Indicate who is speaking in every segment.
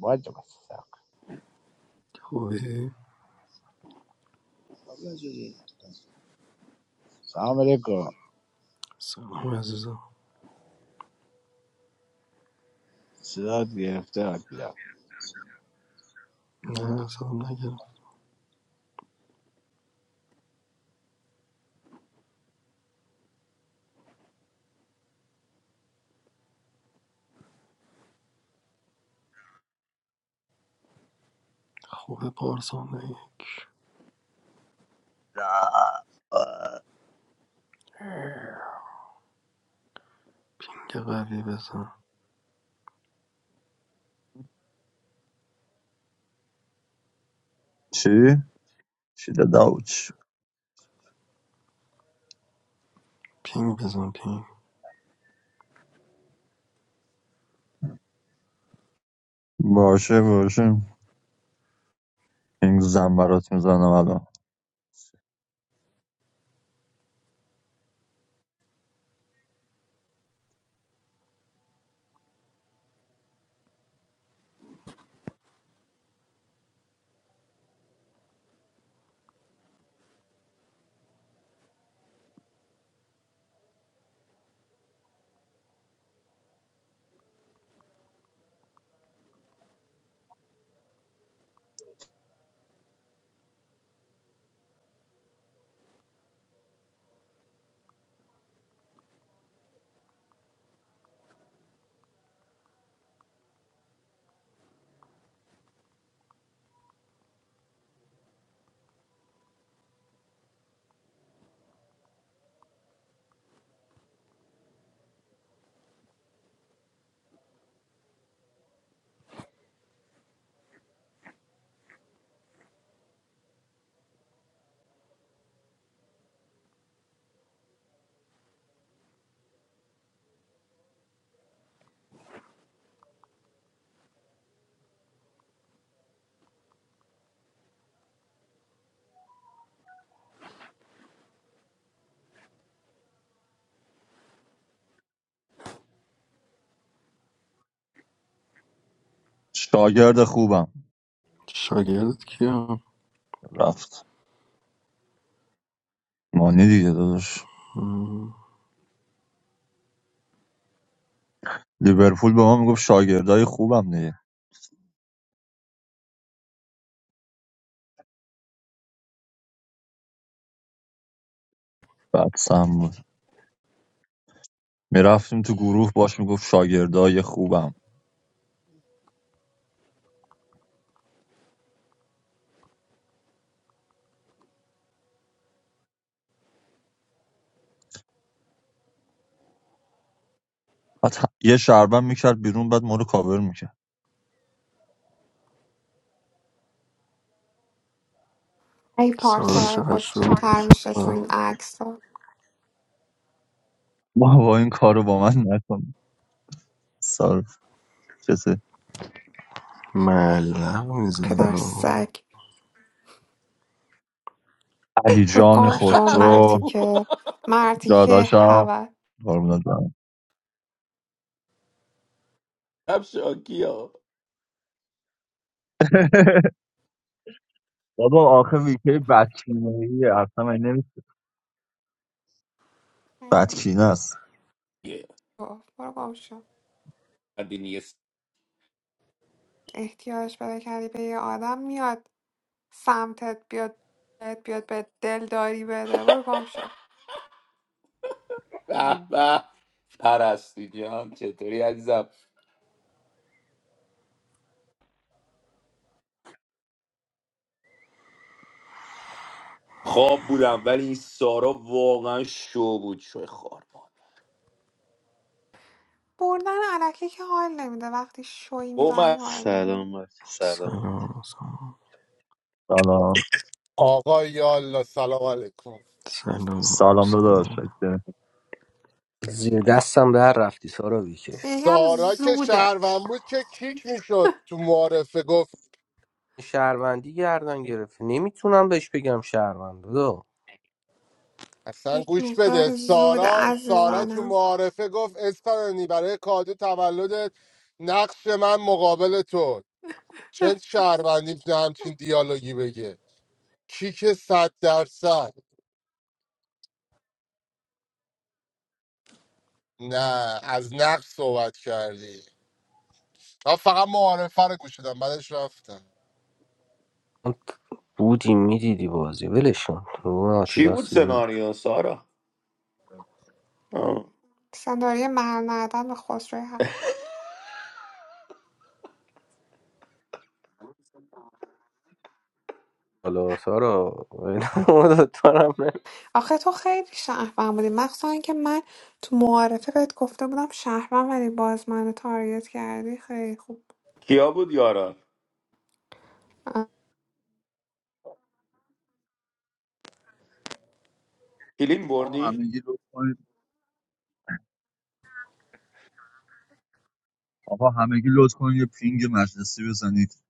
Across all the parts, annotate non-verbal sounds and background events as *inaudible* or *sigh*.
Speaker 1: باید مستم.
Speaker 2: خوبی؟
Speaker 1: سلام علیکم
Speaker 2: سلام عزیزم
Speaker 1: صدات گرفته آج بیرم
Speaker 2: نه سلام نگرم خوبه پارسان نگی
Speaker 3: رفت.
Speaker 2: پینگ قوی بزن
Speaker 3: چی؟ داداو چی داداوچ
Speaker 2: پینگ بزن پینگ
Speaker 3: باشه باشه این زن برات میزنم الان شاگرد خوبم
Speaker 2: شاگردت کیم
Speaker 3: رفت مانی دیگه داداش
Speaker 2: مم.
Speaker 3: لیورپول به ما میگفت شاگردای خوبم دیگه بعد سم بود میرفتیم تو گروه باش میگفت شاگردای خوبم بعد ه- یه شربم میکرد بیرون بعد ما رو کاور میکرد
Speaker 4: ای
Speaker 2: سارا
Speaker 4: پارسال
Speaker 2: چقدر شد
Speaker 4: خوشتیبتر میشه تو این
Speaker 2: آه،
Speaker 4: عکس ها
Speaker 3: با با *laughs* این کارو با من نکن سال چیزه
Speaker 2: ملق میزن
Speaker 4: پدر
Speaker 2: آه.
Speaker 4: سگ
Speaker 3: علی
Speaker 4: رو
Speaker 3: جان
Speaker 4: گم
Speaker 3: خود
Speaker 4: شو
Speaker 5: همه
Speaker 3: رو
Speaker 4: مردی
Speaker 5: خوب
Speaker 4: که مردی که
Speaker 3: داداشم
Speaker 4: هوا
Speaker 3: قربونت برم.
Speaker 5: هم شاکی ها
Speaker 3: *laughs* بابا آخه ویکی بدکینه ایه، اصلا من نمی
Speaker 4: خیلی
Speaker 3: بدکینه است
Speaker 5: یه
Speaker 4: خوب. برو گم شو
Speaker 5: بدی نیست
Speaker 4: احتیاج پیدا کردی به یه آدم میاد سمتت بیاد بهت بیاد به دلداری بده برو گم شو
Speaker 6: I
Speaker 5: به به پرستی جان چطوری عزیزم خواب بودم ولی این سارا واقعا شو بود شو خوار بود
Speaker 4: بردن علکی که حال نمیده وقتی شوی
Speaker 5: او
Speaker 4: میبری
Speaker 5: من
Speaker 4: حال میده
Speaker 7: سلامت سلامت
Speaker 2: سلام سلام
Speaker 3: سلام
Speaker 8: آقا یالا سلام علیکم
Speaker 2: سلام
Speaker 3: سلام داداش
Speaker 2: سلام
Speaker 3: شکر.
Speaker 9: زیر دستم در رفتی سارا ویکی
Speaker 4: یکی هم
Speaker 8: سارا که
Speaker 4: زوده
Speaker 8: شهروند بود که کیک میشد تو معارفه گفت
Speaker 9: شهروندی گردن گرفت نمیتونم بهش بگم شهروند دو
Speaker 8: اصلا
Speaker 4: یک
Speaker 8: گوش بده
Speaker 4: مقدار زود
Speaker 8: سارا سارا تو
Speaker 4: عزیزانم
Speaker 8: معارفه گفت اسپانانی برای کادو تولدت نقش من مقابل تو چه شهروندی میتونه همچین دیالوگی بگه کیک صد درصد نه از نقش صحبت کردی من فقط معارفه رو گوش دادم بعدش رفتم
Speaker 9: بودی میدیدی بازی ولشون اون
Speaker 5: چی
Speaker 9: آتیلا
Speaker 5: بود
Speaker 9: سیبل
Speaker 5: سناریو سارا آه.
Speaker 4: سنداری مرد ندن به خسروی
Speaker 9: حالا سارا اینا *laughs* دارم نه.
Speaker 4: آخه تو خیلی شهروند بودی مخصوصا اینکه من تو معارفه بهت گفته بودم شهروند ولی باز منو تارگت کردی خیلی خوب
Speaker 5: کیا بود یارا کلین
Speaker 3: آقا
Speaker 5: بردی
Speaker 3: همگی لطف کنید آقا همگی لطف کنید یه پینگ مجلسی بزنید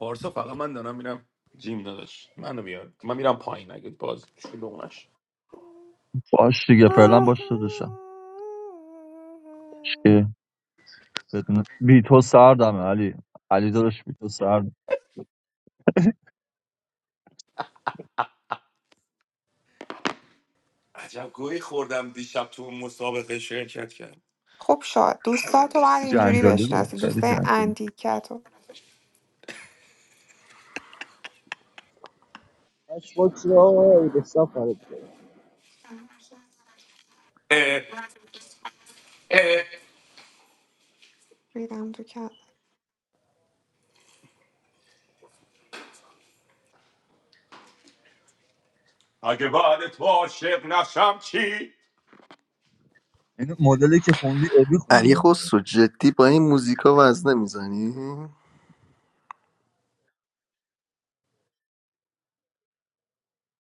Speaker 5: پارسا فقط من دارم میرم جیم نداشت منو بیار من میرم پایین اگه باز شلوغ نشه
Speaker 3: باش دیگه فعلا باش داداشم که بدون بی تو سردمه علی علی داداش بی تو سرد
Speaker 5: عجب گویی خوردم دیشب تو اون مسابقه شرکت
Speaker 4: خوب شد دوستاتو باید اینجوری
Speaker 3: جنجالی بود
Speaker 4: بشناسی
Speaker 3: خیلی
Speaker 4: دوستای
Speaker 3: جنجالی
Speaker 4: اندیکتو
Speaker 1: باش باش رو حساب خارج کرد
Speaker 5: کرد
Speaker 4: ریدم تو کرد
Speaker 5: اگه بعد تو عاشق نشم چی
Speaker 3: این مدلی که خوندی ابی خونده
Speaker 2: علی
Speaker 3: انگار
Speaker 2: خسرو جدی با این موزیکا وزنه میزنی؟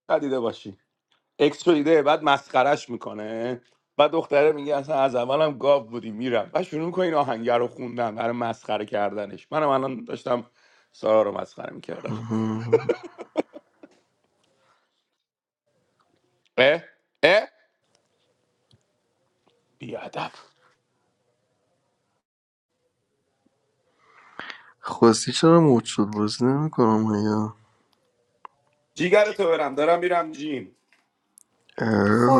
Speaker 5: ندیده باشی اکس شدیده بعد مسخرش میکنه بعد دختره میگه اصلا از اولم گاو بودی میرم و شروع میکنه این آهنگه رو خوندن برای مسخره کردنش منم الان داشتم سارا رو مسخره میکردم اه اه بیادب
Speaker 2: خواستی چرا موج شد بازی نمیکنم
Speaker 5: جیگر تو برم دارم میرم جیم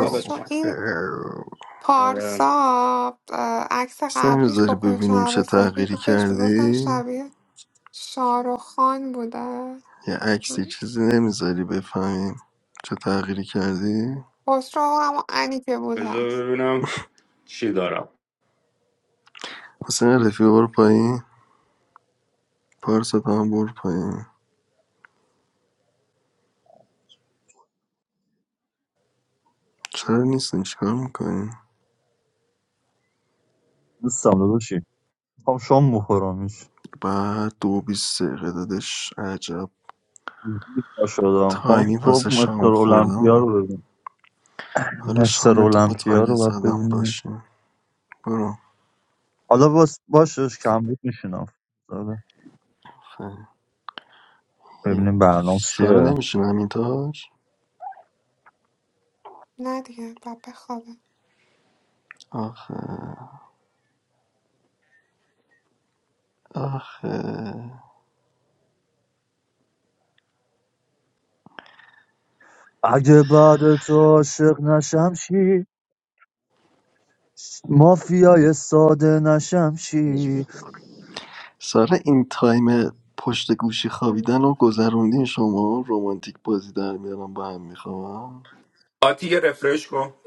Speaker 5: بعد چم
Speaker 4: این
Speaker 2: یا
Speaker 5: آره.
Speaker 4: پارسا اه، عکس
Speaker 2: عکس
Speaker 4: قبلیش با
Speaker 2: نمیذاری ببینیم
Speaker 4: کلاه
Speaker 2: چه
Speaker 4: سفید
Speaker 2: تغییری
Speaker 4: بود بهش میگفتن
Speaker 2: کردی؟
Speaker 4: شبیه شاروخان بوده
Speaker 2: یه عکسی چیزی نمیذاری بفهمیم چه تغییری کردی؟
Speaker 4: خسرو هم انی که بود
Speaker 5: بذار
Speaker 4: هست
Speaker 5: ببینم چی دارم
Speaker 2: حسین رفیق برو پایین پارسا تو هم برو پایین چرا نیستین چیکار میکنین؟
Speaker 3: دوستم داداشی میخوام شام بخورمش
Speaker 2: بعد دو بیست دقیقه دادش عجب
Speaker 3: پا شدم میخوام
Speaker 2: تایمی
Speaker 3: صبح
Speaker 2: واسه
Speaker 3: مستر
Speaker 2: شام
Speaker 3: اولمپیا
Speaker 2: خوردم
Speaker 3: رو ببینم
Speaker 2: حالا
Speaker 3: مستر
Speaker 2: شام تو با
Speaker 3: اولمپیا
Speaker 2: تارگت
Speaker 3: رو باید
Speaker 2: زدم
Speaker 3: ببینیم
Speaker 2: باشیم برو
Speaker 3: حالا باس باشش کم بود میشینم
Speaker 2: خیر
Speaker 3: ببینیم برنامه
Speaker 2: سارا
Speaker 3: چیه
Speaker 2: نمیشیم همین تاج
Speaker 4: نه دیگه باید بخوابه
Speaker 2: آخه آخه
Speaker 3: اگه بعد تو عاشق نشم چی مافیای ساده نشم چی
Speaker 1: خودش بخوره
Speaker 2: سارا این تایم پشت گوشی خوابیدن رو گذروندین شما رومانتیک بازی در میارم با هم میخوام
Speaker 5: آتی یه رفرش کن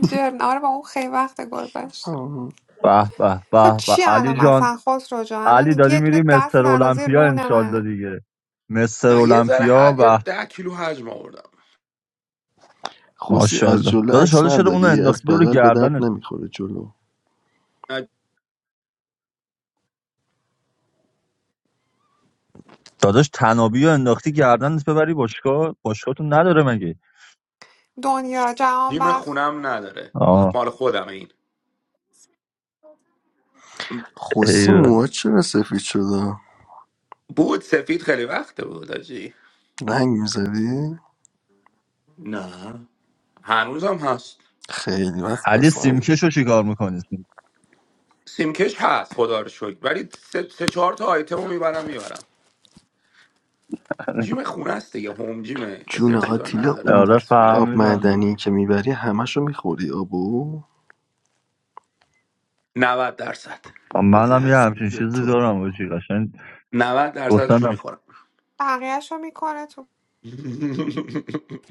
Speaker 4: جرن آره با اون خیلی وقت گذشته
Speaker 3: به به
Speaker 4: خب
Speaker 3: به به
Speaker 4: چی الان
Speaker 3: علی جان
Speaker 4: مثلا خسرو جان
Speaker 3: علی
Speaker 4: الان
Speaker 3: داری
Speaker 4: یه
Speaker 3: میری
Speaker 4: دونه دست
Speaker 3: مستر
Speaker 4: اندازه
Speaker 3: المپیا
Speaker 4: رون
Speaker 3: انشالله
Speaker 4: منه
Speaker 3: دیگه مستر
Speaker 5: من یه ذره
Speaker 3: المپیا
Speaker 5: حد یه
Speaker 3: و
Speaker 5: ده کیلو حجم آوردم
Speaker 2: خوسی از
Speaker 3: ماشاءالله
Speaker 2: جلو
Speaker 3: داداش
Speaker 2: عکس
Speaker 3: حالا چرا اونو
Speaker 2: نداری از
Speaker 3: انداختی دور
Speaker 2: بغل به درد
Speaker 3: گردنت
Speaker 2: نمیخوره جلو
Speaker 5: نه،
Speaker 3: داداش تنابی رو انداختی گردنت ببری باشگاه باشگاهتون نداره مگه
Speaker 4: دنیا جهان
Speaker 5: جیم
Speaker 4: بخش
Speaker 5: خونم نداره
Speaker 3: آه
Speaker 5: مال خودم این
Speaker 2: خوسی
Speaker 3: ایوه.
Speaker 2: موها چرا سفید شده
Speaker 5: بود سفید خیلی وقته بود آجی
Speaker 2: رنگ میزدی
Speaker 5: نه هنوز هم هست
Speaker 2: خیلی وقت
Speaker 3: علی
Speaker 2: پس نبود
Speaker 3: سیمکشو چیکار میکنی
Speaker 5: سیمکش هست خدا رو شکر ولی سه, سه چهار تا آیتم رو میبرم میبرم جیم خونه است دیگه هوم جیمه یه
Speaker 2: جون
Speaker 5: سری چیزا رو
Speaker 2: آتیلا
Speaker 5: نداره
Speaker 2: اون
Speaker 3: آره
Speaker 5: متاسفانه
Speaker 2: آب
Speaker 3: فهمیدم دوست.
Speaker 2: معدنی که میبری همشو میخوری آبو
Speaker 5: 90 درصد
Speaker 2: بابا
Speaker 3: منم یه همچین
Speaker 2: یزید
Speaker 3: چیزی
Speaker 2: تو
Speaker 3: دارم باشی قشنگ
Speaker 5: 90 درصدشو
Speaker 3: گفتنم
Speaker 5: میخورم
Speaker 4: بقیهش رو میکنه
Speaker 5: *laughs*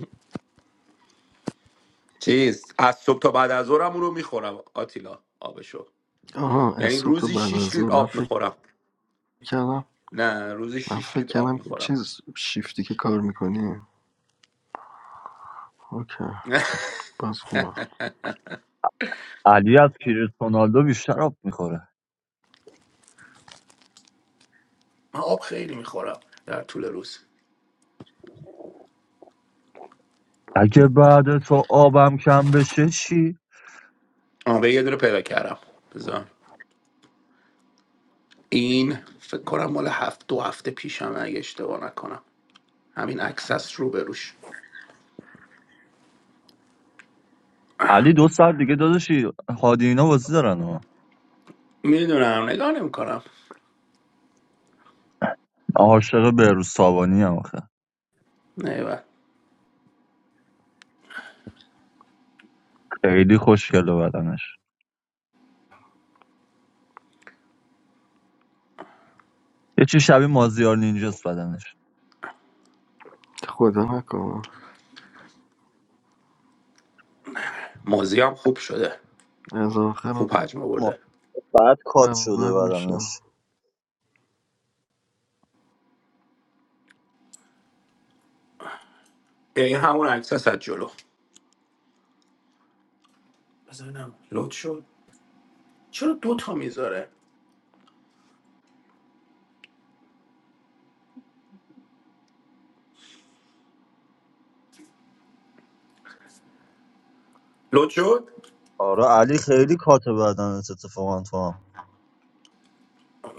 Speaker 5: چیز از صبح تا بعد از ظهرم اون رو میخورم آتیلا آبشو
Speaker 2: آها از
Speaker 5: یعنی
Speaker 2: صبح تا
Speaker 5: روزی
Speaker 2: بعد از
Speaker 5: 6
Speaker 2: ظهر
Speaker 5: لیتر
Speaker 2: من
Speaker 5: آب
Speaker 2: فکر
Speaker 5: میخورم
Speaker 2: کردم
Speaker 5: نه روزی
Speaker 2: من
Speaker 5: 6
Speaker 2: فکر
Speaker 5: لیتر آب
Speaker 2: کردم
Speaker 5: میخورم
Speaker 2: چیز شیفتی که کار میکنی اوکی
Speaker 5: *laughs*
Speaker 2: باز خوبه
Speaker 3: علی از رونالدو بیشتر آب میخوره
Speaker 5: من آب خیلی میخورم در طول روز
Speaker 3: اگه بعد تو آبم کم بشه چی؟
Speaker 5: آه به یه دونه پیدا کردم بذار این فکر کنم مال هفت دو هفته پیشم اگه اشتباه نکنم همین عکسس رو بروش
Speaker 3: علی دو سال دیگه داداشی هادی اینا بازی دارن ها
Speaker 5: میدونم نگاه نمیکنم
Speaker 3: عاشق بهروز سابانی هم آخه
Speaker 5: نه
Speaker 3: خیلی خوشگله بدنش یه چی شبیه مازیار نینجاست بدنش
Speaker 2: خدا نکنه
Speaker 5: موزی هم خوب شده
Speaker 2: از آخر
Speaker 5: خوب حجم
Speaker 3: ما-
Speaker 5: آورده
Speaker 3: بعد کات شده
Speaker 2: اول میشه
Speaker 3: بدنش
Speaker 5: این همون عکسس از جلو بزنم لود شد چرا دو تا میذاره لود شد
Speaker 3: آره علی خیلی کات بدنش اتفاقا تو هم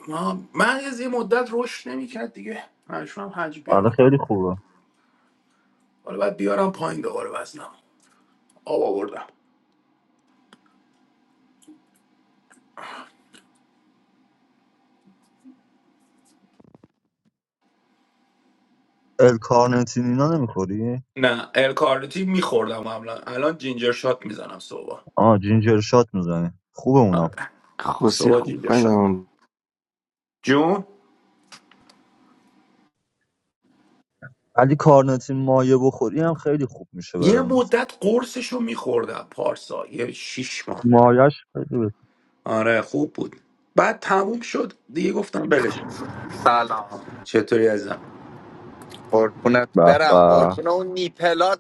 Speaker 5: ما من از یه مدت رشد نمیکرد دیگه مجبورم حج
Speaker 3: آره
Speaker 5: بیارم
Speaker 3: خیلی خوبه
Speaker 5: حالا باید بیارم پایین دوباره وزنم آب آوردم
Speaker 3: الکارنتین اینا نمیخوری؟
Speaker 5: نه الکارتی میخوردم قبلا الان جینجر شات میزنم صبح
Speaker 3: آه جینجر شات میزنه خوبه اونم
Speaker 5: آره
Speaker 2: خوسی
Speaker 5: صبح
Speaker 2: خوب
Speaker 5: اینجا شد
Speaker 2: بدم
Speaker 5: جون
Speaker 3: ولی کارنتین مایه بخوری هم خیلی خوب میشه
Speaker 5: یه
Speaker 3: بدن
Speaker 5: مدت قرصش رو میخوردم پارسا یه شیش ماه
Speaker 3: مایش خیلی بد-
Speaker 5: آره خوب بود بعد تموم شد دیگه گفتم بلش کن.
Speaker 10: سلام
Speaker 5: چطوری ازم
Speaker 10: قربونت
Speaker 3: به
Speaker 10: برم
Speaker 3: به
Speaker 10: قربون اون نیپلات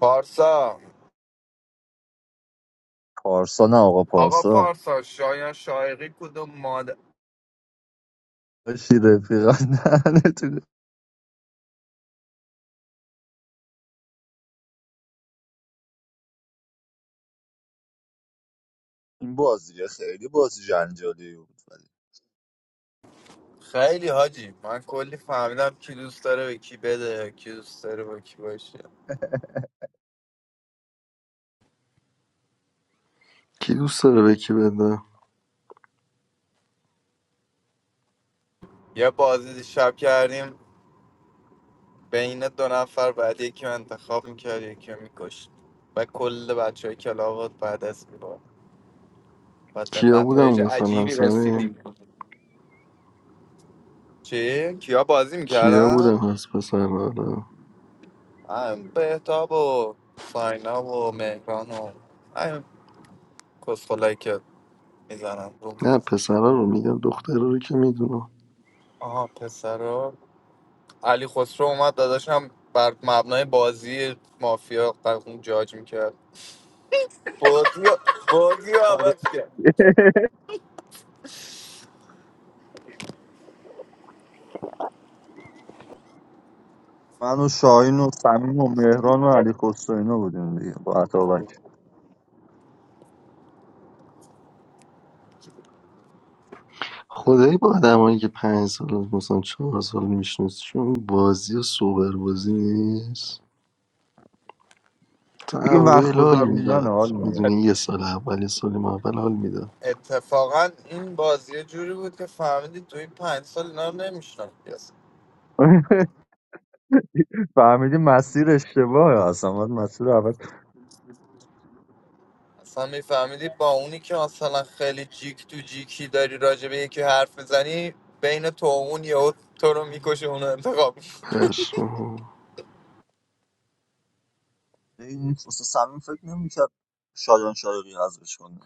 Speaker 10: پارسا
Speaker 3: پارسا نه آقا
Speaker 10: آقا
Speaker 3: پارسا
Speaker 10: پارسا شایان شایقی کدوم ماده
Speaker 3: باشی رفیقان دهنتون. این بازی خیلی بازی جنجالی بود ولی
Speaker 10: خیلی حاجی من کلی فهمیدم کی دوست داره به کی بده کی دوست داره با کی باشه
Speaker 2: کی دوست داره به کی بده
Speaker 10: یه بازی دیشب کردیم بین دو نفر بعد یکی رو انتخاب میکرد یکی رو میکشت و کل بچه های کلاوات بعد از میبارد بعد به
Speaker 2: کیا بودم
Speaker 10: نتایج
Speaker 2: مثلا
Speaker 10: عجیبی
Speaker 2: سمی
Speaker 10: رسیدیم چی؟ کیا بازی
Speaker 2: کیا
Speaker 10: میکردن؟
Speaker 2: بودم از پسرها رو
Speaker 10: همین بهتاب و ساینا و مهران و همین کسخلایی که میزنم رو
Speaker 2: نه پسرها رو میگم دخترها رو که میدونم
Speaker 10: آها پسرا علی خسرو اومد داداشم بر مبنای بازی مافیا اون جاج میکرد بازی رو- بازی رو
Speaker 3: آره
Speaker 10: عوض کرد
Speaker 3: من و شاهین و صمیم و مهران و علی خسروینا بودیم دیگه با عطابک
Speaker 2: خدایی با آدمایی که پنج سال مثلا چهار سال میشناسیشون بازی و سوبر بازی نیست تا
Speaker 3: دیگه وقت
Speaker 2: اول حال
Speaker 3: گذروندن
Speaker 2: میداد
Speaker 3: حال ندارم
Speaker 2: میدونی یه سال اول یه سال ما اول حال میداد
Speaker 10: اتفاقا این بازی یه جوری بود که فهمیدی تو این پنج سال اینا رو نمیشنم
Speaker 3: *laughs* فهمیدی مسیر اشتباهه اصلا باید مسیر اول
Speaker 10: اصلا میفهمیدی با اونی که مثلا خیلی جیک تو جیکی داری راجع به یکی حرف میزنی بین تو و اون یهو تو رو میکشه اونو انتخاب می‌کنه.
Speaker 2: پشمام
Speaker 3: این اصلا صمیم فکر نمی‌کرد شایان شایقی حذفش کنه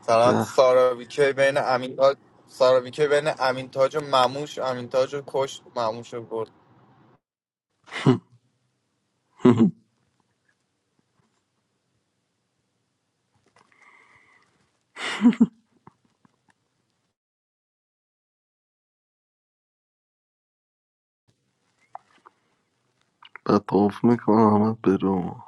Speaker 10: مثلا
Speaker 2: به
Speaker 10: سارا ویکی بین امین تاج سارا ویکی بین امین تاج و مموش امین تاج رو کشت مموش رو برد
Speaker 2: *laughs* بعد طوف میکنه محمد برو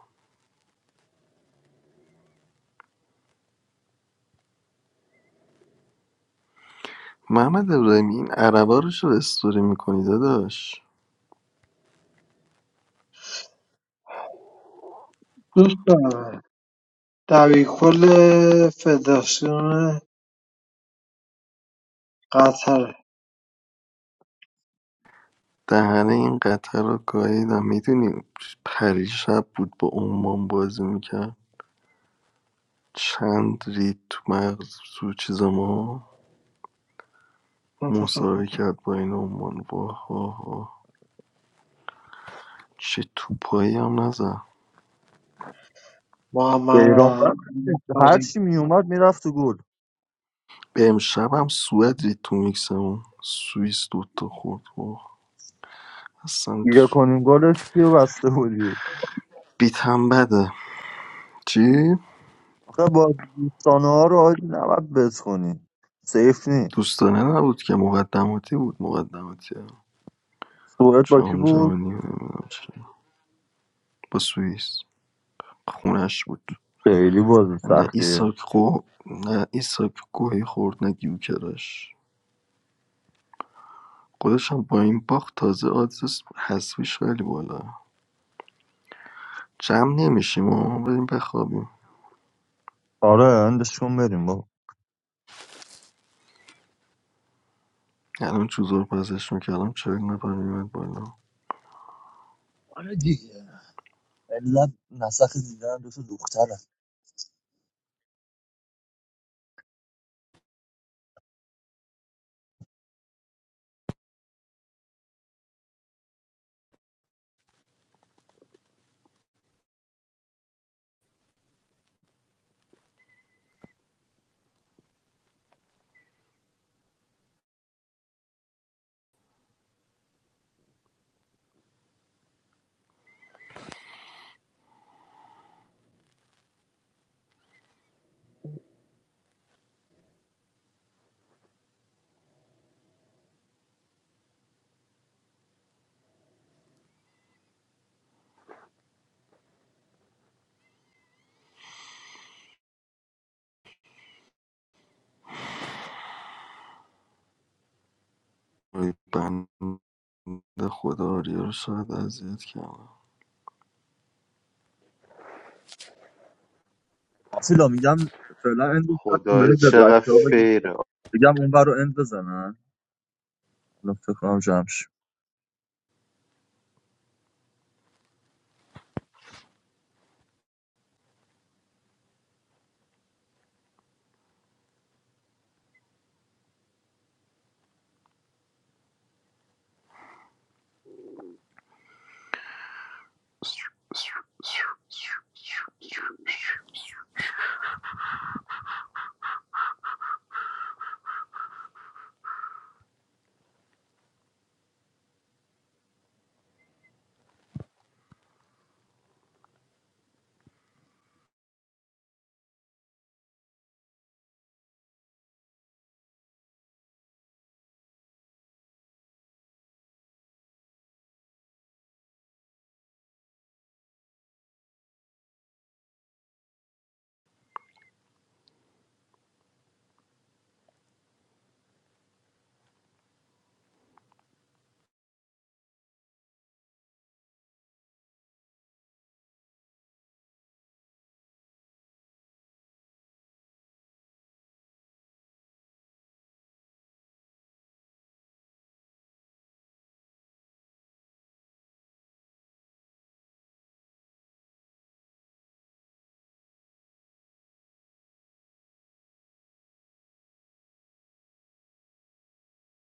Speaker 2: محمد ابراهیمی این عربا رو چرا استوری میکنی داداش
Speaker 11: Tú sabes. De Willy de Federación Qatar.
Speaker 2: دهنه این قطر رو گاهیدم میدونی پریشب بود با عمان بازی میکرد چند رید تو مغز تو چیز ما
Speaker 11: *laughs*
Speaker 2: مساوی کرد با این عمان واه واه واه چه توپایی هم نزد
Speaker 11: Muhammad
Speaker 3: ایران رفت هر
Speaker 11: Al-Farsi.
Speaker 3: چی می اومد میرفت تو گل
Speaker 2: به امشب هم سوئد رید تو میکسمون سوئیس دوتا خورد واه اصلا
Speaker 3: دیگه کنیم گلش کیو بسته بودی
Speaker 2: بیتم بده چی؟
Speaker 3: آخه با دوستانه ها رو آجی نباید بتخونی سیف نی
Speaker 2: دوستانه نبود که مقدماتی بود مقدماتی
Speaker 3: سوئد با کی
Speaker 2: جام
Speaker 3: بود
Speaker 2: جهانی و نمی‌دونم چی. با سوئیس خونش بود
Speaker 3: خیلی بازی
Speaker 2: نه
Speaker 3: سختیه
Speaker 2: ایساک خو نه ایساک گوهی خورد نه گیوکرش خودش هم با این باخت تازه آدرس حذفیش خیلی بالا جمع نمیشیم و بریم بخوابیم
Speaker 3: آره اندش کن بریم با
Speaker 2: الان چوزور پزش میکردم چهل نفر میمد بالا
Speaker 3: آره دیگه علت نسخ دیدن دو تا دختره
Speaker 2: وای بنده خدا آریا رو شاید اذیت کردم
Speaker 3: آفیلا میگم فعلا اندش کن
Speaker 7: خدای
Speaker 3: بریم به
Speaker 7: چقدر
Speaker 3: بچه ها بگیم
Speaker 7: فیره
Speaker 3: بگم اون بر رو اند بزنن الان فکر کنم جمش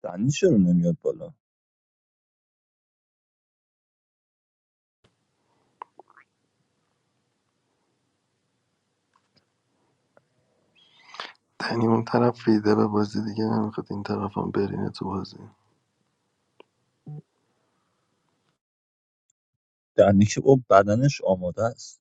Speaker 3: دنی چرا نمیاد بالا
Speaker 2: یعنی اون طرف ریده به بازی دیگه نمیخواد این طرف هم برینه تو بازی
Speaker 3: دنی که با بدنش آماده است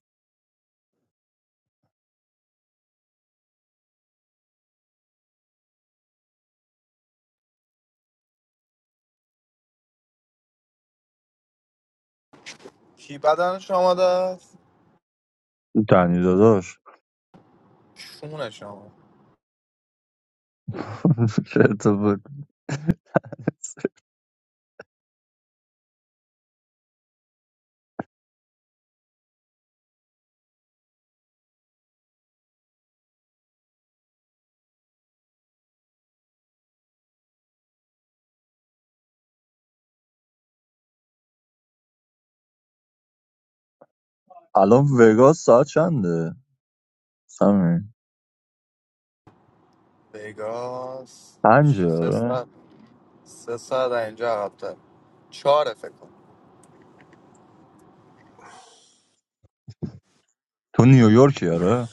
Speaker 10: کی بدنش آمده است
Speaker 3: دنی داداش
Speaker 10: چونش آمده
Speaker 3: *laughs* چه اتفاقی الان وگاس ساعت چنده سمی
Speaker 10: وگاس
Speaker 3: پنجه
Speaker 10: سه
Speaker 3: آره
Speaker 10: ساعت سه ساعت از اینجا عقب‌تر چهاره فکر کنم
Speaker 3: تو نیویورکی آره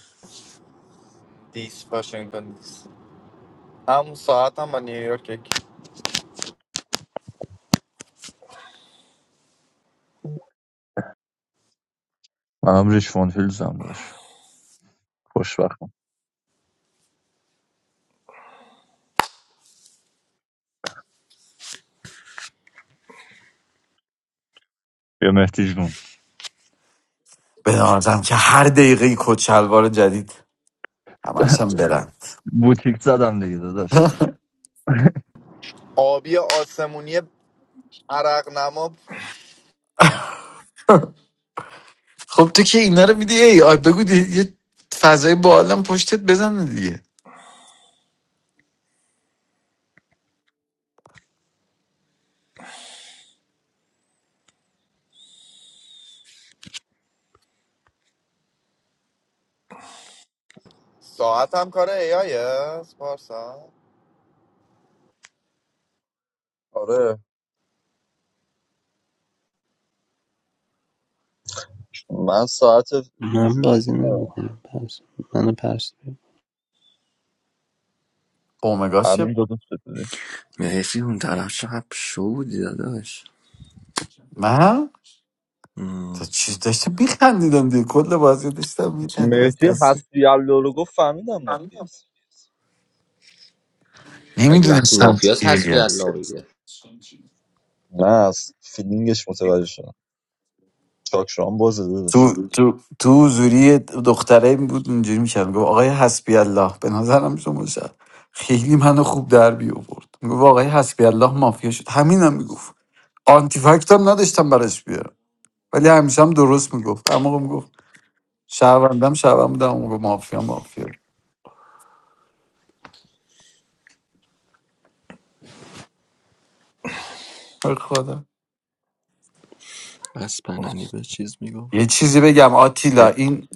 Speaker 10: دیس واشنگتن دیس همون ساعت هم با نیویورک یکی.
Speaker 3: من هم ریشفون هیلز هم داشت خوشبختم بیا مهدی جون
Speaker 12: به نظرم که هر دقیقه این کت شلوار جدید همش هم برن
Speaker 3: بوتیک زدم دیگه داداش
Speaker 10: آبی آسمونی عرق نما
Speaker 12: خب تو که اینا رو میدی ای آی بگو دی- یه فضای بالم پشتت بزنه دیگه
Speaker 10: ساعت هم کار ای آیه پارسا
Speaker 3: آره من ساعت
Speaker 13: I'm
Speaker 3: اینجوری
Speaker 13: buzzing.
Speaker 3: ندارم.
Speaker 13: I'm buzzing. I'm a percy.
Speaker 12: اومگاش که
Speaker 3: همین دو دوست بده
Speaker 2: مهدی اون طرف چقدر شو بودی داداش
Speaker 12: من
Speaker 2: مم.
Speaker 12: تا چیز داشته میخندیدم دیگه کل بازی داشتم میخندم از
Speaker 3: مهدی
Speaker 12: دست
Speaker 3: حسبی الله رو گفت فهمیدم مافی است
Speaker 9: مگه وقتی
Speaker 12: نمیدونستم
Speaker 9: مافیاس
Speaker 12: چی
Speaker 9: هست که
Speaker 12: بگم
Speaker 9: در نامیده
Speaker 3: نه از فیلینگش متوجه شدم چاکشان بازه داداش
Speaker 12: تو تو تو حضوری دختره بود اونجوری میکرد گفت آقای حسبی الله به نظرم شما شد خیلی منو خوب در بیاورد میگفت آقای حسبی الله مافیا شد همینم میگفت آنتیفکت هم نداشتم براش بیارم ولی همیشه هم درست میگفت هر موقع میگفت شهروندم شهروند بودم اون موقع مافیا مافیا به خدا
Speaker 2: بس پنانی به چیز میگفت
Speaker 12: یه چیزی بگم آتیلا
Speaker 2: ب-
Speaker 12: این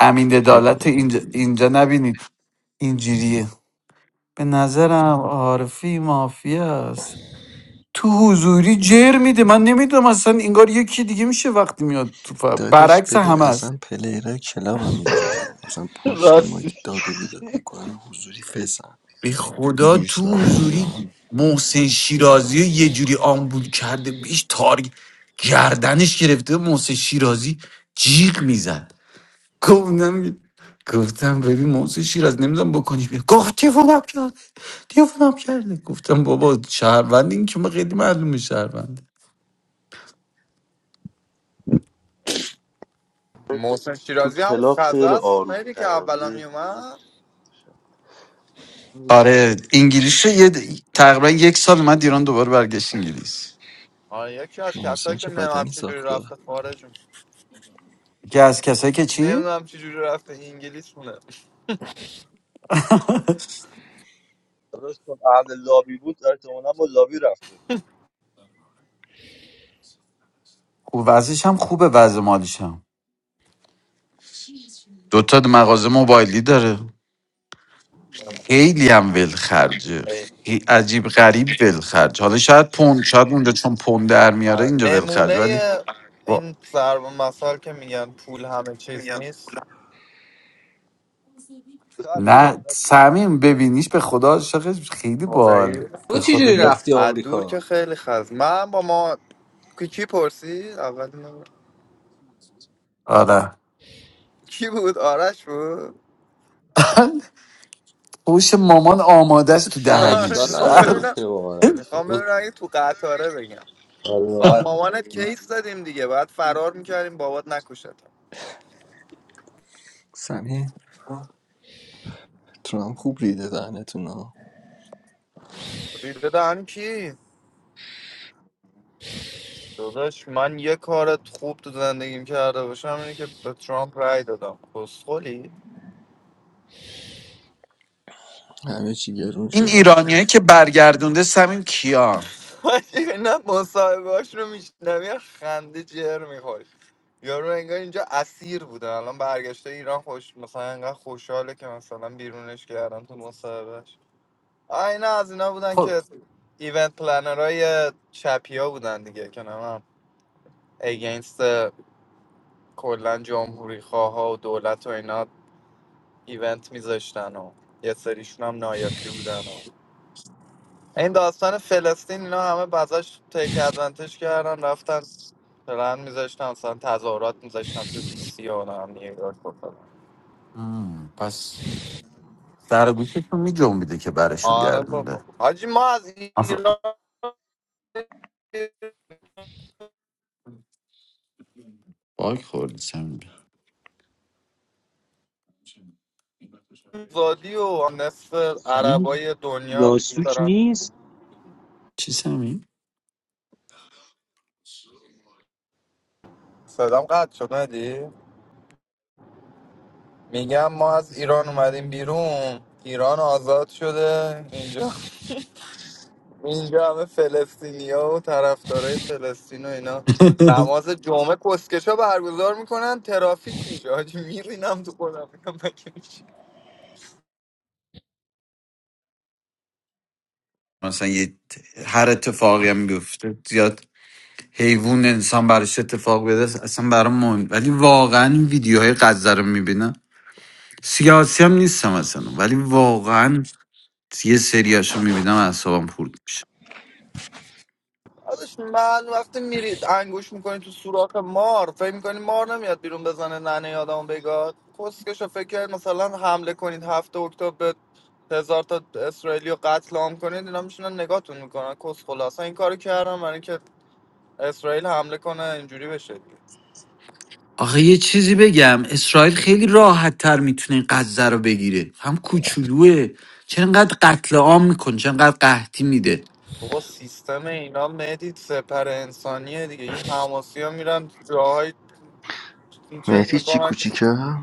Speaker 12: امین
Speaker 2: بگو
Speaker 12: عدالت
Speaker 2: بگو
Speaker 12: اینجا, اینجا نبینید اینجوریه به نظرم عارفی مافیا است تو حضوری جر میده من نمیدونم اصلا انگار یکی دیگه میشه وقتی میاد تو ف...
Speaker 2: دادش
Speaker 12: برعکس
Speaker 2: ببین
Speaker 12: همه است.
Speaker 2: اصلا پلیرهای کلاب هم اینجوری هم مثلا پشت ما
Speaker 7: راستی
Speaker 2: که داد و بیداد میکنن حضوری فسن
Speaker 12: به خدا
Speaker 2: میگیرش
Speaker 12: تو
Speaker 2: دارم میگم
Speaker 12: حضوری محسن شیرازی رو یه جوری آمبول کرده بهش تاری گردنش گرفته محسن شیرازی جیغ میزد گفتم گفتم ببین محسن شیراز نمیدونم بکنی بیا گفت تلفنم کرد تلفنم کرده گفتم بابا شهروند این که ما خیلی معلومه شهروند
Speaker 10: محسن
Speaker 7: تو
Speaker 10: شیرازی هم
Speaker 7: کلاب
Speaker 10: خزه
Speaker 7: خیلی
Speaker 10: است
Speaker 7: آروم
Speaker 10: مهدی که
Speaker 7: ترم
Speaker 10: اولا
Speaker 7: مهدی
Speaker 10: میومد
Speaker 7: نمیدونم
Speaker 12: آره انگلیس رو یه تقریبا یک سال من ایران دوباره برگشت انگلیس
Speaker 10: آره یکی از
Speaker 2: محسن
Speaker 10: کسایی که
Speaker 2: چه
Speaker 10: نمیدونم
Speaker 2: بدنی
Speaker 10: چجوری
Speaker 2: ساخته
Speaker 10: رفته خارج
Speaker 12: که از کسایی که چی؟
Speaker 10: نمیدونم چجوری رفته انگلیس مونه
Speaker 3: داداش چون اهل لابی بود احتمالا با لابی رفته
Speaker 12: خوب وضعش هم خوبه وضع مالیش هم دوتا مغازه موبایلی داره خیلی هم ولخرجه
Speaker 10: ای.
Speaker 12: خی- عجیب غریب ولخرج حالا شاید پوند شاید اونجا چون پوند در میاره
Speaker 10: آره.
Speaker 12: اینجا
Speaker 10: نمونه
Speaker 12: ولخرج ولی با-
Speaker 10: این ضرب مثال که میگن پول همه چیز نیست
Speaker 3: خرج خیلی
Speaker 12: نه
Speaker 3: مهدی
Speaker 12: سمیم ببینیش به خدا عاشقش خیلی
Speaker 10: خدایی
Speaker 12: بال
Speaker 9: تو
Speaker 12: به خدا
Speaker 9: چجوری
Speaker 12: ب-
Speaker 9: رفتی
Speaker 10: از دور که
Speaker 9: آمریکا
Speaker 10: خیلی خز من با ما کی کی پرسی اول اینو-
Speaker 12: آره
Speaker 10: کی بود آرش بود
Speaker 12: *laughs* پوش مامان آماده است تو
Speaker 9: نه
Speaker 10: *laughs* آره
Speaker 9: اشکال
Speaker 12: دهنش
Speaker 10: میخوام
Speaker 9: نداره
Speaker 12: بر-
Speaker 10: ببینم
Speaker 9: میتونه با من
Speaker 10: میخوام ببینم اگه تو قطاره بگم با
Speaker 9: همیشه
Speaker 10: مامانت کیس زدیم دیگه باید فرار میکردیم بابات نکشت
Speaker 2: سمی ترام خوب ریده دهنتون ها.
Speaker 10: ریده دهن کی داداش من یه کار خوب تو زندگیم کرده باشم اینه که به ترامپ رای دادم کسخلی
Speaker 2: همه چی گرون
Speaker 12: این
Speaker 2: شده
Speaker 12: ایرانیایی که برگردونده سمیم کیان
Speaker 10: نه مصاحبهاش *laughs* رو میشنم یه خنده جر میخوری یارو انگار اینجا اسیر بوده الان برگشته ایران خوش مثلا انقدر خوشحاله که مثلا بیرونش کردن تو مصاحبهش آه، اینا از اینا بودن
Speaker 12: خب
Speaker 10: که ایونت پلنرهای چپیا بودن دیگه که نمیم اگینست کلا جمهوری خواه ها و دولت و اینا ایونت میذاشتن و یه سریشون هم نایاکی بودن و این داستان فلسطین اینا همه بازش تیک ادوانتج کردن رفتن پلن میذاشتن مثلا تظاهرات میذاشتن تو دی سی و هم نیویورک و فلان.
Speaker 12: مم، پس در گوشتون می جنبیده که برشون
Speaker 10: آره
Speaker 12: گردونده
Speaker 10: بابا حاجی ما از
Speaker 12: آفر-
Speaker 10: ایران
Speaker 12: باگ خوردی سمیم
Speaker 10: زادی و نصف
Speaker 14: زمین
Speaker 10: عربای دنیا
Speaker 14: یاسوک
Speaker 10: دارن
Speaker 14: نیست
Speaker 12: چی سمی؟
Speaker 10: صدام قطع شد ندی؟ میگم ما از ایران اومدیم بیرون ایران آزاد شده اینجا اینجا همه فلسطینیا و طرفدارای فلسطین و اینا
Speaker 12: *laughs*
Speaker 10: نماز جمعه کسکشا برگزار میکنن ترافیک میشه حاجی میرینم تو خودم میگم مگه میشه؟
Speaker 12: مثلا یه هر اتفاقی هم بیفته زیاد حیوان انسان براش اتفاق بیفته اصلا برام مهم ولی واقعا این ویدیوهای غزه رو میبینم سیاسی هم نیستم اصلا ولی واقعا یه سریاشو میبینم اعصابم خورد میشه
Speaker 10: داداش من وقتی میرید انگوش میکنید تو سوراخ مار فکر میکنید مار نمیاد بیرون بزنه ننه یادمو بگاد کسکش رو فکر کرد مثلا حمله کنید هفته اکتبر به هزار تا اسرائیلی رو قتل عام کنید اینا میشونن نگاهتون میکنن کس خلاصا این کارو کردم برای اینکه اسرائیل حمله کنه اینجوری بشه دیگه.
Speaker 12: آخه یه چیزی بگم اسرائیل خیلی راحت تر میتونه غزه رو بگیره هم کوچولوه چرا انقدر قتل عام میکنه چرا انقدر قحطی میده
Speaker 10: بابا سیستم اینا مدید سپر انسانیه دیگه این حماسی ها میرن جاهای چک
Speaker 2: مهدی چی
Speaker 10: میکنن که
Speaker 2: کوچیکه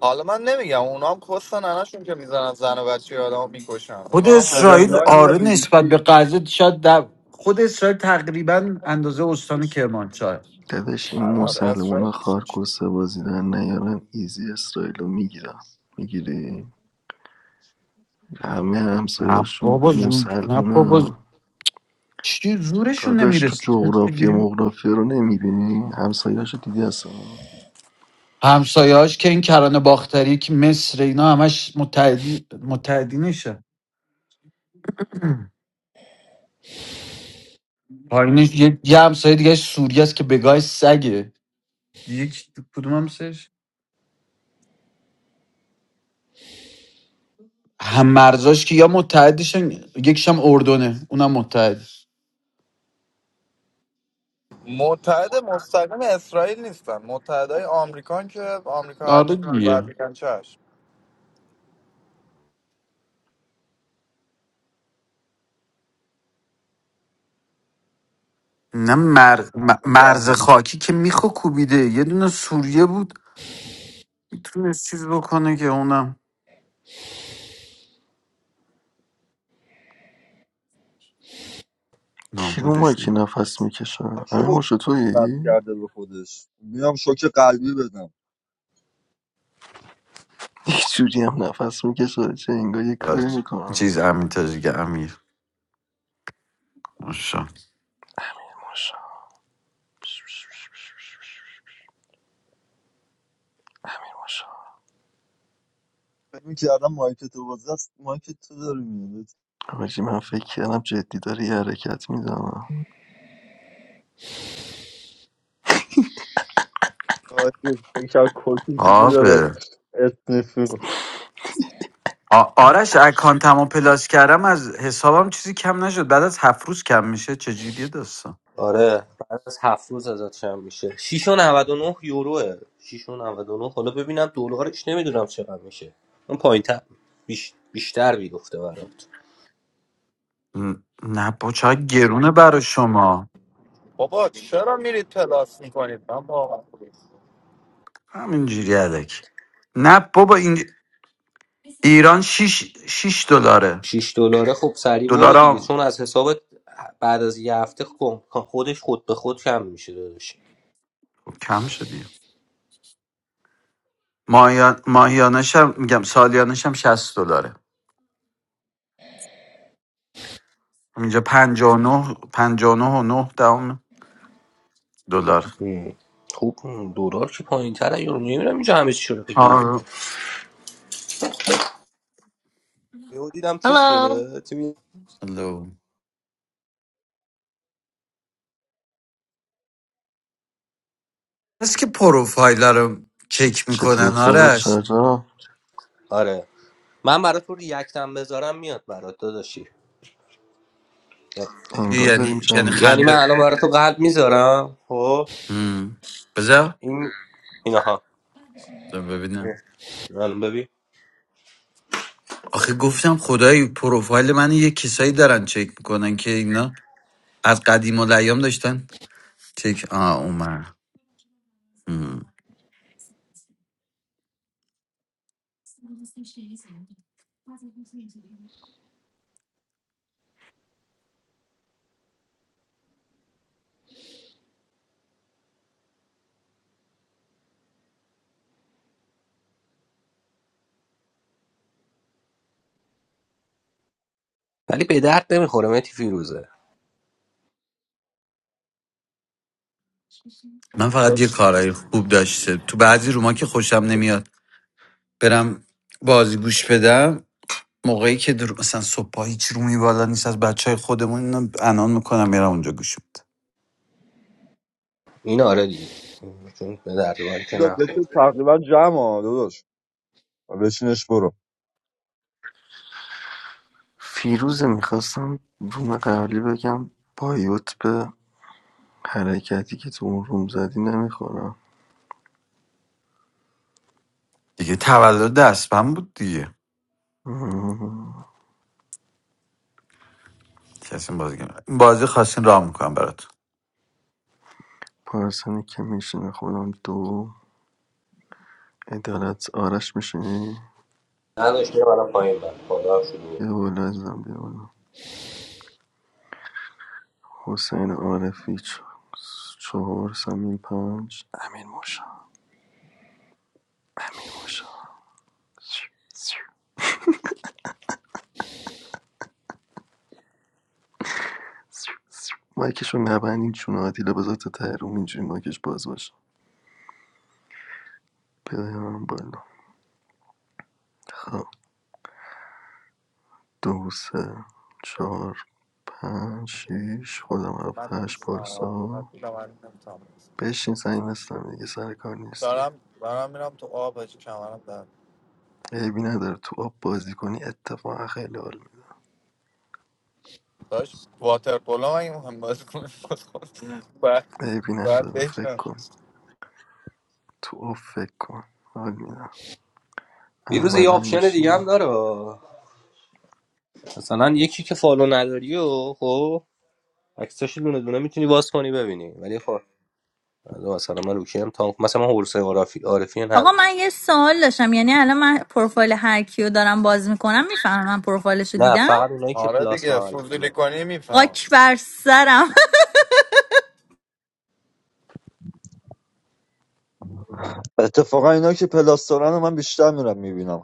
Speaker 10: حالا من نمیگم اونا هم کس ننشون که میزنن زن و بچه آدم میکشن
Speaker 12: خود
Speaker 3: آقا
Speaker 10: اونا هم حروم
Speaker 12: اسرائیل
Speaker 10: زادن
Speaker 3: 79 یا
Speaker 12: آره
Speaker 3: بی بی
Speaker 12: نسبت به
Speaker 3: سی
Speaker 12: غزه شاید در خود اسرائیل تقریبا اندازه استان کرمانشاه است.
Speaker 2: داداش این
Speaker 10: آره،
Speaker 2: مسلمونا
Speaker 10: اسرائیل
Speaker 2: خارکسته بازی در نیارن ایزی اسرائیلو میگیرن میگیری همه
Speaker 12: نه
Speaker 2: همسایهاشون
Speaker 12: بابا زور نه بابا زور.
Speaker 2: مسلمونا
Speaker 12: چی زورشون
Speaker 2: داداش تو
Speaker 12: نمیرسه
Speaker 2: جغرافی مغرافی رو نمیبینی همسایهاشو دیدی اصلا
Speaker 12: همسایه‌هاش که این کرانه باختری که مصر اینا همش متحدی متحدینشه پایینش یه, یه همسایه دیگه سوریه است که بگاه سگه یک کدوم همسایش هم مرزاش که یا متحدشن یکیش هم اردنه اونم متحد
Speaker 10: متحد مستقیم اسرائیل نیستن متحدای آمریکان که آمریکا
Speaker 12: آره
Speaker 10: هرچی بگه
Speaker 12: دیگه
Speaker 10: بعد میگن چشم
Speaker 12: نه مر... م-
Speaker 3: داد
Speaker 12: مرز
Speaker 3: احمدی
Speaker 12: خاکی که میخو کوبیده یه دونه سوریه بود میتونست چیز بکنه که اونم
Speaker 2: کی رو
Speaker 12: نابودش
Speaker 2: مایکی نفس میکشه؟
Speaker 3: کی
Speaker 2: همه مشت
Speaker 3: اکسیژن بس
Speaker 2: تویی
Speaker 3: کرده به خودش میام شوک قلبی بدم
Speaker 2: یه جوری هم نفس میکشه چه انگار یه
Speaker 12: می‌کرد.
Speaker 2: کاری میکنم
Speaker 12: چیز امیر تاجیک امیر ماشا
Speaker 2: ماشا ماشا
Speaker 3: فکر می‌کردم مایک تو باز است مایک تو داره میاد
Speaker 2: حاجی، من فکر کردم جدی داری یه حرکت میزنم
Speaker 3: آخه فکر کسی چیزی داره
Speaker 12: آبه
Speaker 3: اسنیف میکنه
Speaker 12: آ- آرش اکانتمو پلاس کردم از حسابم چیزی کم نشد بعد از هفت روز کم میشه چجوریه داستان
Speaker 9: آره بعد از هفت روز ازت شم میشه 6 و 99 یوروه 6 و 99 حالا ببینم دلارش نمیدونم چقدر میشه اون پایین تر بیش... بیشتر میگفته برات
Speaker 12: ن- نه با چقدر گرونه برا شما
Speaker 10: بابا چرا میرید پلاس میکنید من با
Speaker 12: همینجوری علکی نه بابا این ایران 6 6 دلاره
Speaker 9: 6 دلاره خب سریع برو
Speaker 12: دلار
Speaker 9: دیگه
Speaker 12: هم-
Speaker 9: چون از حسابت بعد از یه هفته خب خودش خود به خود کم میشه داداش
Speaker 12: خب کم شد ماهیا- ماهیانش میگم سالیانش شصت دلاره اینجا 59 59 و 9 دهم دلار
Speaker 9: هم. خب دلار که پایین تره یورو نمیدونم اینجا همه چی شده بگیر
Speaker 12: آره
Speaker 9: یهو دیدم چیز
Speaker 15: هلو
Speaker 9: شده تیمی
Speaker 12: الو. هست که پروفایل رو چک
Speaker 2: چطور
Speaker 12: میکنن
Speaker 2: تارا
Speaker 12: آرش
Speaker 2: چرا
Speaker 9: آره من برات تو ریاکتم بذارم میاد برات داداشی
Speaker 2: انگار داریم
Speaker 12: یعنی یعنی
Speaker 2: جمع میشه
Speaker 9: یعنی من
Speaker 12: خنده
Speaker 9: الان برای تو قلب میذارم خب
Speaker 12: هم. بذار
Speaker 9: این اینها
Speaker 12: بذار ببینم
Speaker 9: الان ببین
Speaker 12: آخه گفتم خدای پروفایل من یه کسایی دارن چک میکنن که اینا از قدیم و لیام داشتن چک آه اومد هم.
Speaker 9: ولی به درد نمیخوره متی فیروزه
Speaker 12: من فقط یه
Speaker 10: من
Speaker 12: کارهای خوب داشته تو بعضی روما که خوشم نمیاد برم بازی گوش بدم موقعی که در... مثلا صبح هیچ رومی بالا نیست از بچه های خودمون اینا انان میکنم میرم اونجا گوش میدم
Speaker 9: این آره دیگه چون به درد من که
Speaker 3: اینا دکتر
Speaker 9: نخورد
Speaker 3: تقریبا جمع ها داداش بشینش برو
Speaker 2: فیروزه میخواستم روم قبلی بگم بایوت به حرکتی که تو اون روم زدی نمیخورم
Speaker 12: دیگه تولد دستم بود دیگه کسی بازی کنه. این بازی خواستین راه میکنم براتون
Speaker 2: پارسانی که میشینه خودم دو عدالت آرش میشینی
Speaker 9: نداشت میرم الان پایین بر خدا هم شروع
Speaker 2: بیا بالا ازم بیا بالا حسین عارفی چ- چهار سمین پنج امین موشا امین موشا مایکشو نبندین چون عادیله بذار تا ته روم اینجوری مایکش باز باشه بیایم بالا خب دو سه چهار پنج شیش خودم هفت هشت
Speaker 10: نیستم آه. من
Speaker 2: پارسا
Speaker 10: دیدم، من نمی‌تونم.
Speaker 2: بشین سعی نیستم دیگه سر کار نیستی
Speaker 10: دارم دارم میرم تو آب هاچی کمرم در
Speaker 2: عیبی نداره تو آب بازی کنی اتفاقا خیلی حال میده
Speaker 10: داشت واتر پولو مگه مهم بازی کنیم *laughs* بعد
Speaker 2: عیبی
Speaker 10: بعد
Speaker 2: نداره فکر
Speaker 10: بشنم
Speaker 2: کن تو آب فکر کن حال میدم
Speaker 9: فیروز یه
Speaker 2: احمدم
Speaker 9: آپشن دیگه هم
Speaker 2: میشینم
Speaker 9: داره مثلا یکی که فالو نداری و خب عکساشو دونه دونه میتونی باز کنی ببینی ولی خب حالا مثلا من روکی هم تام مثلا من هورسه عارفی عارفی
Speaker 15: آقا
Speaker 9: ندارم
Speaker 15: من یه سوال داشتم یعنی الان من پروفایل هر کیو دارم باز میکنم میفهمم من پروفایلش رو
Speaker 9: نه
Speaker 15: دیدم
Speaker 9: فقط اونایی که
Speaker 10: آره
Speaker 9: پلاس
Speaker 10: دیگه
Speaker 9: بغلتونه
Speaker 10: فضولی کنی میفهم
Speaker 15: خاک بر سرم
Speaker 3: اتفاقا اینا که پلاستارن رو من بیشتر میرم میبینم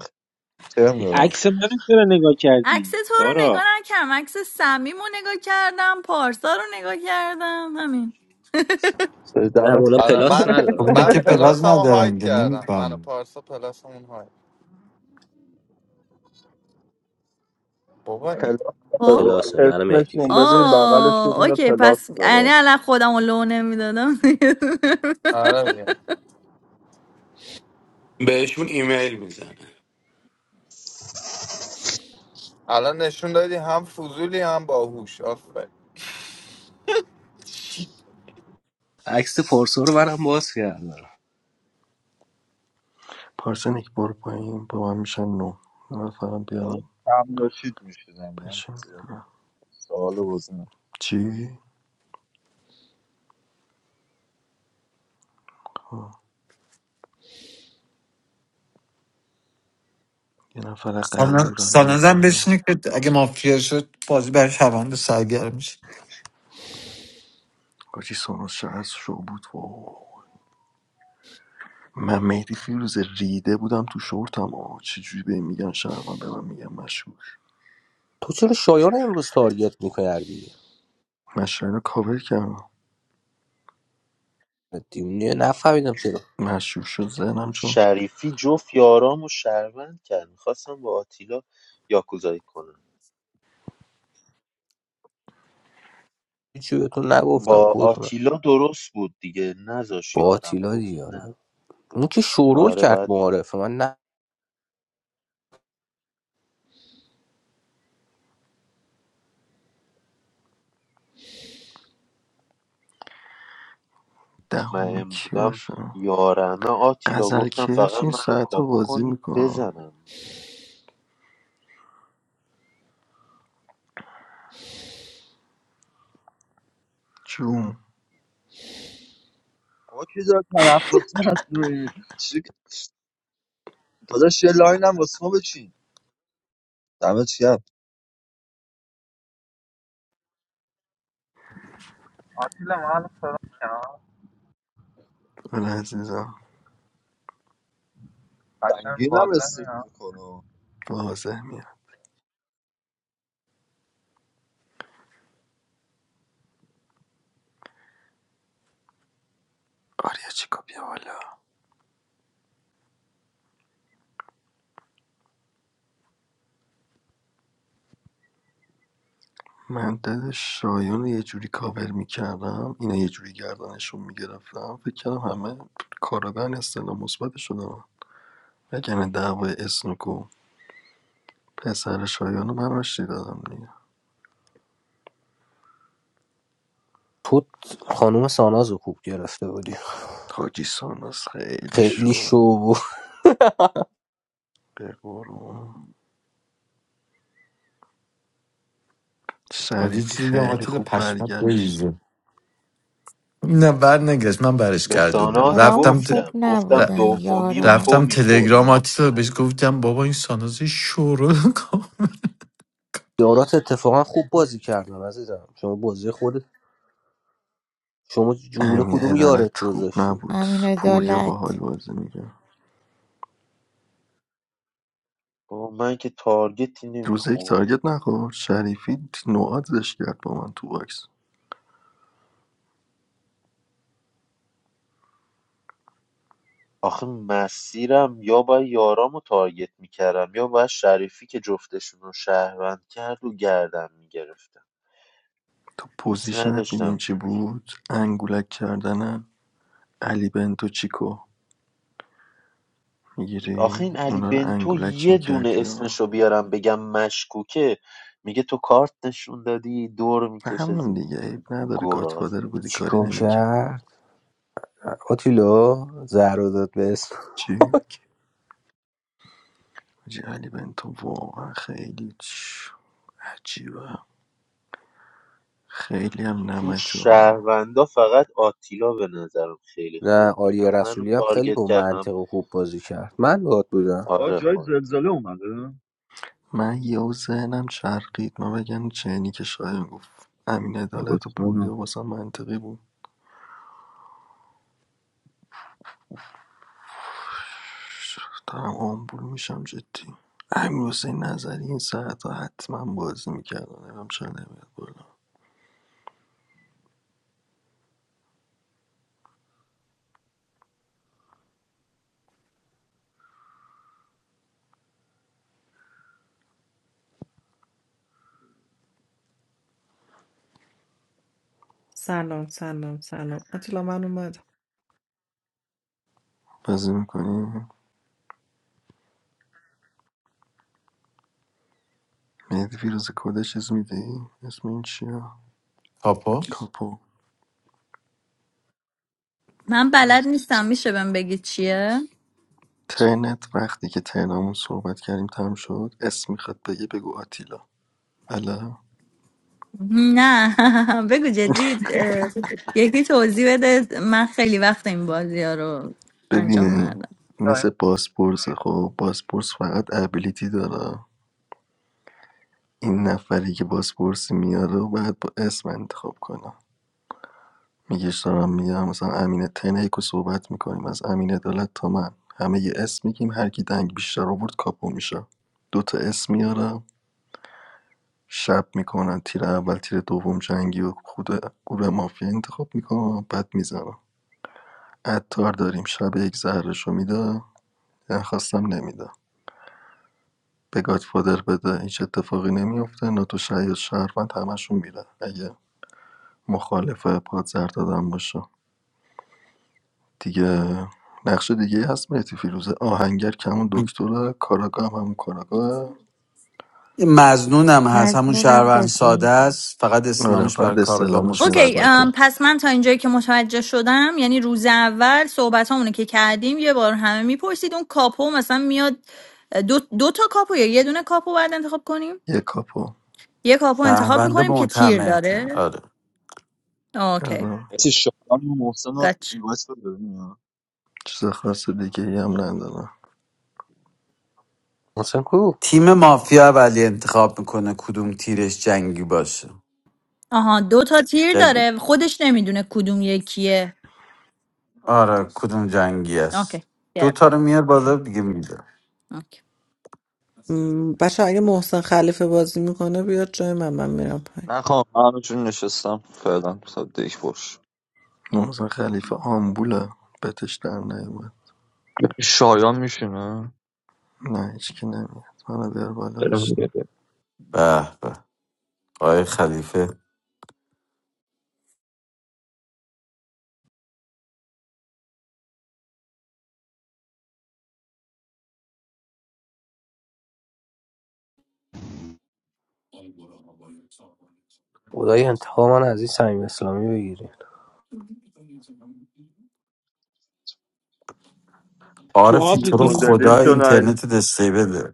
Speaker 3: کرم
Speaker 14: این
Speaker 3: دارم
Speaker 14: عکس منو چرا نگاه
Speaker 15: *laughs* عکس
Speaker 14: کردی
Speaker 15: تو رو نگاه
Speaker 14: تارا
Speaker 15: نکردم عکس صمیم رو نگاه کردم پارسا رو نگاه کردم همین
Speaker 9: نه
Speaker 3: دمت
Speaker 9: اونا
Speaker 10: آره
Speaker 9: پلاس
Speaker 10: من
Speaker 3: *laughs*
Speaker 12: خب
Speaker 9: ندارن
Speaker 12: اینا
Speaker 10: من
Speaker 12: که
Speaker 9: خانم تارا
Speaker 12: پلاز
Speaker 10: پلاسمو
Speaker 12: ندارن
Speaker 10: هاید
Speaker 12: که
Speaker 10: کردم من و
Speaker 12: نمیفهم
Speaker 10: پارسا پلاسمون هاید بابا
Speaker 15: خب
Speaker 3: پلاستارن
Speaker 9: پلاس منم مهدی
Speaker 3: اسمشون
Speaker 9: فیروزه
Speaker 3: ببین بغلش یه
Speaker 15: آه
Speaker 3: دونه
Speaker 15: اوکی
Speaker 3: پلاس
Speaker 15: پس یعنی
Speaker 3: داره
Speaker 15: الان خودم رو لو نمیدادم
Speaker 10: آره
Speaker 15: *laughs*
Speaker 10: میگم
Speaker 5: بهشون ایمیل میزنه
Speaker 10: الان نشون دادی هم فضولی هم باهوش آفر
Speaker 9: عکس پارسا رو برام باز کردم
Speaker 2: پارسا یک بار پایین با من میشن نو یه نفرم
Speaker 3: داره
Speaker 2: بیارم
Speaker 3: کم داشتید میشیدم
Speaker 2: بشین
Speaker 3: من سوال بزنم
Speaker 2: چی؟ آه. یه نفر قیورم بیاد
Speaker 12: سانازم
Speaker 2: بالا
Speaker 12: بشینه که اگه مافیا شد بازی برای شوند سرگرم میشه
Speaker 2: کاچی سانوس شهر شو بود وای من مهدی فیروز ریده بودم تو شورتم آه چجوری به میگن شهروند به من میگن مشهور
Speaker 9: تو چرا شایان رو امروز تارگت میکردی
Speaker 2: مشهور رو کاور کردم
Speaker 9: دیونه نفهمیدم چرا
Speaker 2: مشهور شد ذهنم چون
Speaker 7: شریفی جفت یارام و شهروند کرد میخواستم با آتیلا یاکوزایی کنم
Speaker 9: هیچی بهتون نگفتم
Speaker 7: با
Speaker 9: خودتونم
Speaker 7: آتیلا درست بود دیگه نذاش
Speaker 9: با
Speaker 7: یارم
Speaker 9: آتیلا
Speaker 7: گفت نه
Speaker 9: دیاره اون که شورول
Speaker 7: آره
Speaker 9: کرد
Speaker 7: باید با
Speaker 9: معارفه من نه
Speaker 2: دهمی
Speaker 7: مطمئن
Speaker 2: کی
Speaker 7: بودم
Speaker 2: باشم
Speaker 7: یارمه آتیلا
Speaker 2: غزل
Speaker 7: گفتم
Speaker 2: کش
Speaker 7: فقط
Speaker 2: این
Speaker 7: منو
Speaker 2: ساعت ها
Speaker 7: کاپو
Speaker 2: بازی
Speaker 7: کنید
Speaker 2: میکنه
Speaker 7: بزنم
Speaker 2: جون
Speaker 3: آقا کی داد من عباس مصنوعی چی داداش یه لاین هم واسه ما بچین دمت گرم
Speaker 10: آتیلا ما الان سلام میاد
Speaker 2: اون عزیزم
Speaker 3: سنگین
Speaker 10: قشنگ
Speaker 3: هم
Speaker 10: واضح
Speaker 3: رسیف
Speaker 10: میاد
Speaker 3: میکنه
Speaker 2: واضح میاد آریا چیکو بیا بالا من دل شایان رو یه جوری کاور میکردم اینا یه جوری گردنشون میگرفتم فکر کردم همه کارابن استعلام مثبت شدم وگرنه دعوای اسنوکو پسر شایانو من آشتی دادم دیگه
Speaker 9: تو خانوم ساناز رو خوب گرفته بودی
Speaker 2: حاجی سانوس خیلی
Speaker 9: خیلی
Speaker 2: شو بود.
Speaker 9: شو بود
Speaker 2: به قرون
Speaker 12: حالا یه
Speaker 2: شریفی
Speaker 12: چیزی میگم
Speaker 2: خیلی
Speaker 12: آتیل
Speaker 2: خوب
Speaker 12: پشمت
Speaker 2: برگشت
Speaker 12: بریزه نه بر نگشت من برش
Speaker 7: به
Speaker 12: گردوندم
Speaker 7: ساناز
Speaker 16: کارام
Speaker 12: رفتم
Speaker 16: خوب
Speaker 7: گفتم
Speaker 12: ت...
Speaker 7: گفتم
Speaker 16: نبودن
Speaker 7: دومی و
Speaker 16: یارام
Speaker 7: تو
Speaker 12: رفتم
Speaker 7: میخوری
Speaker 12: تلگرام آتیلا
Speaker 7: مطمئن
Speaker 12: بهش گفتم بابا این سانازه شورو کن
Speaker 9: یارات اتفاقا خوب بازی کردن عزیزم شما بازی خود شما جوله
Speaker 2: امین
Speaker 9: کدوم یارت
Speaker 2: عدالت خوب
Speaker 9: گذاشتی
Speaker 2: نبود
Speaker 16: امین
Speaker 2: پوریا
Speaker 16: عدالت
Speaker 2: باحال بازی میگه
Speaker 7: بابا من که تارگتی
Speaker 2: روز یک
Speaker 7: نمیخوردم
Speaker 2: تارگت نخورد شریفی نوازش کرد با من تو باکس
Speaker 7: آخه مسیرم یا باید یارامو تارگت میکردم یا باید شریفی که جفتشون رو شهروند کرد و گردم میگرفتم
Speaker 2: تو
Speaker 7: دوست
Speaker 2: پوزیشنت میدین
Speaker 7: نداشتم
Speaker 2: چی بود انگولک کردن علی بنتو چیکو
Speaker 7: آخه
Speaker 2: میگیری
Speaker 7: این علی
Speaker 2: اونا رو
Speaker 7: بنتو
Speaker 2: انگولک
Speaker 7: یه دونه
Speaker 2: میکردی یا
Speaker 7: اسمشو بیارم بگم مشکوکه میگه تو کارت نشون دادی دور میکشه
Speaker 2: همون
Speaker 7: زیرم
Speaker 2: دیگه عیب نداره
Speaker 7: گراز
Speaker 2: گاتفادر بودی کاری
Speaker 9: چیکو
Speaker 2: نمیکرد
Speaker 9: کرد آتیلا زهر رو داد به اسم
Speaker 2: چی حاجی علی بنتو واقعا خیلی چ- عجیبه خیلی هم
Speaker 7: تو
Speaker 2: نمکه ها.
Speaker 7: شهروندا فقط آتیلا به نظرم خیلی
Speaker 9: نه
Speaker 7: خوب بود
Speaker 9: آریا
Speaker 7: هم منو
Speaker 9: رسولی هم خیلی
Speaker 7: تارگت
Speaker 9: با
Speaker 7: کرد هم
Speaker 9: منطق و خوب بازی کرد من باهات بودم
Speaker 3: آقا
Speaker 7: آره
Speaker 3: جای
Speaker 7: خانم
Speaker 3: زلزله اومده
Speaker 2: من یهو ذهنم چرخید من بگم چینی که شاید گفت امین عدالت و
Speaker 3: بسونه
Speaker 2: پوریا واسه منطقی بود ش- دارم آمبول میشم جدی امیر حسین نظری این ساعت ها حتما بازی میکردن نمیم چرا نمیاد بالا
Speaker 17: سلام سلام سلام آتیلا من اومدم
Speaker 2: بازی میکنی؟ مهدی فیروز کده چیز میدی؟ اسم این چیه؟
Speaker 12: پاپا
Speaker 2: کاپو
Speaker 15: من بلد نیستم میشه بهم بگی چیه
Speaker 2: ترنت وقتی که ترنمون صحبت کردیم تم شد اسم میخواد بگه بگو آتیلا الا
Speaker 15: نه *laughs* بگو جدی اه، یکی توضیح بده من خیلی وقت این بازی ها رو انجام
Speaker 2: ببین
Speaker 15: ندادم
Speaker 10: یا
Speaker 2: مثل باسپورس خب باسپورس فقط ابیلیتی داره این نفری که باسپورسی میاره و باید با اسم انتخاب کنه. میگیش دارم میگم مثلا امین تنه یکو صحبت میکنیم از امین عدالت تا من همه یه اسم میگیم هر کی دنگ بیشتر آورد کاپو میشه دوتا اسم میاره شب میکنن تیر اول تیر دوم جنگی و خود گروه مافیا انتخاب میکنم بعد میزنم عطار داریم شب یک زهرشو میده من خواستم نمیده به گادفادر بده هیچ اتفاقی نمیفته ناتو شاید شهروند همشون میره اگه مخالف پادزر دادن باشه دیگه نقش دیگه هست مهدی فیروزه آهنگر کمون دکتره کاراگاه هم همون کاراگاه
Speaker 12: مزنونم هست همون
Speaker 16: مظنونم
Speaker 12: شهروند
Speaker 16: بگو
Speaker 12: ساده است فقط
Speaker 2: آره
Speaker 12: اسلامش برای
Speaker 2: فرد
Speaker 12: کارگاه
Speaker 2: استعلامش
Speaker 15: اوکی
Speaker 12: مثبت
Speaker 15: ام،
Speaker 2: مثبته
Speaker 15: پس من تا اینجایی که متوجه شدم یعنی روز اول صحبت همونه که کردیم یه بار همه میپرسید اون کاپو مثلا میاد دو, دو تا کاپو یا یه دونه کاپو باید انتخاب کنیم
Speaker 2: یه کاپو
Speaker 15: یه کاپو انتخاب
Speaker 12: شهروند
Speaker 15: میکنیم که تیر
Speaker 12: معتمد
Speaker 15: داره
Speaker 12: آره
Speaker 15: اوکی
Speaker 2: آره
Speaker 3: مثل شایان و محسن رو
Speaker 15: گچ
Speaker 3: این وایس رو ببینیم
Speaker 2: چیز خاص دیگه ای هم نداره
Speaker 9: محسن کو
Speaker 12: تیم مافیا ولی انتخاب میکنه کدوم تیرش جنگی باشه
Speaker 15: آها دو تا تیر
Speaker 12: جنگ-
Speaker 15: داره خودش نمیدونه کدوم یکیه
Speaker 12: آره کدوم جنگی
Speaker 15: اوکی
Speaker 12: است دوتا
Speaker 15: گرفتم
Speaker 12: رو میار بالا دیگه میده
Speaker 15: اوکی.
Speaker 17: م، بچه اگه محسن خلیفه بازی میکنه بیاد جای من من میرم پایین
Speaker 3: نخوام من همشون نشستم فعلا تا دیک باش
Speaker 2: مثلا خلیفه آمبوله بتش در نیومد
Speaker 3: شایان میشینه
Speaker 2: نه هیچکی نمیاد منو بیار بالا بشین.
Speaker 12: به به آقای خلیفه
Speaker 9: خدای انتقام من از این صمیم اسلامی بگیری
Speaker 14: تو
Speaker 12: آره
Speaker 14: آب
Speaker 12: تو رو
Speaker 14: میکنی
Speaker 3: مدلی
Speaker 12: خدا
Speaker 14: بیرون
Speaker 3: شنایده
Speaker 12: اینترنت دسته بده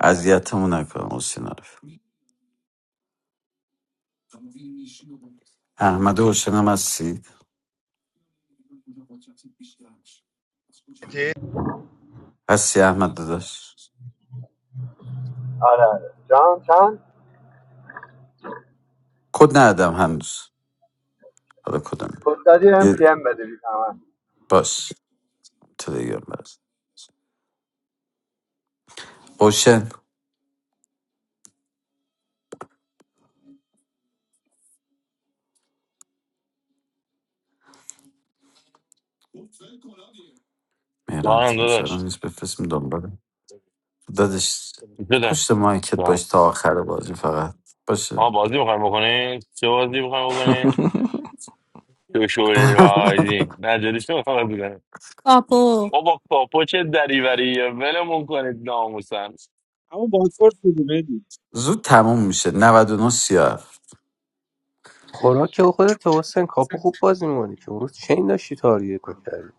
Speaker 12: اذیتمون نکن حسین احمد حسین هم هستی هستی احمد داداش
Speaker 18: آره آره جان چند
Speaker 12: کد ندادم هنوز حالا کدام
Speaker 18: گفتادی ام
Speaker 12: یه
Speaker 18: پی ام بده بی زحمت
Speaker 12: باش تلگرام برس اوشن مهران
Speaker 19: دارم
Speaker 12: تیم سران
Speaker 19: داداش
Speaker 12: نیست بفرستیم دنبال دادش
Speaker 19: بده
Speaker 12: پشت مایکت باش
Speaker 19: دارم
Speaker 12: تا آخر بازی فقط باشه
Speaker 19: آها بازی میخوایم بکنین چه بازی میخوایم بکنین تو شوری و
Speaker 12: *laughs*
Speaker 19: آیدی نه جدیش نمیخوام بازی کنیم
Speaker 15: کاپو
Speaker 19: بابا کاپو چه دریوریه ولمون کنید ناموسن
Speaker 14: اما بازپورت بودی بدی
Speaker 12: زود تموم میشه نود و نه سیاه
Speaker 9: خوراک که خودت حسین کاپو خوب بازی می‌کنی که اون روز چین داشتی تاریت می‌کردی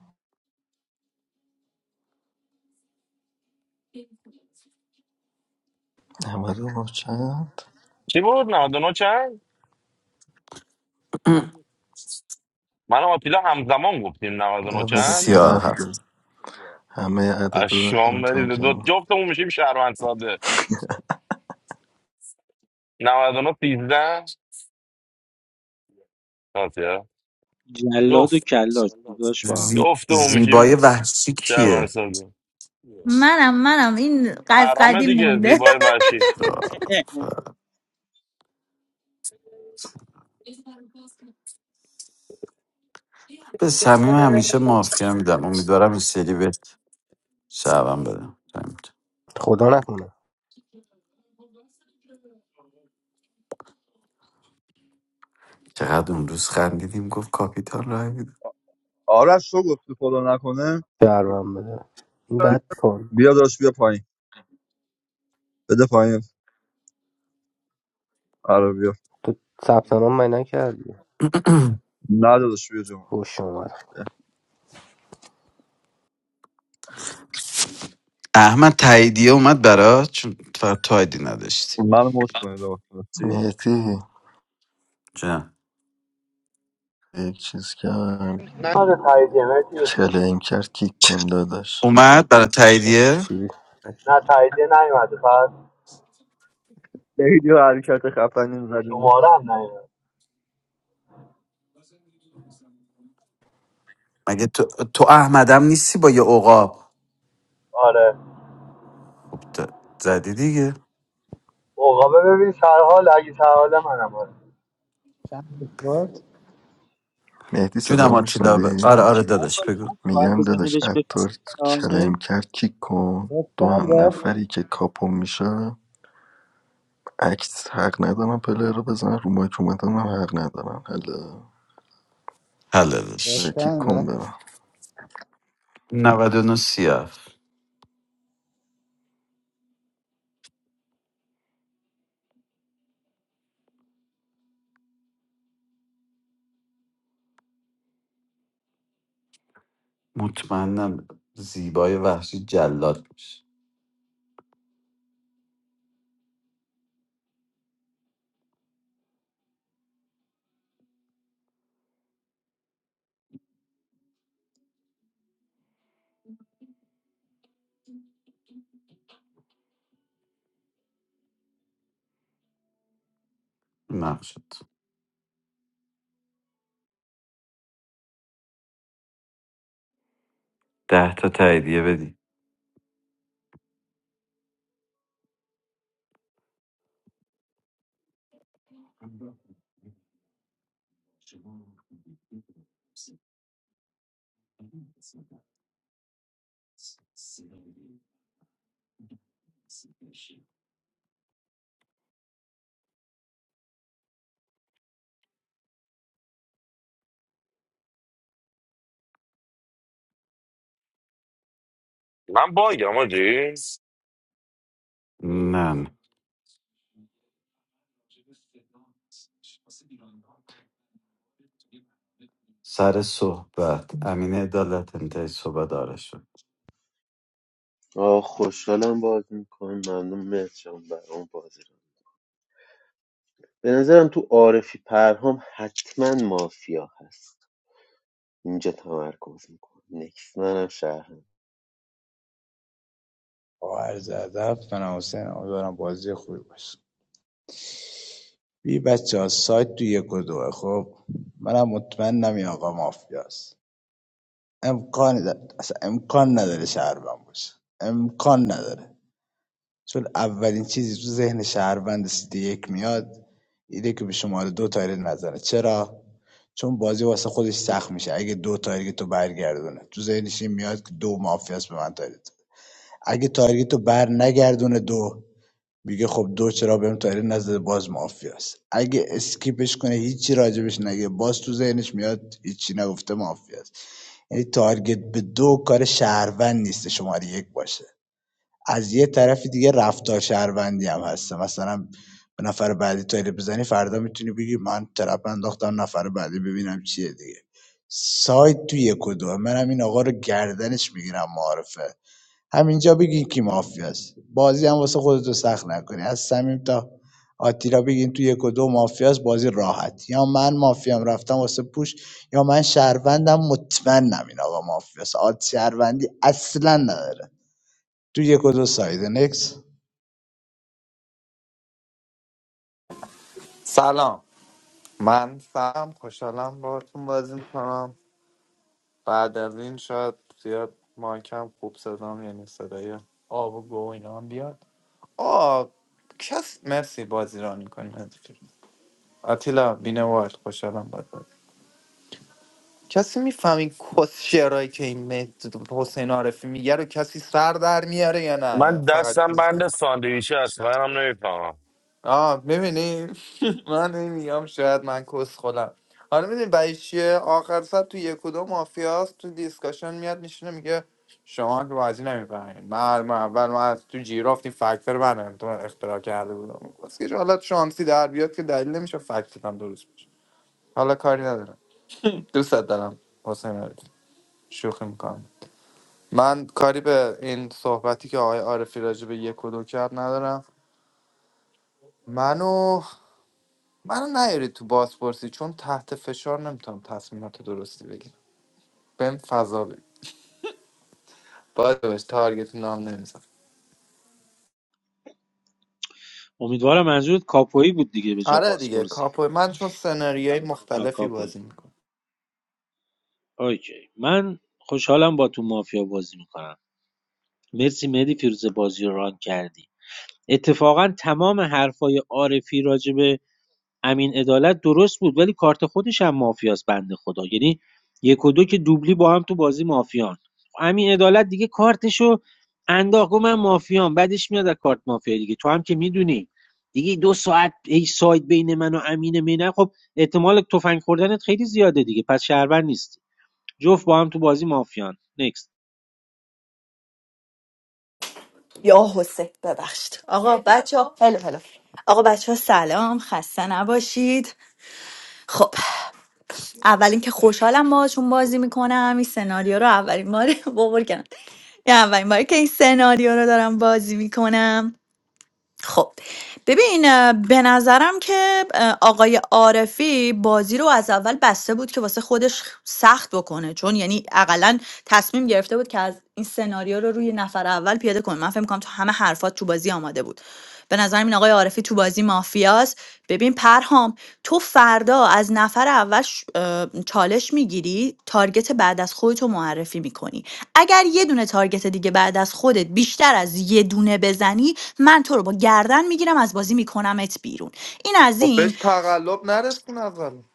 Speaker 2: 99 چند؟
Speaker 19: چی بود 99 چند
Speaker 12: *clears throat*
Speaker 19: من و آتیلا همزمان گفتیم 99
Speaker 2: عدد
Speaker 19: چند
Speaker 12: سیاه
Speaker 2: 37
Speaker 12: هفت
Speaker 2: همه عدد
Speaker 19: از
Speaker 2: رو
Speaker 19: شام
Speaker 2: امتحان
Speaker 19: برید دو
Speaker 2: کردم
Speaker 19: جفتمون میشیم شهروند ساده 99 13 آتیلا
Speaker 14: جلاد و
Speaker 19: جفت
Speaker 14: کلاش داشت با هم
Speaker 12: زی...
Speaker 19: جفتمون
Speaker 12: زیبای
Speaker 19: میشیم
Speaker 12: وحشی
Speaker 19: شهروند
Speaker 12: کیه
Speaker 19: ساده
Speaker 15: منم منم این از
Speaker 19: آرامه
Speaker 15: قدیم
Speaker 19: دیگه
Speaker 15: مونده *laughs*
Speaker 19: زیبای وحشی
Speaker 14: *laughs*
Speaker 12: به صمیم همیشه مافیا میدم امیدوارم این سری بهت شعبم بدم
Speaker 9: خدا نکنه
Speaker 12: چقدر اون روز خندیدیم گفت کاپیتان رای میده
Speaker 3: آرش تو گفتی خدا نکنه
Speaker 10: این
Speaker 9: شرمم بده این
Speaker 3: بی-
Speaker 9: بد کن
Speaker 3: بیا داشت بیا پایین بده پایین آره بیا
Speaker 9: تو ثبت نام من نکردی
Speaker 3: نه داداش بیا جمعه
Speaker 9: خوش اومد
Speaker 12: احمد تاییدیه اومد برات چون فقط تو آیدی نداشتی
Speaker 3: منو مت کنید آقا خلاصی
Speaker 2: مهدی
Speaker 12: چه
Speaker 2: یک چیز کرد
Speaker 18: نه نه تاییدیه مرسی
Speaker 2: کلیم کرد کیک کن داداش
Speaker 12: اومد برای
Speaker 9: داشتی
Speaker 12: تاییدیه
Speaker 9: چی
Speaker 18: نه تاییدیه نیومده فقط
Speaker 3: خیلی حرکت خفنی زدیم
Speaker 18: شماره هم نیومده
Speaker 12: مگه تو, تو احمدم نیستی با یه عقاب
Speaker 18: آره
Speaker 12: خب ت- زدی دیگه
Speaker 18: عقابه ببین سرحال اگه سرحال منم آره
Speaker 1: چند بخورد
Speaker 2: مهدی
Speaker 12: جونم
Speaker 2: صدا
Speaker 12: آتیلا ب...
Speaker 2: میشنوی؟
Speaker 12: آره آره
Speaker 14: چیکار
Speaker 12: داداش
Speaker 14: کنی
Speaker 12: بگو
Speaker 14: حرف باید
Speaker 2: میگم
Speaker 14: بزنه
Speaker 2: داداش
Speaker 14: بهش
Speaker 2: اتار کلیم
Speaker 14: بفهمه
Speaker 2: کرد کیک کن دو
Speaker 1: رفتن
Speaker 2: هم
Speaker 1: رفت
Speaker 2: نفری که کاپو میشه عکس حق ندارم پلیر رو بزن رو مایک اومدن هم حق ندارم هلا آره،
Speaker 12: حلالش
Speaker 2: کیک
Speaker 1: رفتن
Speaker 2: کن
Speaker 1: رفت
Speaker 2: برم
Speaker 12: 99 سیاف مطمئنم زیبای وحشی جلاد میشه مقصد ده تا تاییدیه بدی
Speaker 19: من باگم آجی
Speaker 12: نه نه سر صحبت امین عدالت انتهای صحبت آرش شد
Speaker 7: آه خوشحالم باز میکنم ممنون مرچم برام بازی رو به نظرم تو عارفی پرهام حتما مافیا هست اینجا تمرکز میکنم نکس منم شهرم
Speaker 1: با عرض ادب من حسین امیدوارم بازی خوبی باشه بی بچه ها سایت تو یک و دوه خب منم مطمئنم این آقا مافیاست امکان نداره اصلا امکان نداره شهر باشه امکان نداره چون اولین چیزی تو ذهن شهروند سیتی یک میاد ایده که به شماره دو تارگت نزنه چرا چون بازی واسه خودش سخت میشه اگه دو تارگت رو برگردونه تو ذهنش این میاد که دو مافیاس به من تارگت اگه تارگت رو بر نگردونه دو میگه خب دو چرا بهم تارگت نزده باز مافیاست اگه اسکیپش کنه هیچی راجبش نگه باز تو ذهنش میاد هیچی نگفته مافیاست یعنی تارگت به دو کار شهروند نیست شماره یک باشه از یه طرف دیگه رفتار شهروندی هم هستم مثلا به نفر بعدی تارگت بزنی فردا میتونی بگی من ترپ انداختم نفر بعدی ببینم چیه دیگه سایت تو یک و دو منم این آقا رو گردنش میگیرم معارفه همینجا بگین کی مافیاست بازی هم واسه خودتو سخت نکنی از صمیم تا آتیلا بگین تو یک و دو مافیاست بازی راحت یا من مافیام رفتم واسه پوش یا من شهروندم مطمئنم این آقا مافیاست آد شهروندی اصلا نداره تو یک و دو ساید نکس
Speaker 10: سلام من سلام خوشحالم باهاتون بازی میکنم بعد از این شاید زیاد مایکم خوب صدام یعنی صدای آب و گو و اینا هم بیاد آه کس مرسی بازی را میکنیم آتیلا بینوارد خوشحالم باهات بازی کسی میفهمی کس شعرهایی که این مهد- حسین عارفی میگه رو کسی سر در میاره یا نه یا
Speaker 19: من
Speaker 10: فقط
Speaker 19: دستم بند ساندویچ هست منم نمیفهمم
Speaker 10: آه ببینی *laughs* من نمیگم شاید من کس خودم حالا میدونی بعد چیه آخر سر تو یک و دو مافیاست تو دیسکاشن میاد میشینه میگه شما که بازی نمیفهمید من, من اول من از تو جیرافت این فکتر منم تو اختراع کرده بودم بس که حالا شانسی در بیاد که دلیل نمیشه فکتت هم درست بشه حالا کاری ندارم دوست دارم حسین عارفی. شوخی میکنم من کاری به این صحبتی که آقای عارفی راجع به یک و دو کرد ندارم منو منو نیارید تو بازپرسی چون تحت فشار نمیتونم تصمیمات درستی بگیرم بهم فضا بدید باید بهش تارگت نام نمیزن
Speaker 14: امیدوارم منظورت کاپویی بود دیگه به جا
Speaker 10: آره دیگه
Speaker 14: بازپرسی
Speaker 10: کاپو من چون سناریوهای
Speaker 14: آه
Speaker 10: مختلفی
Speaker 14: کاپویی
Speaker 10: بازی میکنم
Speaker 14: اوکی من خوشحالم با تو مافیا بازی میکنم مرسی مهدی فیروز بازی رو ران کردی اتفاقا تمام حرفای عارفی راجبه امین عدالت درست بود ولی کارت خودش هم مافیاس بنده خدا یعنی یک و دو که دوبلی با هم تو بازی مافیان امین عدالت دیگه کارتشو انداخت گفت من مافیام بعدش میاد از کارت مافیا دیگه تو هم که میدونی دیگه دو ساعت ای سایت بین من و امین مینه خب احتمال تفنگ خوردنت خیلی زیاده دیگه پس شهروند نیستی جفت با هم تو بازی مافیان نکست
Speaker 15: یا حسین ببخشید آقا بچه ها هلو هلو آقا بچه ها سلام خسته نباشید خب اول اینکه خوشحالم باهاتون بازی میکنم این سناریو رو اولین بار *laughs* بابر کردم این اولین باری که این سناریو رو دارم بازی میکنم خب ببین اه، به نظرم که اه، آقای عارفی بازی رو از اول بسته بود که واسه خودش سخت بکنه چون یعنی اقلا تصمیم گرفته بود که از این سناریو رو روی نفر اول پیاده کنه من فکر می‌کنم تو همه حرفات تو بازی آماده بود به نظرم این آقای عارفی تو بازی مافیاست ببین پرهام تو فردا از نفر اول ش- اه، چالش میگیری تارگت بعد از خودتو معرفی میکنی اگر یه دونه تارگت دیگه بعد از خودت بیشتر از یه دونه بزنی من تو رو با گردن میگیرم از بازی میکنمت بیرون این از
Speaker 10: خب
Speaker 15: این
Speaker 10: بهش تقلب نرسون از الان.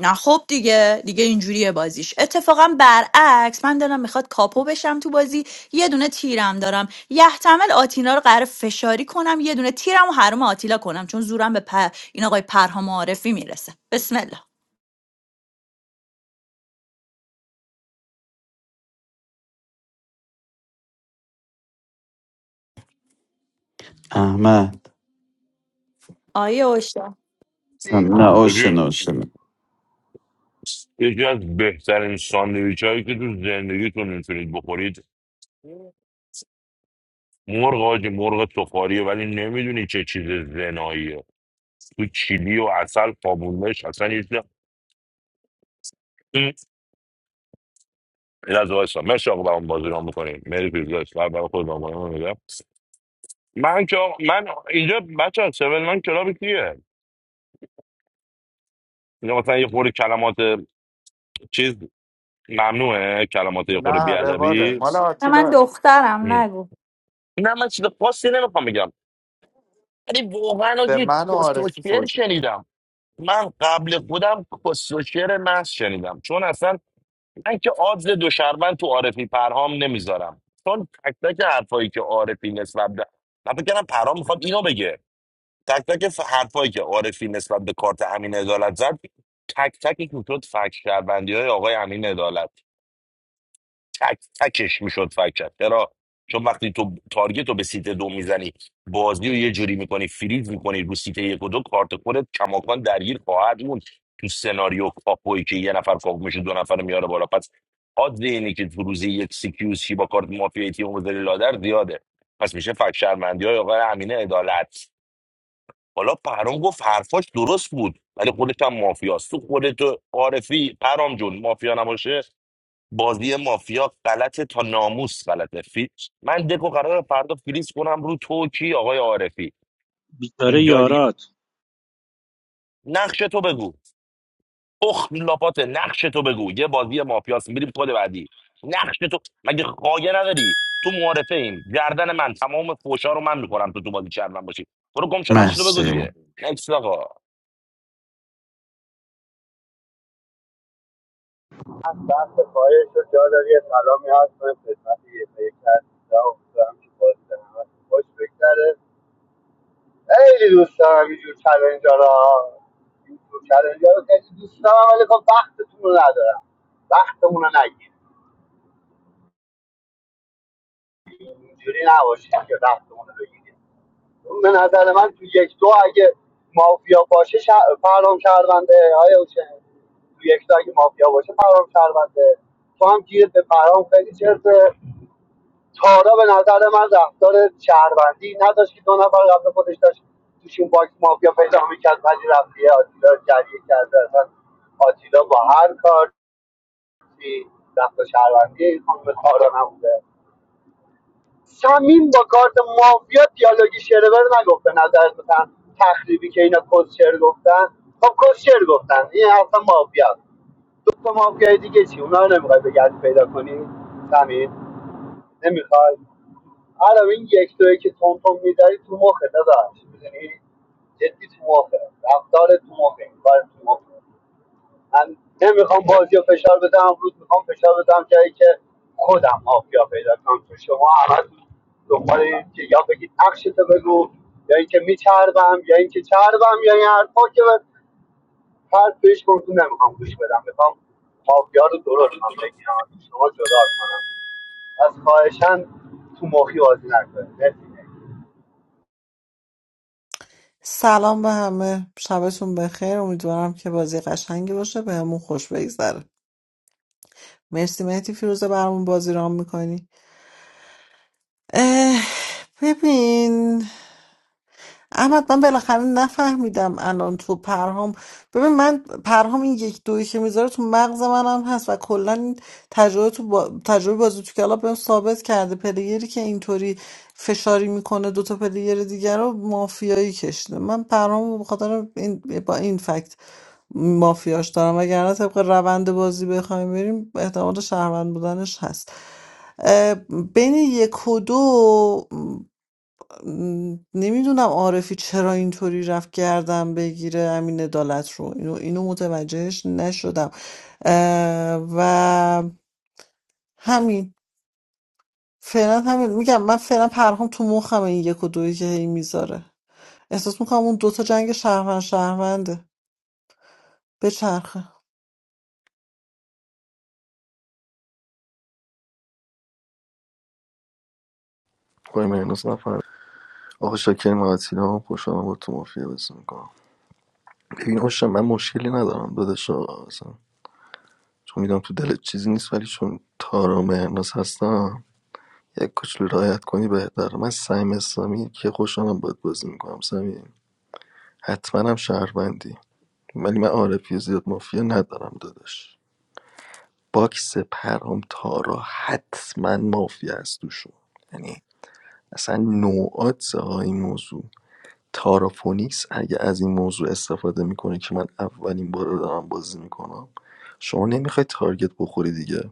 Speaker 15: نه خب دیگه دیگه اینجوریه بازیش اتفاقا برعکس من دارم میخواد کاپو بشم تو بازی یه دونه تیرم دارم یحتمل آتینا رو قرار فشاری کنم یه دونه تیرم و حروم آتیلا کنم چون زورم به پر... این آقای پرهام عارفی میرسه بسم الله
Speaker 12: احمد
Speaker 15: آیه اوشا
Speaker 18: چی؟
Speaker 12: ام، نه اوشن
Speaker 19: آجی
Speaker 12: اوشن
Speaker 19: یکی از بهترین ساندویچ هایی که تو زندگیتون میتونید بخورید مرغ آجی مرغ سفاریه ولی نمیدونی چه چیز زناییه تو چیلی و اصل قابونش اصلا یه چیز این از وایسا مرسی آقا برام بازی رام میکنیم مری پیزاش برای خود رام میگم من که آقا- من اینجا بچه ها سیون من کلاب کیه اینجا مثلا یه خورده کلمات چیز ممنوعه کلمات یه خورده
Speaker 10: نه رواله
Speaker 19: بیادبی
Speaker 10: مال
Speaker 15: من
Speaker 10: آتیلا
Speaker 15: دخترم نگو
Speaker 19: نه من چیز خاصی نمیخوام بگم ولی واقعا
Speaker 10: به
Speaker 19: آجی
Speaker 10: من و عارفی
Speaker 19: کسوشر
Speaker 10: فوش
Speaker 19: شنیدم من قبل خودم کسوشر محض شنیدم چون اصلا من که آدز دو شربن تو عارفی پرهام نمیذارم چون تک تک حرفایی که عارفی نسبت به من فکر کردم پرهام میخواد اینو بگه تک تک ف- حرفایی که عارفی نسبت به کارت امین عدالت زد تک تک میشد فک شهروندی های آقای امین عدالت تک تکش میشد فکر کرد چرا چون وقتی تو تارگت رو به سیت دو میزنی بازی رو یه جوری میکنی فریز میکنی رو سیت یک و دو کارت خودت کماکان درگیر خواهد بود تو سناریو کاپوی که یه نفر کاپ میشه دو نفر رو میاره بالا پس حد اینه که تو روزی یک سیکیوز شی با کارت مافیا تیم بذاری لادر زیاده پس میشه فکر شرمندی های آقای امینه عدالت حالا پرام گفت حرفاش درست بود ولی خودت هم مافیاست تو خودت عارفی پرام جون مافیا نباشه بازی مافیا غلطه تا ناموس غلطه فی... من دکو قرار فردا فریز کنم رو تو کی آقای عارفی
Speaker 14: بیچاره
Speaker 19: جای دیگه
Speaker 14: یارات
Speaker 19: نقش تو بگو اخ لاپات نقش تو بگو یه بازی مافیاست میریم کد بعدی نقش تو مگه خایه نداری تو معارفه ایم گردن من تمام فوشا رو من میکنم تو تو بازی چرم من باشی برو گم شو نقش تو بگو
Speaker 12: مرسی
Speaker 19: دیگه نکس آقا
Speaker 18: از دست خواهش رو جا داری یه سلامی هست من خدمت یه پیک هستم امیدوارم که بازی به همه خوش بگذره خیلی دوست دارم اینجور چلنجا را اینجور چلنجا رو خیلی دوست دارم ولی خب وقتتون رو ندارم وقتمون رو نگیرید اینجوری نباشید که وقتمون رو بگیرید به نظر من تو یک دو اگه مافیا باشه ش... فرام شهرونده های اوچه تو یک دو اگه مافیا باشه فرام شهرونده تو هم گیرت به فرام خیلی چرته تارا به نظر من رفتار شهروندی نداشت که دو نفر قبل خودش داشت توشون باکس مافیا پیدا میکرد ولی رفتی آتیلا رو جریه کرده اصلا آتیلا با هر کار رفت شهروندی این خانم تارا نبوده سمیم با کارت مافیا دیالوگی شرور نگفت به نظرت تخریبی که اینا کسشر گفتن خب کسشر گفتن این اصلا مافیا دو تا مافیای دیگه چی اونا رو نمیخوای بگردی پیدا کنی سمیم نمیخوای الان این یک دوی که تون تون میداری تو مخه داداش میدونی جدی تو مخه رفتار تو مخه این کار تو مخه من نمیخوام بازی رو فشار بدم امروز میخوام فشار بدم جایی که خودم مافیا پیدا کنم تو شما همه دنبال این که یا بگید نقشتو بگو یا اینکه میچربم یا اینکه چربم یا این حرفا که من فرد بهش گفتم نمیخوام گوش بدم میخوام مافیا رو درست هم بگیرم از شما جدا کنم از خواهشن تو مخی بازی نکنید مرسی.
Speaker 17: سلام به همه شبتون بخیر امیدوارم که بازی قشنگی باشه به همون خوش بگذره مرسی مهدی فیروزه برامون بازی رام میکنی ببین احمد من بالاخره نفهمیدم الان تو پرهام ببین من پرهام این یک دویی که میذاره تو مغز منم هست و کلا این تجربه تو با... تجربه بازی تو کلاب بهم ثابت کرده پلیری که اینطوری فشاری میکنه دوتا پلیر دیگر رو مافیایی کشیده من پرهامو به خاطر این... با این فکت مافیاش دارم وگرنه طبق روند بازی بخوایم بریم احتمال شهروند بودنش هست اه، بین یک و دو نمیدونم عارفی چرا اینطوری رفت گردن بگیره امین عدالت رو اینو اینو متوجهش نشدم اه، و همین فعلا همین میگم من فعلا پرهام تو مخم این یک و دویی که هی میذاره احساس میکنم اون دوتا جنگ شهروند شهرونده بچرخه
Speaker 2: وای مهنوز نفر آقا شاکر معتیلا هم خوشحالم با تو مافیا بزن میکنم. ببین اوشا من مشکلی ندارم داداشا اصلا چون میدونم تو دلت چیزی نیست ولی چون تارا و مهناز هستم یک کوچولو رعایت کنی بهتر من سعیم اسلامی که خوشحالم باید بازی میکنم سمیم حتما هم شهروندی ولی من عارفی و زیاد مافیا ندارم داداش باکس پرام تارا حتما مافیا است توشون یعنی اصلا نوعات ها این موضوع تارافونیکس اگه از این موضوع استفاده میکنه که من اولین بار رو دارم بازی میکنم شما نمیخوای تارگت بخوری دیگه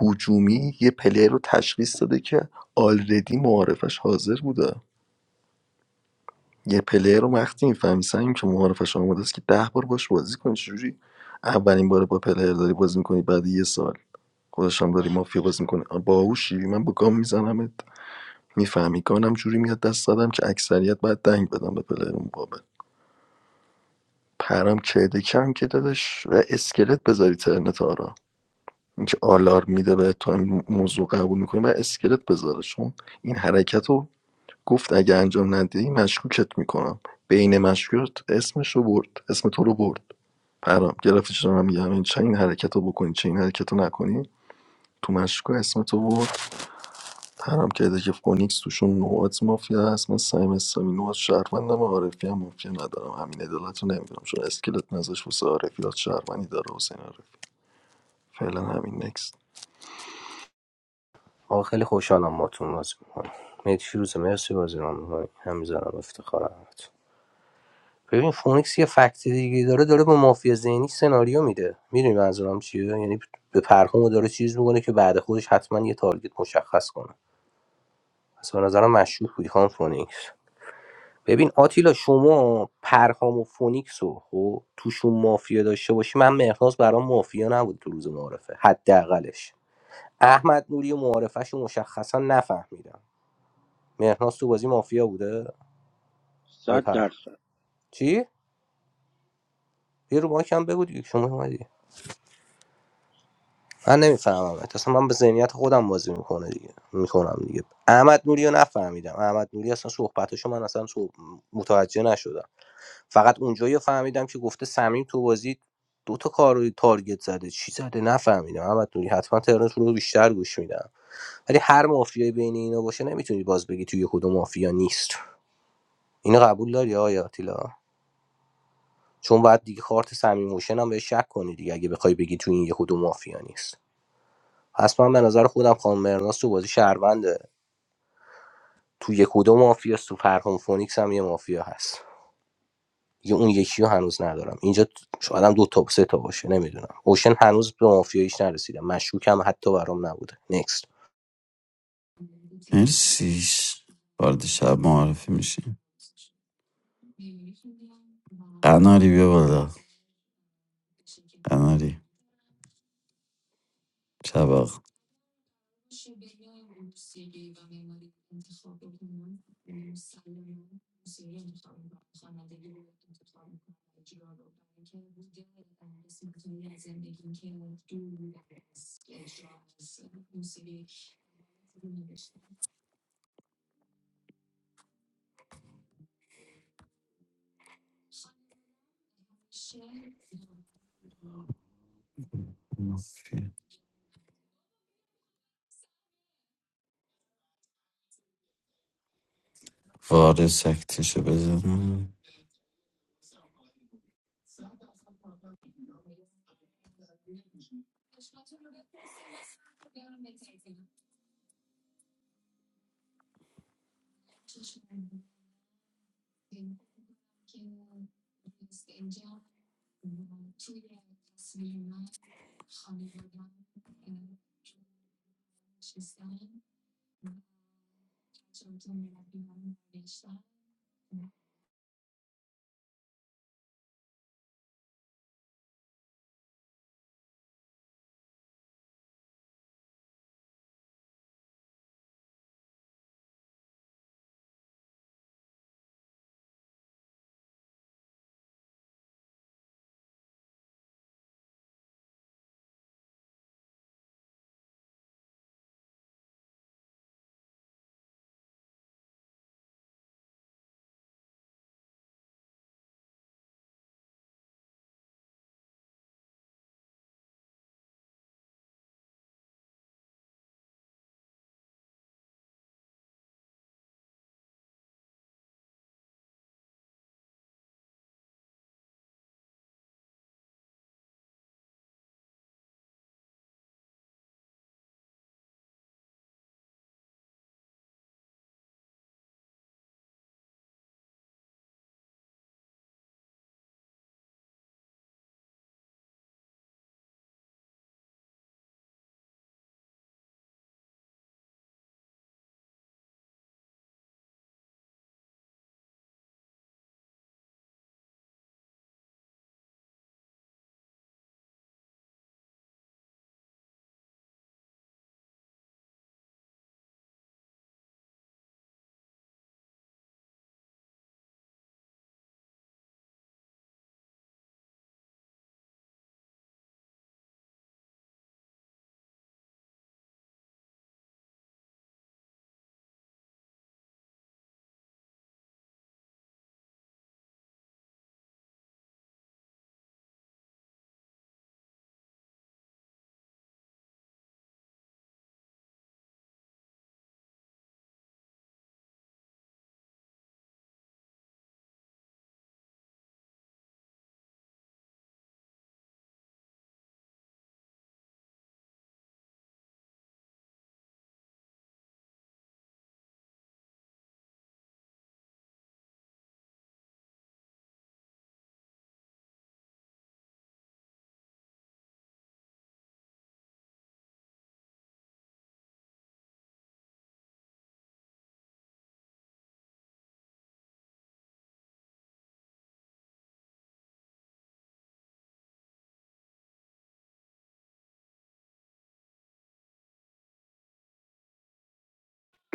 Speaker 2: هجومی یه پلیر رو تشخیص داده که آلردی معارفش حاضر بوده یه پلیر رو وقتی میفهمی سنگیم که معارفش آماده است که ده بار باش بازی کنی چجوری اولین بار با پلیر داری بازی میکنی بعد یه سال خودش هم داری مافیا بازی میکنه باهوشی من با گام میزنمت میفهمی گانم جوری میاد دست دادم که اکثریت باید دنگ بدم به پلیر مقابل پرام کیدکی هم که دادش و اسکلت بذاری ترنت آرا اینکه آلارم میده به تو این موضوع قبول میکنی و اسکلت بذاره چون این حرکت رو گفت اگه انجام ندهی مشکوکت میکنم بین مشکوکت اسمش رو برد اسم تو رو برد پرام گرفتی چرا من میگم این چه این حرکت رو بکنی چه این حرکت رو نکنی تو مشکوک اسم تو برد ترم کرده که فونیکس توشون نوعات مافیا هست من سعیم اسلامی نوعات شهروندم عارفی هم مافیا ندارم همین عدالت رو نمیدونم چون اسکلت نزاش واسه عارفی ها شهروندی داره حسین عارفی فعلا همین نکست
Speaker 9: آقا خیلی خوشحالم با بازی می‌کنم میت فیروزه مرسی بازی رو می‌کنی همین زارم افتخارم ببین فونیکس یه فکت دیگه داره داره با مافیا ذهنی سناریو میده میدونی منظورم چیه یعنی به پرهامو داره چیز میکنه که بعد خودش حتما یه تارگت مشخص کنه پس به نظرم مشروع بودی خانم فونیکس ببین آتیلا شما پرهام و فونیکس رو خب توشون مافیا داشته باشی من مهناز برام مافیا نبود تو روز معارفه حداقلش احمد نوری و معارفش رو مشخصا نفهمیدم مهناز تو بازی مافیا بوده آی
Speaker 14: صد
Speaker 9: پر
Speaker 14: درصد
Speaker 9: چی یه رو ماکم بگو دیگه شما اومدی من نمیفهمم اصلا من به ذهنیت خودم بازی میکنه دیگه میکنم دیگه احمد نوری رو نفهمیدم احمد نوری اصلا صحبتاشو من اصلا صحب... متوجه نشدم فقط اونجایی رو فهمیدم که گفته سمیم تو بازی دو تا کار روی تارگت زده چی زده نفهمیدم احمد نوری حتما ترنت رو بیشتر گوش میدم ولی هر مافیایی بین اینا باشه نمیتونی باز بگی توی کدوم مافیا نیست اینو قبول داری آیا آتیلا چون بعد دیگه کارت سمیم هم بهش شک کنی دیگه اگه بخوای بگی توی این یه کدوم مافیا نیست پس من به نظر خودم خانم مهرناز تو بازی شهرونده تو یک و دو مافیاست تو فرهام فونیکس هم یه مافیا هست یه اون یکی رو هنوز ندارم اینجا شاید هم دو تا سه تا باشه نمیدونم اوشن هنوز به مافیاییش نرسیدم مشکوکم حتی برام نبوده نکست
Speaker 12: مرسی وارد شب معارفه میشیم قناری بیا بالا قناری شب آقا وارد سکتشو بزن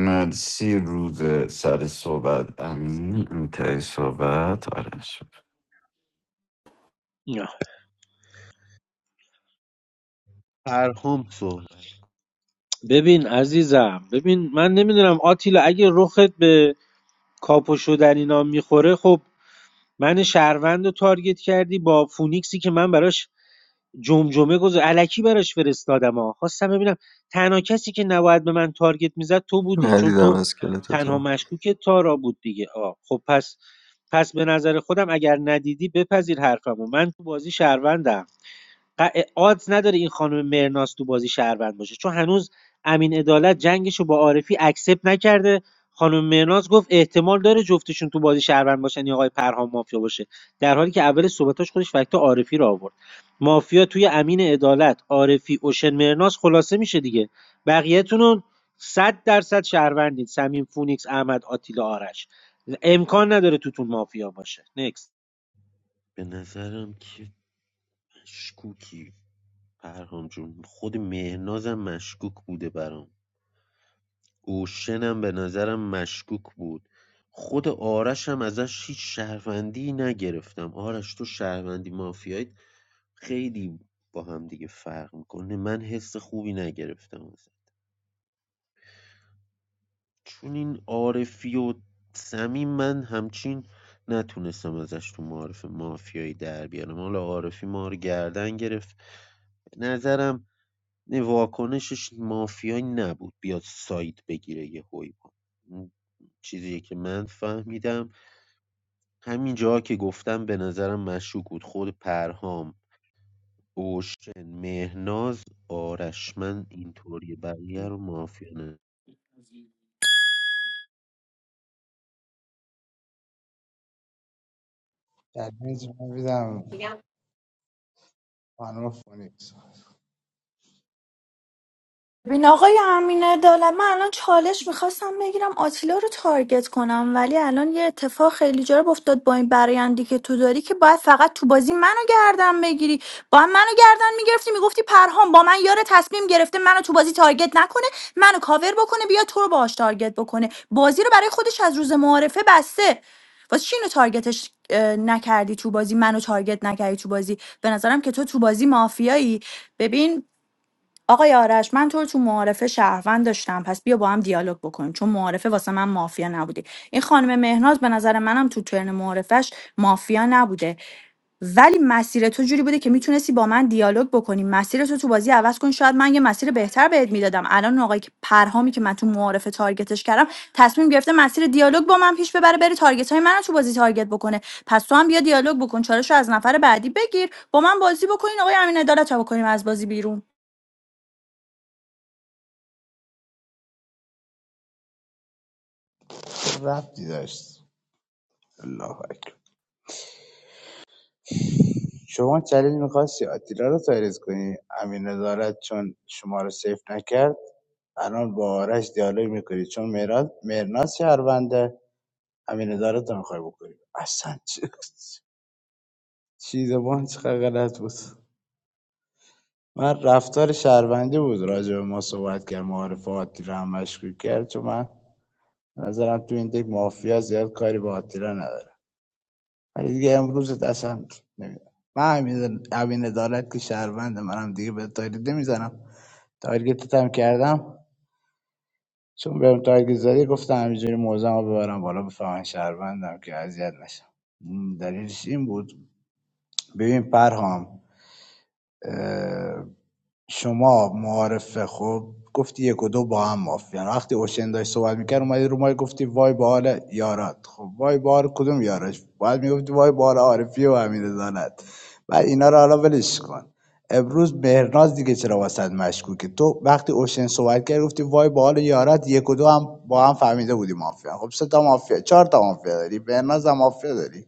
Speaker 12: مرسی روز سر صحبت امین انتهای صحبت آرش شد.
Speaker 7: پرهام صحبت
Speaker 14: ببین عزیزم ببین من نمیدونم آتیلا اگه رخت به کاپوشو در اینا میخوره خب من شهروند رو تارگت کردی با فونیکسی که من براش جمجمه گذار علکی براش فرستادم ها خواستم ببینم تنها کسی که نباید به من تارگت میزد تو بودی چون
Speaker 2: ندیدم
Speaker 14: تو
Speaker 2: اسکلت
Speaker 14: تنها
Speaker 2: تو
Speaker 14: مشکوک تارا بود دیگه آه خب پس پس به نظر خودم اگر ندیدی بپذیر حرفمو من تو بازی شهروندم ق- آدز نداره این خانم مرناز تو بازی شهروند باشه چون هنوز امین عدالت جنگش رو با عارفی اکسپ نکرده خانم مرناز گفت احتمال داره جفتشون تو بازی شهروند باشن یا آقای پرهام مافیا باشه در حالی که اول صحبتاش خودش فکت عارفی رو آورد مافیا توی امین عدالت عارفی اوشن مرناز خلاصه میشه دیگه بقیه‌تون رو صد درصد شهروندید سمیم فونیکس احمد آتیلا آرش امکان نداره توتون مافیا باشه نکست
Speaker 7: به نظرم که مشکوکی پرهام جون خود مهنازم مشکوک بوده برام اوشنم به نظرم مشکوک بود خود آرش هم ازش هیچ شهروندی نگرفتم آرش تو شهروندی مافیایت خیلی با هم دیگه فرق میکنه من حس خوبی نگرفتم ازش چون این عارفی و سمیم من همچین نتونستم ازش تو معارف مافیایی در بیارم حالا عارفی ما رو گردن گرفت به نظرم نه واکنشش مافیایی نبود بیاد ساید بگیره یه با چیزی که من فهمیدم همین جا که گفتم به نظرم مشکوک بود خود پرهام اوشن مهناز آرش من اینطوری بقیه رو مافیا نه
Speaker 1: در بینز من خانم فونیکس
Speaker 15: ببین آقای امین عدالت من الان چالش میخواستم بگیرم آتیلا رو تارگت کنم ولی الان یه اتفاق خیلی جالب افتاد با این برایندی که تو داری که باید فقط تو بازی منو گردن بگیری با هم منو گردن میگرفتی میگفتی پرهام با من یار تصمیم گرفته منو تو بازی تارگت نکنه منو کاور بکنه بیا تو رو باهاش تارگت بکنه بازی رو برای خودش از روز معارفه بسته واسه چی اینو تارگتش اه، نکردی تو بازی منو تارگت نکردی تو بازی به نظرم که تو تو بازی مافیایی ببین آقای آرش من تو رو تو معارفه شهروند داشتم پس بیا با هم دیالوگ بکنیم چون معارفه واسه من مافیا نبودی این خانم مهناز به نظر منم تو ترن معارفش مافیا نبوده ولی مسیر تو جوری بوده که میتونستی با من دیالوگ بکنی مسیر تو تو بازی عوض کن شاید من یه مسیر بهتر بهت میدادم الان اون آقای که- پرهامی که من تو معارفه تارگتش کردم تصمیم گرفته مسیر دیالوگ با من پیش ببره بره تارگت های من تو بازی تارگت بکنه پس تو هم بیا دیالوگ بکن چالش رو از نفر بعدی بگیر با من بازی بکنین آقای امین عدالت رو بکنیم از بازی بیرون
Speaker 1: ربطی داشت الله اکبر شما چلیل میخواستی آتیلا رو تایریز کنی امین ادارت چون شما رو سیف نکرد الان با آرش دیالوگ میکنی چون مراد مرناز شهرونده امین ادارت رو میخوای بکنی اصلا چی چیز ما چقدر غلط بود من رفتار شهروندی بود راجع به ما صحبت کرد معارف آتیلا هم مشکوک کرد چون من به نظرم تو این دیگه مافیا زیاد کاری با آتیلا نداره ولی دیگه امروز اصلا نمیدونم من همین همین ادارت که شهروند منم دیگه به تاریده میزنم تارگتت هم کردم چون بهم تارگت زدی گفتم همینجوری موزم رو ببرم بالا بفهمن شهروندم که اذیت نشم م، دلیلش این بود ببین پرهام شما معارفه خب گفتی یک و دو با هم مافیان وقتی اوشن داشت صحبت میکرد اومدی رو ما گفتی وای به حال یارات خب وای به حال کدوم یارات باید میگفتی وای به حال عارفی و امین عدالت بعد اینا رو حالا ولش کن امروز مهرناز دیگه چرا واسط مشکوکه تو وقتی اوشن صحبت کرد گفتی وای به حال یارات یک و دو هم با هم فهمیده بودی مافیا خب سه تا مافیا چهار تا مافیا داری مهرناز هم مافیا داری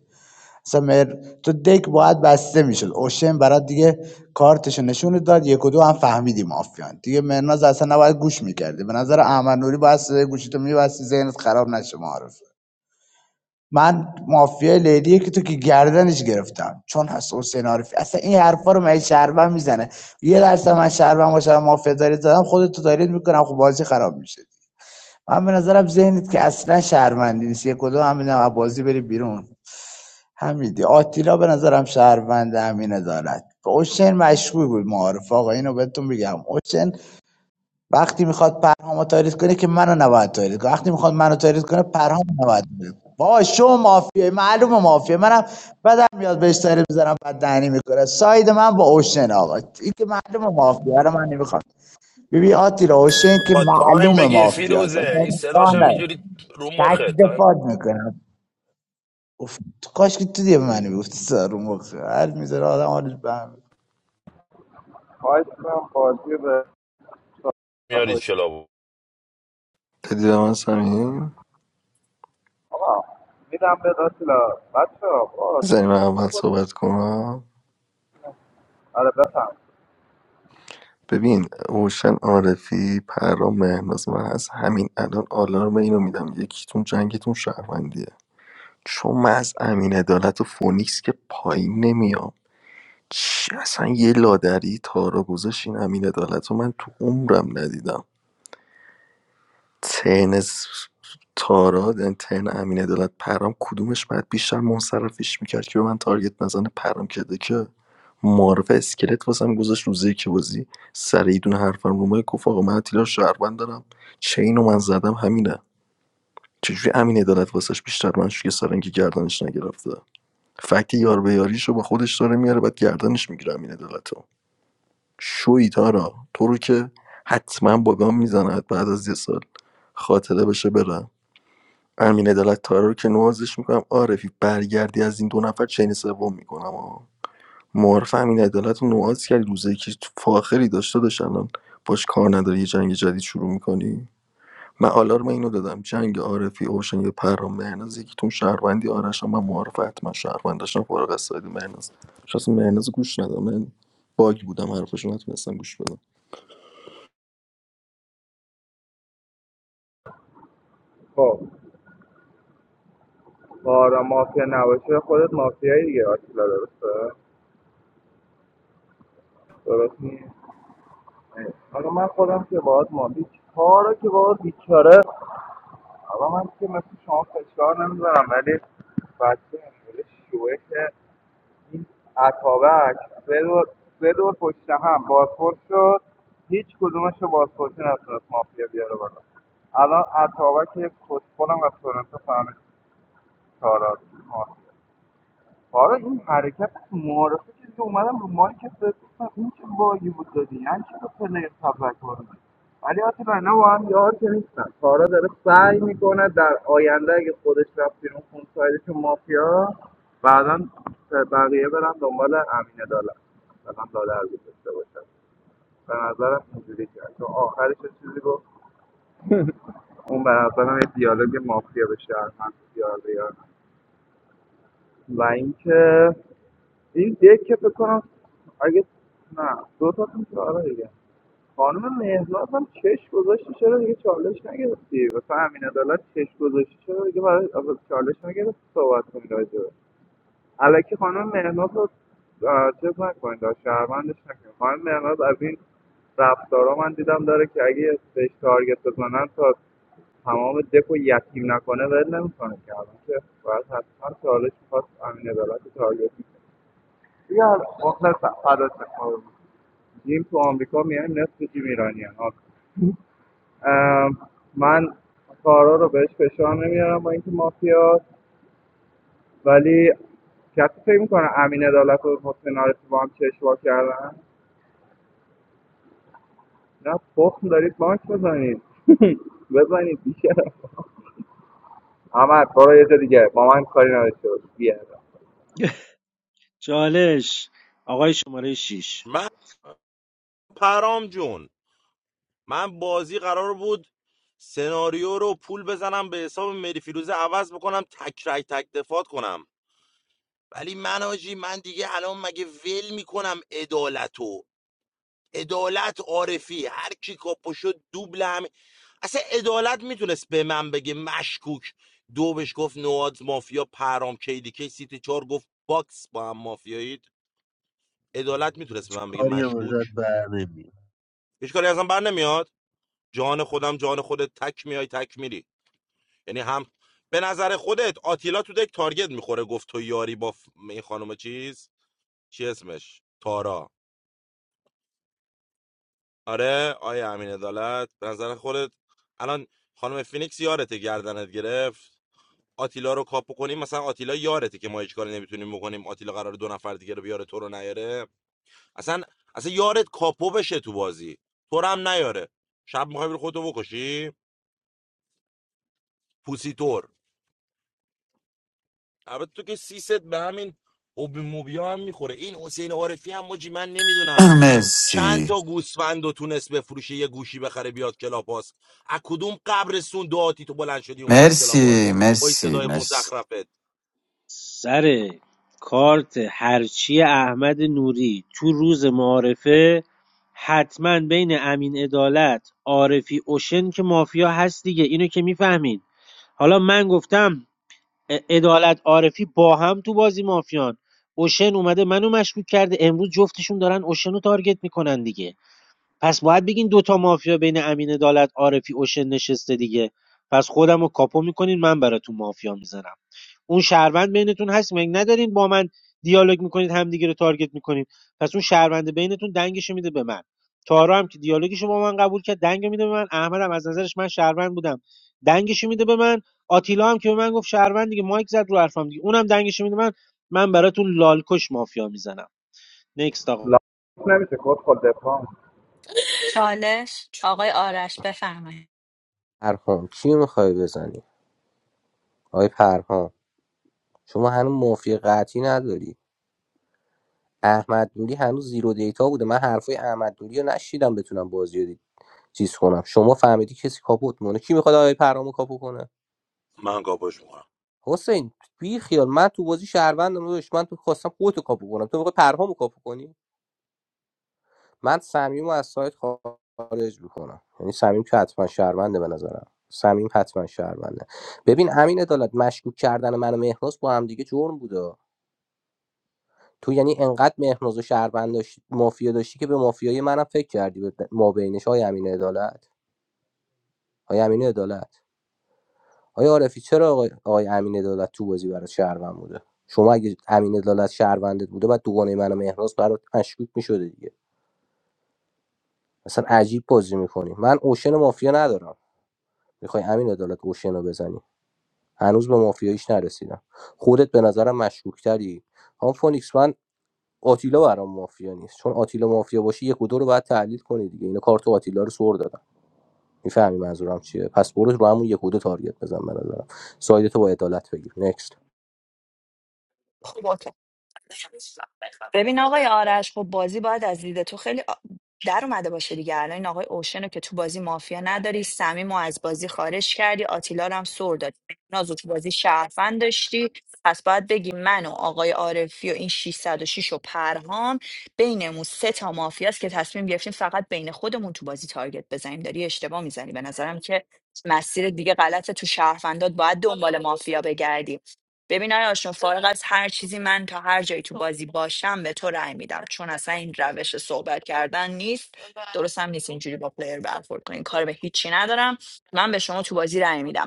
Speaker 1: اصلا مر... تو دک باید بسته میشد اوشن برات دیگه کارتشو نشون داد یک و دو هم فهمیدی مافیان دیگه مرناز اصلا نباید گوش میکردی به نظر احمد نوری باید صدای گوشیتو میبستی ذهنت خراب نشه معارفه من مافیای لیلیه که تو که گردنش گرفتم چون هست حسین عارفی اصلا این حرفا رو من شهروند میزنه یه درصد من شهروند باشم مافیا دارید زدم خودت تو دارید میکنم خب بازی خراب میشه من به نظرم ذهنت که اصلا شهروندی نیست یک و دو هم میدم بازی بری بیرون همین آتیلا به نظرم شهروند امین دارد به اوشن مشغول بود معارف آقا اینو بهتون بگم اوشن وقتی میخواد پرهامو تاریز کنه که منو نباید تاریز کنه وقتی میخواد منو تاریز کنه پرهامو نباید تاریز کنه با شو مافیای معلومه مافیا منم بدم میاد بهش تاریز بزنم بعد دهنی میکنه ساید من با اوشن آقا این که معلومه مافیا رو من نمیخوام ببین آتیلا اوشن که
Speaker 19: با تایم
Speaker 1: معلومه
Speaker 19: بگیر
Speaker 1: مافیاست اصلا
Speaker 19: فیروزه این صداش
Speaker 1: امکان
Speaker 19: هم
Speaker 1: نداره.
Speaker 19: اینجوری رو مخه تایم
Speaker 1: میکنه گفت کاش که تو دیگه به من میگفتی سارو مخ هر میذاره آدم حالش به هم می‌خوره.
Speaker 10: خواهش میکنم بازی رو به
Speaker 19: میاری چلا
Speaker 2: دیدم من سمیم
Speaker 10: آقا میدم به آتیلا بچه آقا
Speaker 2: زنی من اول صحبت کنم
Speaker 10: آره
Speaker 2: ببین اوشن عارفی پرام مهناز من هست همین الان آلارم اینو میدم یکیتون جنگتون شهروندیه چون من از امین عدالت و فونیکس که پایین نمیام چی اصلا یه لادری تارا گذاشت این امین عدالت رو من تو عمرم ندیدم تن س- تارا یعنی تن امین عدالت پرام کدومش باید بیشتر منصرفش میکرد که به من تارگت نزنه پرام کرده که معرف اسکلت واسم گذاشت روزه که بازی سر یه دونه حرفم رو مایک گفت آقا من اتیلا شهروند دارم چین رو من زدم همینه چجوری امین عدالت واسش بیشتر من یه سرنگی گردنش نگرفته فکت یار به یاریشو با خودش داره میاره بعد گردنش میگیره امین عدالت شوی تارا تو رو که حتما با گام میزند بعد از یه سال خاطره بشه برم امین عدالت تارا رو که نوازش میکنم عارفی برگردی از این دو نفر چین سوم میکنم معارف امین عدالت رو نواز کردی روزه که فاخری داشته داشت الان باش کار نداری یه جنگ جدید شروع میکنی من آلارم اینو دادم جنگ عارفی اوشن یا پرام مهناز یکیتون شهروندی آرشم من معارف حتما شهروند داشتم فارغ از ساید مهناز شخص مهناز گوش ندادم من باگ بودم حرفشو نتونستم گوش بدم
Speaker 10: بارا مافیا نباشه خودت مافیایی دیگه آتیلا درسته حالا من خودم که باهات مافی کارو که حالا من که مثل شما فشار نمیذارم ولی بچه اینجوری شوه که اتابک سه دور سه دور پشت هم بازپرس شد هیچ کدومش رو بازپرسی نتونست مافیا بیاره بالا الان اتابک یه کسپلم از تورنتو فهمید کارات آره این حرکت معارفه که دیگه اومدم رو مایک کسی گفتم این چه باگی بود دادی یعنی چه به پلیر تبرک وارد ولی آتیلا اینا با هم یار که نیستن تارا داره سعی میکنه در آینده اگه خودش رفت بیرون خون سایدش مافیا بعدا بقیه برن دنبال امین دالت مثلا دادر گذاشته باشن به نظرم اینجوری کرد چون آخرش چیزی گفت اون به نظرم یه دیالوگ مافیا به شهر من دیالوگ و اینکه این دکه فکر کنم اگه نه دو تاتون که آره دیگه خانم مهناز هم چش گذاشتی چرا دیگه چالش نگرفتی واسه امین عدالت چش گذاشتی چرا دیگه برای اول چالش نگرفتی صحبت کنی راجع به الکی خانم مهناز رو آه، چیز نکنید آه، شهروندش نکنید خانم مهناز از این رفتارا من دیدم داره که اگه بهش تارگت بزنن تا تمام دک و یتیم نکنه ول نمیکنه که الان که باید حتما چالش میخواست امین عدالت رو تارگت می‌کرد. یا are also other جیم تو آمریکا میایم نصف جیم ایرانی ها من کارا رو بهش فشار نمیارم با اینکه مافیا ولی کسی فکر میکنه امین عدالت و حسین عارفی با هم چشم وا کردن نه تخم دارید ماک بزنید *laughs* بزنید دیگه اما برو یه دیگه با من کاری نداشته باش بیا
Speaker 14: چالش آقای شماره 6
Speaker 19: من پرام جون من بازی قرار بود سناریو رو پول بزنم به حساب مری فیروزه عوض بکنم تک رای تک دفات کنم ولی من آجی من دیگه الان مگه ول میکنم عدالتو عدالت عارفی هر کی کاپو شد دوبل هم اصلا عدالت میتونست به من بگه مشکوک دو بهش گفت نواد مافیا پرام کیدیکی سیتی چهار گفت باکس با هم مافیایید عدالت میتونست به
Speaker 7: هیچ
Speaker 19: من بگه
Speaker 7: کاری هم
Speaker 19: مشکوک
Speaker 7: ازت بر نمیاد
Speaker 19: هیچ کاری ازم بر نمیاد جان خودم جان خودت تک میای تک میری یعنی هم به نظر خودت آتیلا تو دک تارگت میخوره گفت تو یاری با ف- این خانم چیز چی اسمش تارا آره آیا امین عدالت به نظر خودت الان خانم فینیکس یارته گردنت گرفت آتیلا رو کاپو کنیم مثلا آتیلا یارته که ما هیچ کاری نمیتونیم بکنیم آتیلا قرار دو نفر دیگه رو بیاره تو رو نیاره اصلا اصلا یارت کاپو بشه تو بازی تو رو هم نیاره شب میخوای بری خودتو بکشی پوسیتور البته تو که سیست به همین اوبی موبیا هم میخوره این حسین عارفی هم مجی من نمیدونم چند
Speaker 12: مرسی
Speaker 19: تا گوسفند و تونست بفروشه یه گوشی بخره بیاد کلاپاس از کدوم قبر سون دعاتی تو بلند شدی اومدی تو کلاپاس
Speaker 12: مرسی
Speaker 19: با این
Speaker 12: مرسی
Speaker 19: صدای
Speaker 12: مرسی
Speaker 19: مزخرفت
Speaker 14: سر کارت هرچی احمد نوری تو روز معارفه حتما بین امین عدالت عارفی اوشن که مافیا هست دیگه اینو که میفهمید حالا من گفتم ا- عدالت عارفی با هم تو بازی مافیان اوشن اومده منو مشکوک کرده امروز جفتشون دارن اوشن رو تارگت میکنن دیگه پس باید بگین دوتا مافیا بین امین عدالت عارفی اوشن نشسته دیگه پس خودم رو کاپو میکنین من براتون مافیا میزنم اون شهروند بینتون هست مگه ندارین با من دیالوگ میکنید همدیگه رو تارگت میکنید پس اون شهرونده بینتون دنگش میده به من تارا هم که دیالوگش رو با من قبول کرد دنگ میده به من احمد هم از نظرش من شهروند بودم دنگش میده به من آتیلا هم که به من گفت شهروند دیگه مایک زد رو حرفم دیگه اونم دنگش میده من من براتون لالکش مافیا میزنم نکست آقا
Speaker 10: لا نمیشه خود خود دفاع
Speaker 15: بفرمایید
Speaker 9: پرهام کی میخوای بزنی آقای پرهام شما هنوز مافیا قطعی نداری احمد نوری هنوز زیرو دیتا بوده من حرفای احمد نوری رو نشیدم بتونم بازی رو چیز کنم شما فهمیدی کسی کاپوت مونه کی میخواد آقای پرهامو کاپو کنه
Speaker 19: من کاپاش میکنم
Speaker 9: حسین بی خیال من تو بازی شهروندم داداش من تو خواستم خودتو کاپو کنم تو میخوای پرهامو کاپو کنی من صمیمو از سایت خارج میکنم یعنی صمیم که حتما شهرونده به نظرم صمیم حتما شهرونده ببین امین عدالت مشکوک کردن من و مهناز با هم دیگه جرم بوده تو یعنی انقدر مهناز و شهروند داشتی مافیا داشتی که به مافیای منم فکر کردی به ما بینش های امین عدالت های امین عدالت آیا عارفی چرا آقای, آقای امین عدالت تو بازی برات شهروند بوده شما اگه امین عدالت شهروندت بوده بعد دوگانه من و مهراز برات مشکوک میشده دیگه اصلا عجیب بازی میکنی من اوشن مافیا ندارم میخوای امین عدالت اوشن رو بزنی هنوز به مافیاییش نرسیدم خودت به نظرم مشکوکتری هم فونیکس من آتیلا برام مافیا نیست چون آتیلا مافیا باشه یک و دو رو باید تحلیل کنی دیگه اینا کارت آتیلا رو سر دادم میفهمی منظورم چیه پس برو رو همون یک و دو تارگت بزن به نظرم سایدتو با عدالت بگیر نکست
Speaker 15: خب اوکی. ببین آقای آرش خب بازی باید از دید تو خیلی آ- در اومده باشه دیگه الان این آقای اوشن رو که تو بازی مافیا نداری سمیم رو از بازی خارج کردی آتیلا رو هم سر دادی نازو تو بازی شهروند داشتی پس باید بگی من و آقای عارفی و این 606 و شش و پرهام بینمون سه تا مافیاست که تصمیم گرفتیم فقط بین خودمون تو بازی تارگت بزنیم داری اشتباه میزنی به نظرم که مسیر دیگه غلطه تو شهروندات باید دنبال مافیا بگردی ببین آیا جون فارغ از هر چیزی من تا هر جایی تو بازی باشم به تو رأی میدم چون اصلا این روش صحبت کردن نیست درست هم نیست اینجوری با پلیر برخورد کنین کار به هیچی ندارم من به شما تو بازی رأی میدم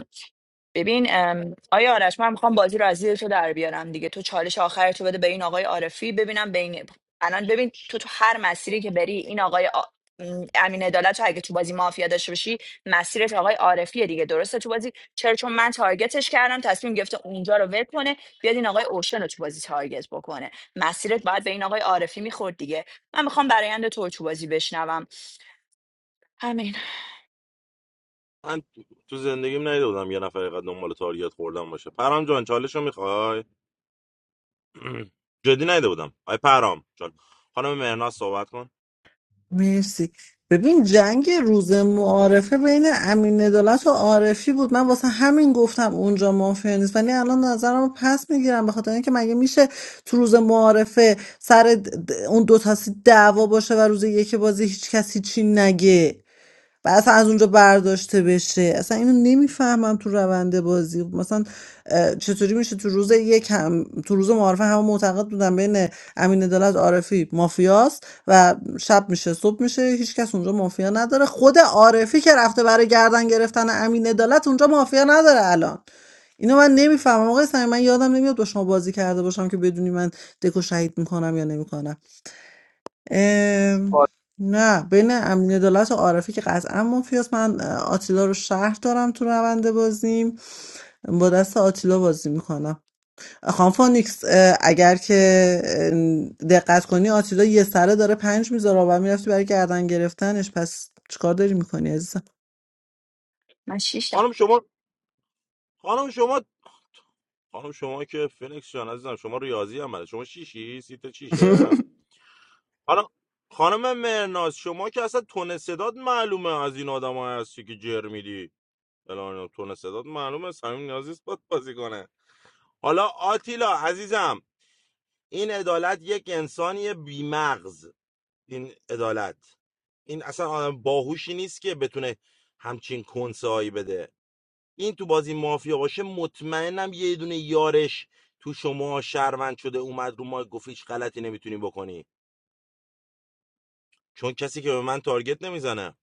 Speaker 15: ببین ام، آیا آرش من میخوام بازی رو از زیر تو در بیارم دیگه تو چالش آخر تو بده به این آقای عارفی ببینم بین الان ببین تو تو هر مسیری که بری این آقای آ... م، امین عدالت رو اگه تو بازی مافیا داشته باشی مسیرت آقای عارفیه دیگه درسته تو بازی چرا چون من تارگتش کردم تصمیم گرفته اونجا رو ول کنه بیاد این آقای اوشن رو تو بازی تارگت بکنه مسیرت باید به این آقای عارفی میخورد دیگه من میخوام برایند تو رو تو بازی بشنوم همین
Speaker 19: من تو تو زندگیم ندیده بودم یه نفر اینقدر دنبال تاریت خوردم باشه پرام جان چالش رو میخوای *clears throat* جدی ندیده بودم آی پرام جان خانم مهناز صحبت کن
Speaker 17: مرسی ببین جنگ روز معارفه بین امین عدالت و عارفی بود من واسه همین گفتم اونجا مافیا نیست ولی الان نظرم رو پس میگیرم به خاطر اینکه مگه میشه تو روز معارفه سر د- د- اون دو تا سی- دعوا باشه و روز یک بازی هیچ کسی چی نگه و اصلا از اونجا برداشته بشه اصلا اینو نمیفهمم تو روند بازی مثلا چطوری میشه تو روز یک هم تو روز معارفه همه معتقد بودن بین امین عدالت عارفی مافیاست و شب میشه صبح میشه هیچکس اونجا مافیا نداره خود عارفی که رفته برای گردن گرفتن امین عدالت اونجا مافیا نداره الان اینو من نمیفهمم آقای صمیم من یادم نمیاد با شما بازی کرده باشم که بدونی من دکو شهید میکنم یا نمیکنم ام، نه بین امین دولت و عارفی که قطعا مافیاست من اه، آتیلا رو شهر دارم تو روند بازیم با دست آتیلا بازی میکنم خانم فونیکس اه، اگر که اه، دقت کنی آتیلا یه سره داره پنج میذاره و میرفتی برای گردن گرفتنش پس چیکار داری میکنی عزیزم
Speaker 15: من شیشتم
Speaker 19: خانم شما خانم شما خانم شما که فینکس جان عزیزم شما ریاضی هم بلد شما چیشی، سیت چیشه حالا خانم مرناز شما که اصلا تون صداد معلومه از این آدم هستی که جر میدی الان تون صداد معلومه صمیم نیازی است باید بازی کنه حالا آتیلا عزیزم این عدالت یک انسانی بیمغز این عدالت این اصلا آدم باهوشی نیست که بتونه همچین کنسه هایی بده این تو بازی مافیا باشه مطمئنم یه دونه یارش تو شما شهروند شده اومد رو ما گفت هیچ غلطی نمیتونی بکنی چون کسی که به من تارگت نمیزنه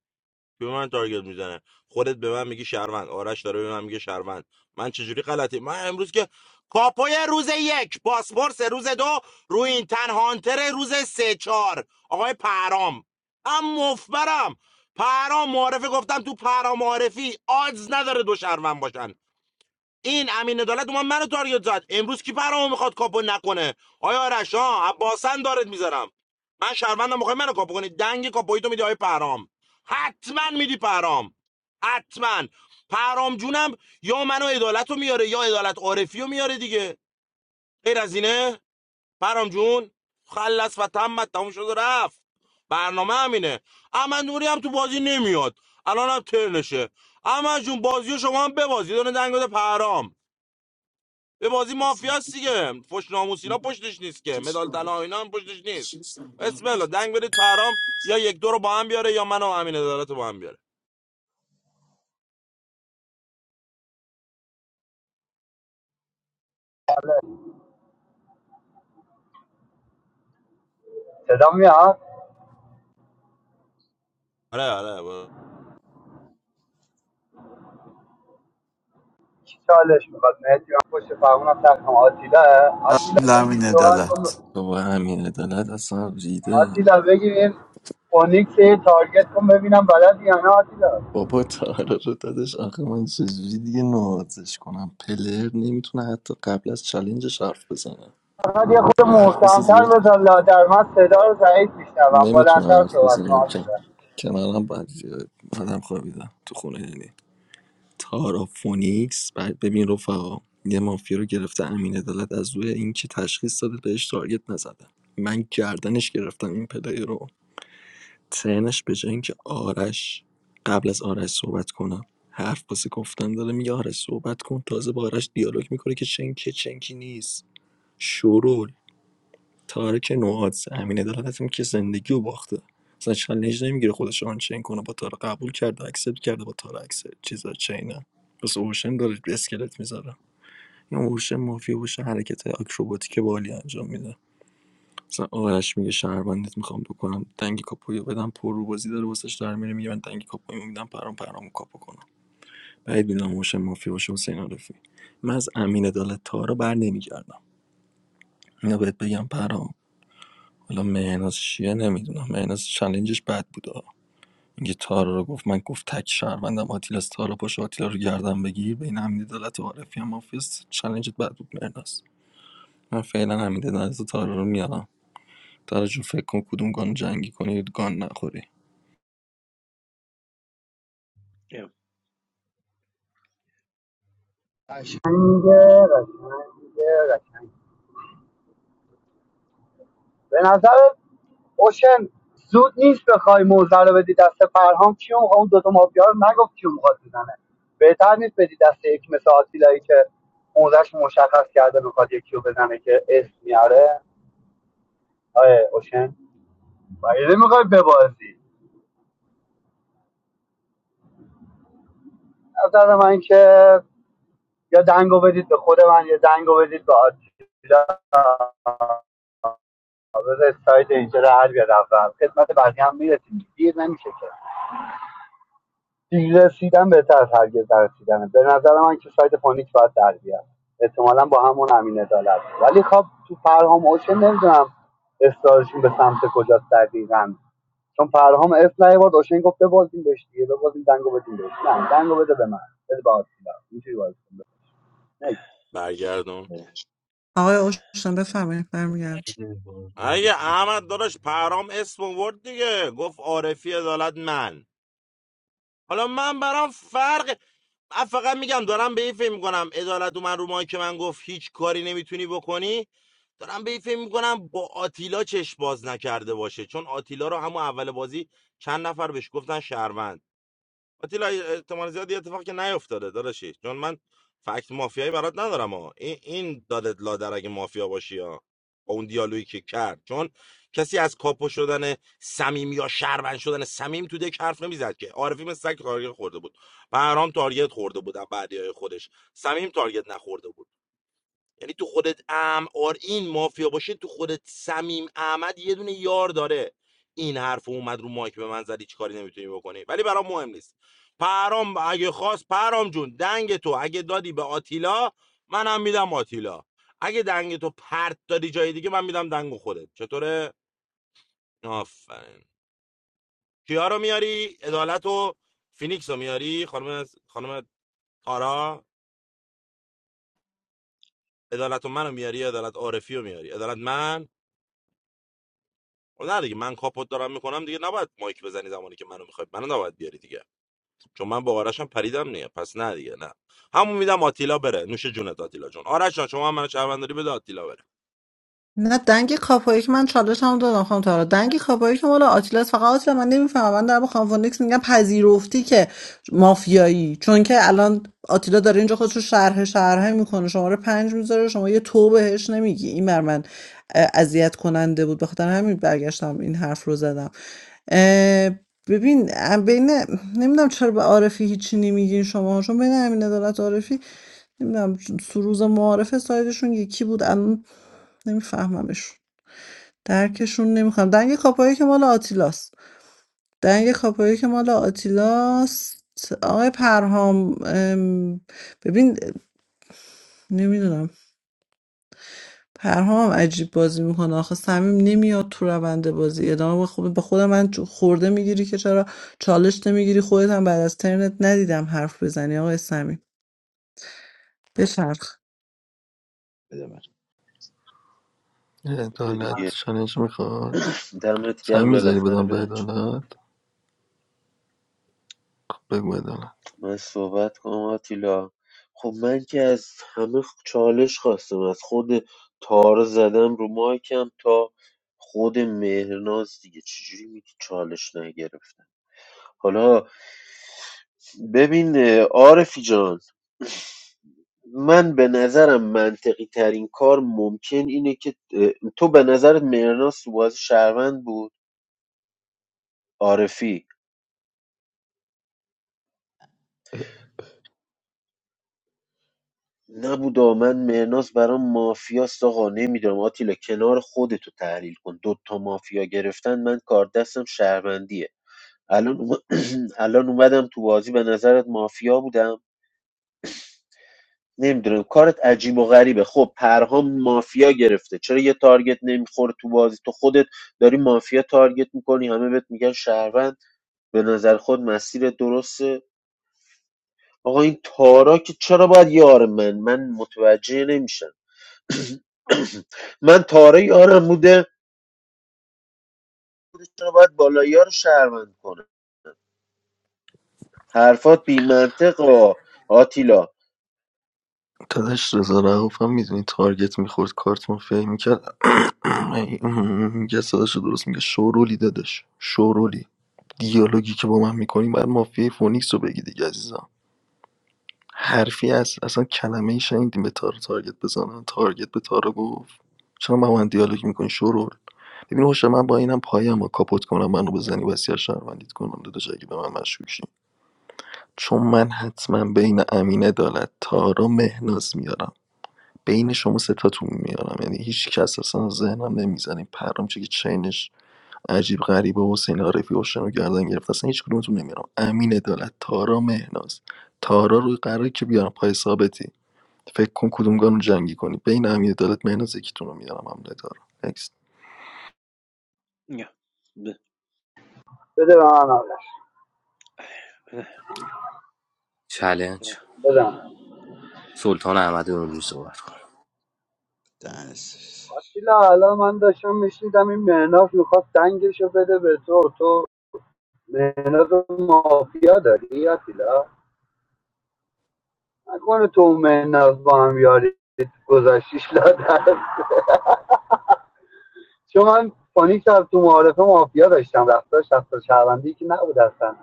Speaker 19: که به من تارگت میزنه خودت به من میگی شهروند آرش داره به من میگه شهروند من چجوری غلطی من امروز که کاپوی روز یک پاسپورس روز دو روی این تن هانتر روز سه چهار آقای پرام ام مفبرم پرام معرفه گفتم تو پرام معرفی آدز نداره دو شهروند باشن این امین عدالت اومد منو تارگت زد امروز کی برامو میخواد کاپو نکنه آیا آرش ها عباسن دارت میذارم من شهروندم میخوای منو کاپو کنی دنگ کاپویی تو میدی آیه پرام حتما میدی پرام حتما پرام جونم یا منو عدالت میاره یا عدالت عارفی میاره دیگه غیر از اینه پرام جون خلص و تمت تموم شد و رفت برنامه همینه احمد نوری هم تو بازی نمیاد الان هم ترنشه احمد جون بازی رو شما هم ببازی دونه دنگ بده پرام به بازی مافیاست دیگه فش ناموس اینا پشتش نیست که مدال طلا اینا هم پشتش نیست اسم الله دنگ برید پرام یا یک دو رو با هم بیاره یا منو و امین عدالت رو با هم بیاره
Speaker 18: صدا میاد
Speaker 19: آره آره با-
Speaker 18: کی چالش میخواد مهدی من پشت فرمونم تخم آتیلا آتیلا بگی
Speaker 12: لامین
Speaker 18: صحبت کن
Speaker 12: عدالت
Speaker 2: بابا همین عدالت اصلا ریده
Speaker 18: آتیلا بگیریم فونیکس یه تارگت کن ببینم بلدی یا نه آتیلا
Speaker 2: بابا تارا رو دادش آخه من چجوری دیگه نوازش کنم پلر نمیتونه حتی قبل از چلنجش حرف بزنه
Speaker 18: فقط یه خود
Speaker 2: حرف واسه
Speaker 18: محکمتر
Speaker 2: زیاد کن
Speaker 18: بزن لادر من صدا رو ضعیف میشنوم
Speaker 2: نمیتونم
Speaker 18: بلندتر
Speaker 2: حرف
Speaker 18: صحبت کن
Speaker 2: بزنم که
Speaker 18: آتیلا
Speaker 2: کنارم بعد زیاد بعدم خوابیدم تو خونه یعنی تارا فونیکس بعد ببین رفقا یه مافیا رو گرفته امین عدالت از روی این که تشخیص داده بهش تارگت نزده من گردنش گرفتم این پلیر رو ترنش به‌جای اینکه آرش قبل از آرش صحبت کنم حرف واسه گفتن داره میگه آرش صحبت کن تازه با آرش دیالوگ میکنه که چنکه چنکی نیست شرول تارک نوعات امین عدالت هم که زندگی رو باخته اصلا چالش نمیگیره خودش آن چین کنه با تارا قبول کرده اکسپت کرده با تارا اکسپت چیزا چینه بس اوشن داره اسکلت میذاره این اوشن مافیا باشه حرکت آکروباتیک بالی انجام میده مثلا آرش میگه شهروندت میخوام بکنم دنگ کاپویو بدم پر رو بازی داره واسش در میره میگه من دنگ کاپویو میدم پرام پرامو کاپو کنم بعید میدونم موشه مافیا باشه حسین عارفی من از امین عدالت تارا بر نمیگردم اینا بهت بگم پرام حالا مهناز چیه نمیدونم مهناز چلنجش بد بود آه. میگه تارا رو گفت من گفت تک شهروندم آتیلا از تارا پاش آتیلا رو گردم بگیر بین امین عدالت و عارفی هم مافیا چلنجت بد بود مهناز من فعلا امین عدالت و تارا رو میارم تارا جون فکر کن کدوم گان جنگی کنی گان نخوری
Speaker 14: اه،
Speaker 18: قشنگه قشنگه قشنگ به نظر اوشن زود نیست بخوای موزه رو بدی دست فرهام کیو میخواد اون دوتا مافیا رو نگفت کیو میخواد بزنه بهتر نیست بدی دست یک مثل آتیلایی که موزهش مشخص کرده میخواد یکی رو بزنه که اسم میاره آره اوشن مگه نمیخوای ببازی از نظر من که یا دنگو بدید به خود من یا دنگو بدید به آتیلا بذار سایت اینجا رو حل بیاد اول خدمت بقیه هم میرسیم دیر نمیشه که دیر رسیدن بهتر از هرگز نرسیدنه به نظر من که سایت پانیک باید در بیاد احتمالا با همون امین عدالت ولی خب تو پرهام اوشه نمیدونم استارشون به سمت کجاست دقیقا چون پرهام اف نیورد اوشن گفت ببازیم بهش دیگه ببازیم دنگو بدیم بهش نه دنگو بده به من بده به آتیلا اینجوری بازی نه،
Speaker 19: برگردون
Speaker 17: آقای اوشن بفرمایید برمیگردم
Speaker 7: بده بازی دیگه
Speaker 19: اگه احمد داداش پرام اسم ورد دیگه گفت عارفی عدالت من حالا من برام فرق من فقط میگم دارم به این فکر میکنم عدالت من رو مایی که من گفت هیچ کاری نمیتونی بکنی دارم به این فکر میکنم با آتیلا چشم باز نکرده باشه چون آتیلا رو همون اول بازی چند نفر بهش گفتن شهروند آتیلا احتمال زیاد یه اتفاقی که نیافتاده داداشی چون من فکت مافیایی برات ندارم ها این این دادت لادر اگه مافیا باشی ها با اون دیالوگی که کرد چون کسی از کاپو شدن سمیم یا شهروند شدن سمیم تو دک حرف نمیزد که عارفی مثل سگ تارگت خورده بود بهرام تارگت خورده بود از بعدی های خودش سمیم تارگت نخورده بود یعنی تو خودت امار این مافیا باشه تو خودت سمیم احمد یه دونه یار داره این حرف اومد رو مایک به من زدی چی کاری نمیتونی بکنی ولی برام مهم نیست پرام اگه خواست پرام جون دنگ تو اگه دادی به آتیلا منم میدم آتیلا اگه دنگ تو پرت دادی جای دیگه من میدم دنگ خودت چطوره آفرین کیا رو میاری عدالت و فینیکس رو میاری خانم خانم تارا عدالت و منو میاری عدالت عارفی رو میاری عدالت من خب نه دیگه من کاپوت دارم میکنم دیگه نباید مایک بزنی زمانی که منو میخوای منو نباید بیاری دیگه چون من با آرشم پریدم نیه پس نه دیگه نه همون میدم آتیلا بره نوش جونت آتیلا جون آرش جان، شما هم منو شهرونداری بده آتیلا بره
Speaker 17: نه دنگ کاپایی که من چالش هم دادم خانم تارا دنگ کاپایی که مال آتیلاس فقط آتیلا من نمیفهمم من دارم به خانم فونیکس میگم پذیرفتی که مافیایی چون که الان آتیلا داره اینجا خودش رو شرح شرحه میکنه شماره پنج میذاره شما یه تو بهش نمیگی این بر من اه، اذیت کننده بود به خاطر همین برگشتم این حرف رو زدم اه، ببین اه، بین نمیدونم چرا به عارفی هیچی نمیگین شما چون بین امین عدالت و عارفی نمیدونم سروز معارف سایدشون یکی بود الان نمیفهممشون درکشون نمیخوام دنگ کاپایی که مال آتیلاست دنگ کاپایی که مال آتیلاست آقای پرهام ببین نمیدونم پرهام عجیب بازی میکنه آخه صمیم نمیاد تو روند بازی ادامه به خود به خودم من چو- خورده میگیری که چرا چالش نمیگیری خودت هم بعد از ترنت ندیدم حرف بزنی آقای صمیم بچرخ
Speaker 1: بده من
Speaker 7: بده
Speaker 2: عدالت
Speaker 7: دیگه.
Speaker 2: چالش میخواد
Speaker 7: دمت
Speaker 2: سعی
Speaker 7: گرم
Speaker 2: میذاری
Speaker 7: بالاخره
Speaker 2: بدم به
Speaker 7: بهم
Speaker 2: عدالت خب بگو عدالت
Speaker 7: من صحبت کنم آتیلا خب من که از همه چالش خواستم از خود تار زدم رو مایکم تا خود مهرناز دیگه چجوری میگی چالش نگرفتم حالا ببین اه، عارفی جان من به نظرم منطقی ترین کار ممکن اینه که اه، تو به نظرت مهرناز تو بازی شهروند بود عارفی نبودا من مهناز برام مافیاست آقا نمیدونم آتیلا کنار خودتو تحلیل کن دوتا مافیا گرفتن من کار دستم شهروندیه الان, اوم- *clears throat* الان اومدم تو بازی به نظرت مافیا بودم نمیدونم کارت عجیب و غریبه خب پرهام مافیا گرفته چرا یه تارگت نمیخوره تو بازی تو خودت داری مافیا تارگت میکنی همه بهت میگن شهروند به نظر خود مسیر درسته آقا این تارا که چرا باید یار من من متوجه نمیشم *coughs* من پاره یارم بوده چرا باید بالایی ها رو شهروند کنم حرفات بی منطق و آتیلا
Speaker 2: داداش رضا رعوف هم میدونی تارگت میخورد کارت مافیایی میکرد میگه *clears throat* صداشو درست میگه شورولی داداش شورولی دیالوگی که با من میکنی بعد مافیای فونیکس رو بگی دیگه عزیزم حرفی از اصلا کلمه ای شنیدیم به تارو تارگت بزنن تارگت به تارو گفت چرا با من دیالوگ میکنی شورول ببین هوش من با اینم پایم رو کاپوت کنم منو بزنی وسیع شهروندیت کنم داداش اگه به من مشکوک شی. چون من حتما بین امین عدالت تارا مهناز میارم بین شما ستاتون میارم یعنی هیچ کس اصلا ذهنم نمیزنه پرام چه که چینش عجیب غریبه و حسین عارفی رو گردن گرفت اصلا هیچ کدومتون نمیارم امین عدالت تارا مهناز تارا رو قراره که بیارم پای ثابتی فکر کن کدومگانو جنگی کنی بین امین عدالت مهناز یکیتون رو میارم حمله دارم نکست
Speaker 14: اه، ب-
Speaker 18: بده به من آرش
Speaker 9: چلنج
Speaker 18: بده من.
Speaker 9: سلطان احمد نوری صحبت کنه
Speaker 1: دنس.
Speaker 18: آتیلا الان من داشتم میشنیدم این مهناف میخواد دنگشو بده به تو تو مهناف مافیا داری آتیلا نکنه تو و مهناز با هم یاری گذاشتیش لادر چون من فانی شب تو معارفه مافیا داشتم رفتارش رفتار شفتار شهروندی که نبود اصلا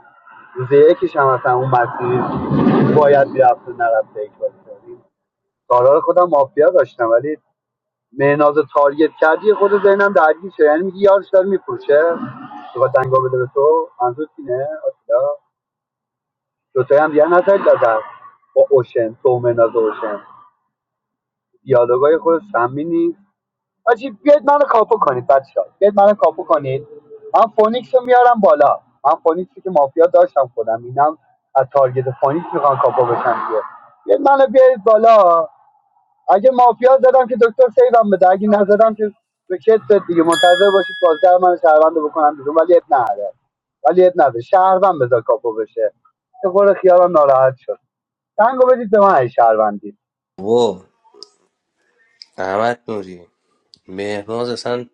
Speaker 18: روز یکیش هم اصلا اون مسیری باید میرفت و نرفته یک بازی کردیم کارا خودم مافیا داشتم ولی مهناز رو تارگت کردی خود ذهنم درگیر شد یعنی میگی یارش داره میفروشه تو دنگا بده به تو منظور اینه آتیلا دوتایی هم دیگه نتایید دادن با اوشن تو و مهناز و اوشن دیالوگای خود سمی نیست آجی بیاید منو کاپو کنید بچه ها بیاید منو کاپو کنید من فونیکس رو میارم بالا من فونیکسی که مافیا داشتم خودم اینم از تارگت فونیکس میخوان کاپو بشن دیگه بیاید منو بیارید بالا اگه مافیا زدم که دکتر سیوم بده اگه نزدم که به کت دیگه منتظر باشید بازدر من شهروند رو بکنم بیرون ولی اب نهره ولی اب نداره شهروند بذار کاپو بشه یه خورده خیالم ناراحت شد دنگو بدید به من ای شهروندی
Speaker 9: و احمد نوری مهناز اصلا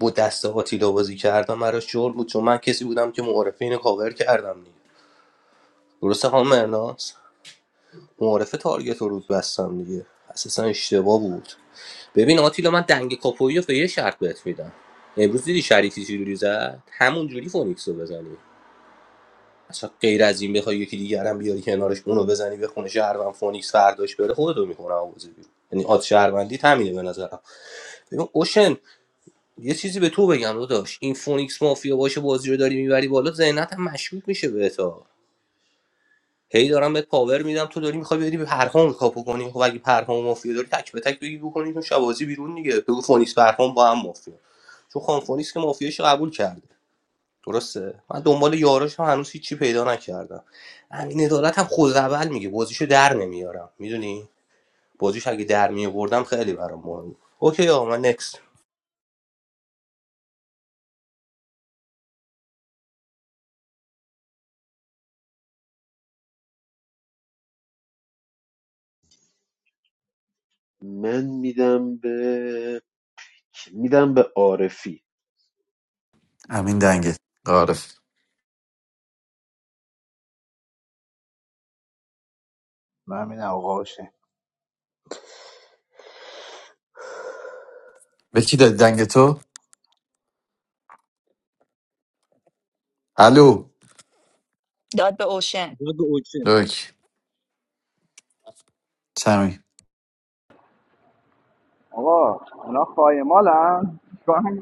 Speaker 9: با دست آتیلا بازی کردم برای شغل بود چون من کسی بودم که معارفه اینو کاور کردم دیگه درسته خانم مهناز معارفه تارگت رو رود بستم دیگه اساسا اشتباه بود ببین آتیلا من دنگ کاپویی رو به یه شرط بهت میدم امروز دیدی شریفی چجوری زد همون جوری فونیکس رو بزنی اصلا غیر از این بخوای یکی دیگر هم بیاری کنارش اونو بزنی به خونه شهروند فونیکس فرداش بره خودتو میکنه آوازی بیرون یعنی آد شهروندی همینه به نظر ببین اوشن یه چیزی به تو بگم داداش این فونیکس مافیا باشه بازی رو داری میبری بالا ذهنت هم مشکوک میشه بهت هی دارم بهت پاور میدم تو داری میخوای بری به پرهام کاپو کنی خب اگه پرهام مافیا داری تک به تک بگی بکنی تو شوازی بیرون دیگه بگو فونیکس پرهام با هم مافیا چون خان فونیکس که مافیاش قبول کرده درسته من دنبال یاراش هم هنوز هیچی پیدا نکردم همین عدالت هم خوزعبل میگه بازیشو در نمیارم میدونی بازیش اگه در میآوردم خیلی برام مهم بود. اوکی آقا من نکست
Speaker 7: من میدم به میدم به عارفی
Speaker 12: امین دنگه عارف
Speaker 1: من میدم آقا باشه
Speaker 12: به کی دادی دنگ تو الو
Speaker 15: داد به اوشن
Speaker 14: داد به اوچن
Speaker 12: لوک سمی
Speaker 10: آقا اونا خایمالن *laughs* شما هم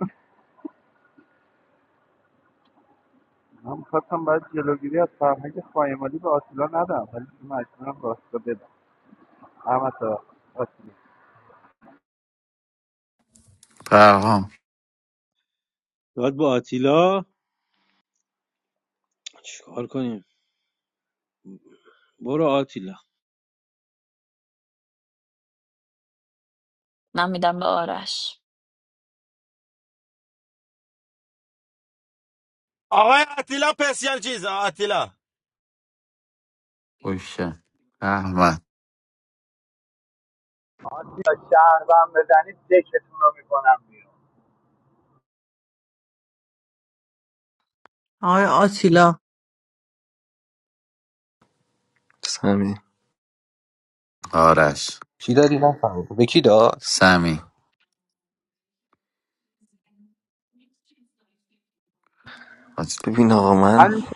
Speaker 10: من میخواستم باید جلوگیری از فرهنگ خایمالی به آتیلا ندم ولی دیگه مجبورم راستا بدم احمد توکل آتیلا
Speaker 12: پرهام
Speaker 14: داد به آتیلا چیکار کنیم برو آتیلا
Speaker 15: من میدم به آرش
Speaker 19: آقای آتیلا پسیال چیز آتیلا
Speaker 12: اوشه احمد
Speaker 18: آجی شهروند بزنید دکتون رو میکنم بیرون.
Speaker 17: آقای آتیلا
Speaker 2: سمی
Speaker 12: آرش
Speaker 9: کی دادی نفهمیدم به کی داد
Speaker 12: سمی حاج-
Speaker 2: ببین آقا من
Speaker 10: حل شد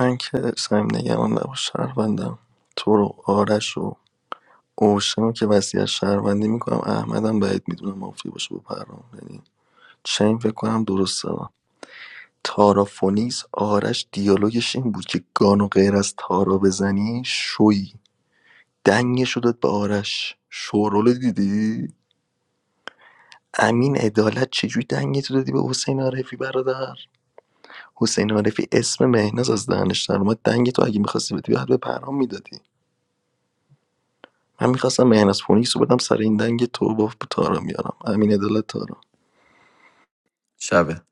Speaker 2: من که سعیم نگران نباش شهروندم تو رو آرش و اوشن رو که وصیت شهروندی میکنم احمدم بعید میدونم مافیا باشه با پرام یعنی چین فکر کنم درسته. تارا فونیس آرش دیالوگش این بود که گانو غیر از تارا بزنی شوی دنگش رو داد به آرش شورول دیدی امین عدالت چجوری دنگتو دادی به حسین عارفی برادر حسین عارفی اسم مهناز از دهنش در اومد دنگ تو اگه میخواستی بدی بعد به پرام میدادی من میخواستم مهناز فونیکس رو بدم سر این دنگ تو با تارا میارم امین عدالت تارا
Speaker 12: شبه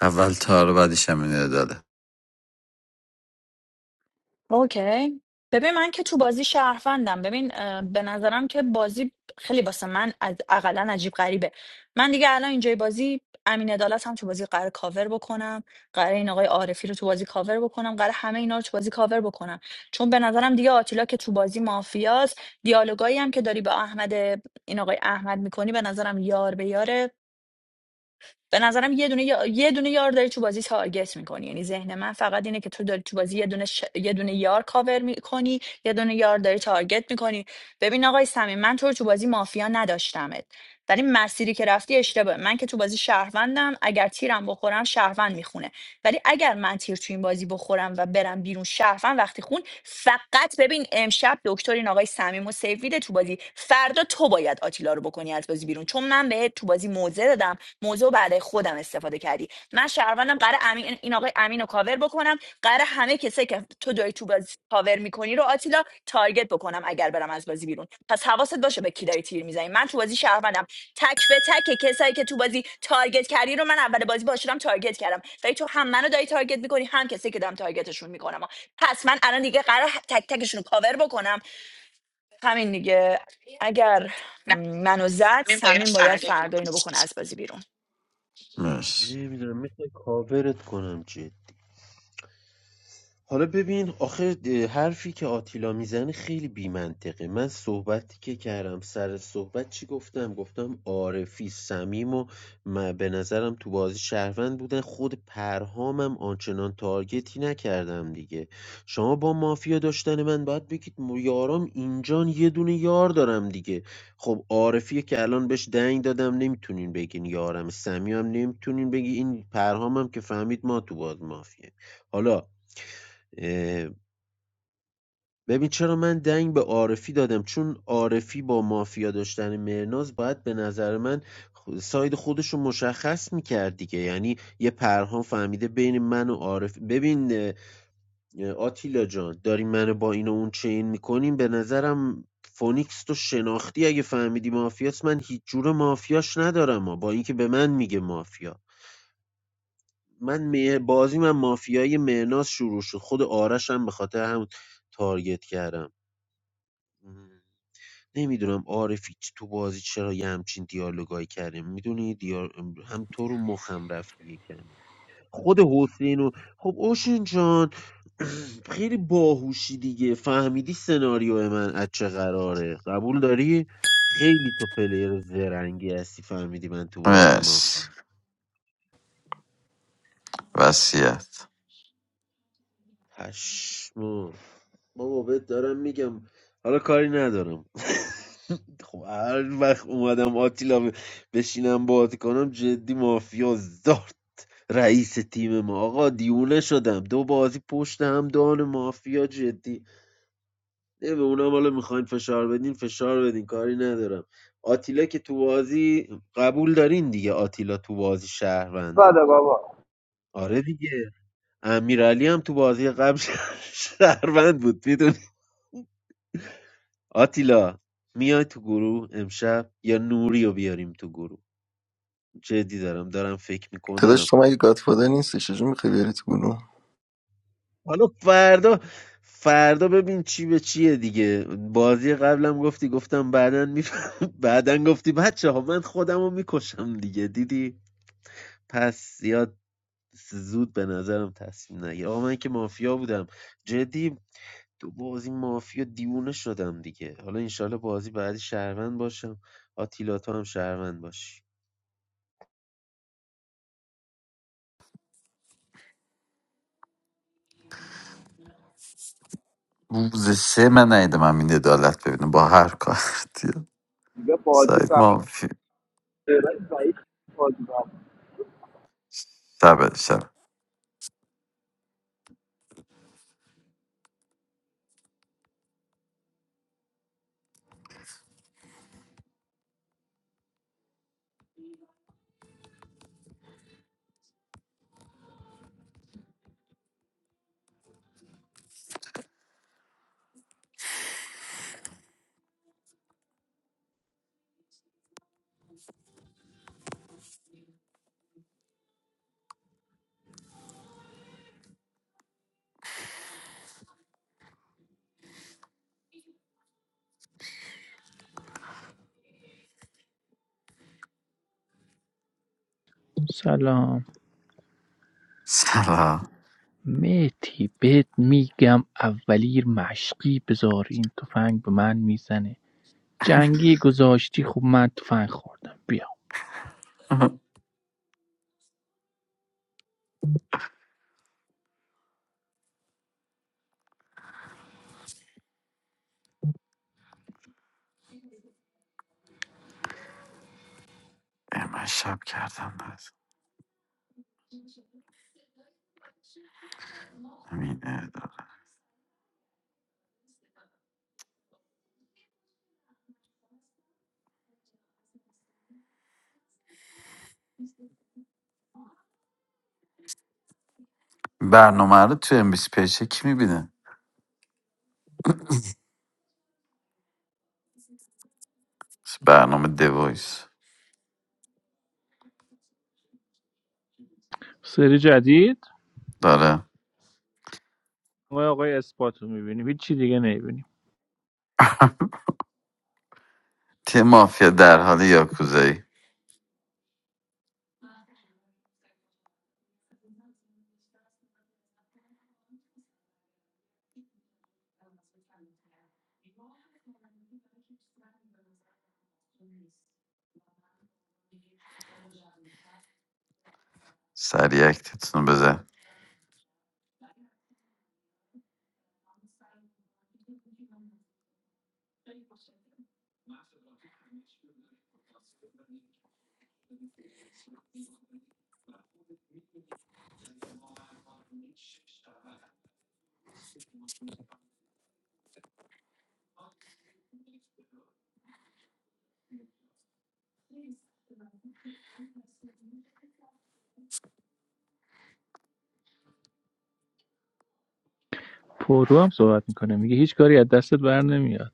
Speaker 12: اول تار بعدش امین عدالت
Speaker 15: اوکی ببین من که تو بازی شهروندم ببین اه، به نظرم که بازی خیلی واسه من از اقلا عجیب غریبه من دیگه الان اینجای بازی امین عدالت هم تو بازی قرار کاور بکنم قرار این آقای عارفی رو تو بازی کاور بکنم قرار همه اینا رو تو بازی کاور بکنم چون به نظرم دیگه آتیلا که تو بازی مافیاست دیالوگایی هم که داری با احمد این آقای احمد میکنی به نظرم یار به یاره به نظرم یه دونه یا- یه دونه یار داری تو بازی تارگت میکنی یعنی ذهن من فقط اینه که تو داری تو بازی یه دونه ش... یه دونه یار کاور میکنی یه دونه یار داری تارگت میکنی ببین آقای صمیم من تو رو تو بازی مافیا نداشتمت ولی مسیری که رفتی اشتباه من که تو بازی شهروندم اگر تیرم بخورم شهروند میخونه ولی اگر من تیر تو این بازی بخورم و برم بیرون شرفن وقتی خون فقط ببین امشب دکتر این آقای صمیم و سیفیده تو بازی فردا تو باید آتیلا رو بکنی از بازی بیرون چون من بهت تو بازی موزه دادم موزه رو بعد خودم استفاده کردی من شهروندم قرار امین این آقای امین رو کاور بکنم قرار همه کسایی که تو داری تو بازی کاور میکنی رو آتیلا تارگت بکنم اگر برم از بازی بیرون پس حواست باشه به کی داری تیر میزنی من تو بازی شهروندم تک به تک کسایی که تو بازی تارگت کردی رو من اول بازی باشم تارگت کردم ولی تو هم منو داری تارگت میکنی هم کسایی که دارم تارگتشون میکنم پس من الان دیگه قرار تک تکشون رو کاور بکنم همین دیگه اگر منو زد سمین باید فردا اینو بکنه از بازی بیرون
Speaker 12: مرس
Speaker 7: نمیدونم میخوای کاورت کنم جدی. حالا ببین آخه حرفی که آتیلا میزنه خیلی بیمنطقه من صحبتی که کردم سر صحبت چی گفتم گفتم عارفی سمیم و م- به نظرم تو بازی شهروند بودن خود پرهامم آنچنان تارگتی نکردم دیگه شما با مافیا داشتن من باید بگید م- یارام اینجان یه دونه یار دارم دیگه خب عارفیه که الان بهش دنگ دادم نمیتونین بگین یارم سمیم نمیتونین بگی این پرهامم که فهمید ما تو باز مافیه حالا اه، ببین چرا من دنگ به عارفی دادم چون عارفی با مافیا داشتن مرناز باید به نظر من خ- ساید خودش رو مشخص میکرد دیگه یعنی یه پرهان فهمیده بین من و عارف ببین اه، آتیلا جان داری منو با این و اون چین میکنیم به نظرم فونیکس تو شناختی اگه فهمیدی مافیاست من هیچ جور مافیاش ندارم ها، با اینکه به من میگه مافیا من می- بازی من مافیای مهناز شروع شد خود آرش هم به خاطر همون تارگت کردم اهم. نمیدونم عارفی چ تو بازی چرا یه همچین دیالوگایی کرده میدونی دیار... هم تو رو مخم رفتی یه کمی خود حسین و خب اوشن جان *clears throat* خیلی باهوشی دیگه فهمیدی سناریو من از چه قراره قبول داری خیلی تو پلیر زرنگی هستی فهمیدی من تو بازی ما
Speaker 12: مرس وسیعت
Speaker 7: هشمو بابا بهت دارم میگم حالا کاری ندارم *laughs* خب هر وقت اومدم آتیلا ب- بشینم بازی کنم جدی مافیا زارد رئیس تیم ما آقا دیونه شدم دو بازی پشت هم دان مافیا جدی نه به اونم حالا میخواین فشار بدین فشار بدین کاری ندارم آتیلا که تو بازی قبول دارین دیگه آتیلا تو بازی شهرونده
Speaker 10: بده بابا
Speaker 7: آره دیگه امیرعلی هم تو بازی قبل *laughs* شهروند بود میدونی آتیلا میای تو گروه امشب یا نوری رو بیاریم تو گروه جدی دارم دارم فکر
Speaker 2: داداش
Speaker 7: میکنم
Speaker 2: تو مگه گادفادر نیستی چجور میخوای بیاری تو گروه
Speaker 7: حالا فردا فردا ببین چی به چیه دیگه بازی قبلم گفتی گفتم بعدا می *laughs* بعدا گفتی بچه ها من خودم رو میکشم دیگه دیدی پس زیاد زود به نظرم تصمیم نگیر آقا من که مافیا بودم جدی تو بازی مافیا دیوونه شدم دیگه حالا انشالله بازی بعدی شهروند باشم آتیلا تو هم شهروند باشی
Speaker 12: روز سه من نیدم امین عدالت ببینم با هر کارتی
Speaker 10: دیگه بازی
Speaker 12: سعید ما
Speaker 10: فردا ضعیف بازی بابا
Speaker 12: شبه شب
Speaker 20: سلام
Speaker 12: سلام
Speaker 20: مهدی بهت میگم اولیر مشقی بذار این تفنگ به من میزنه جنگی گذاشتی خب من تفنگ خوردم بیا
Speaker 12: *laughs* اه، من شب کردم امین برنامه رو تو ام بی سی پیچه کی میبینه برنامه دوایس
Speaker 20: سری جدید
Speaker 12: داره
Speaker 20: ما آقای اثبات رو میبینیم هیچ چی دیگه نمیبینیم
Speaker 12: تیم مافیا در حال یاکوزایی سریع اکتتون رو بزن
Speaker 20: پرو هم صحبت میکنه میگه هیچ کاری از دستت بر نمیاد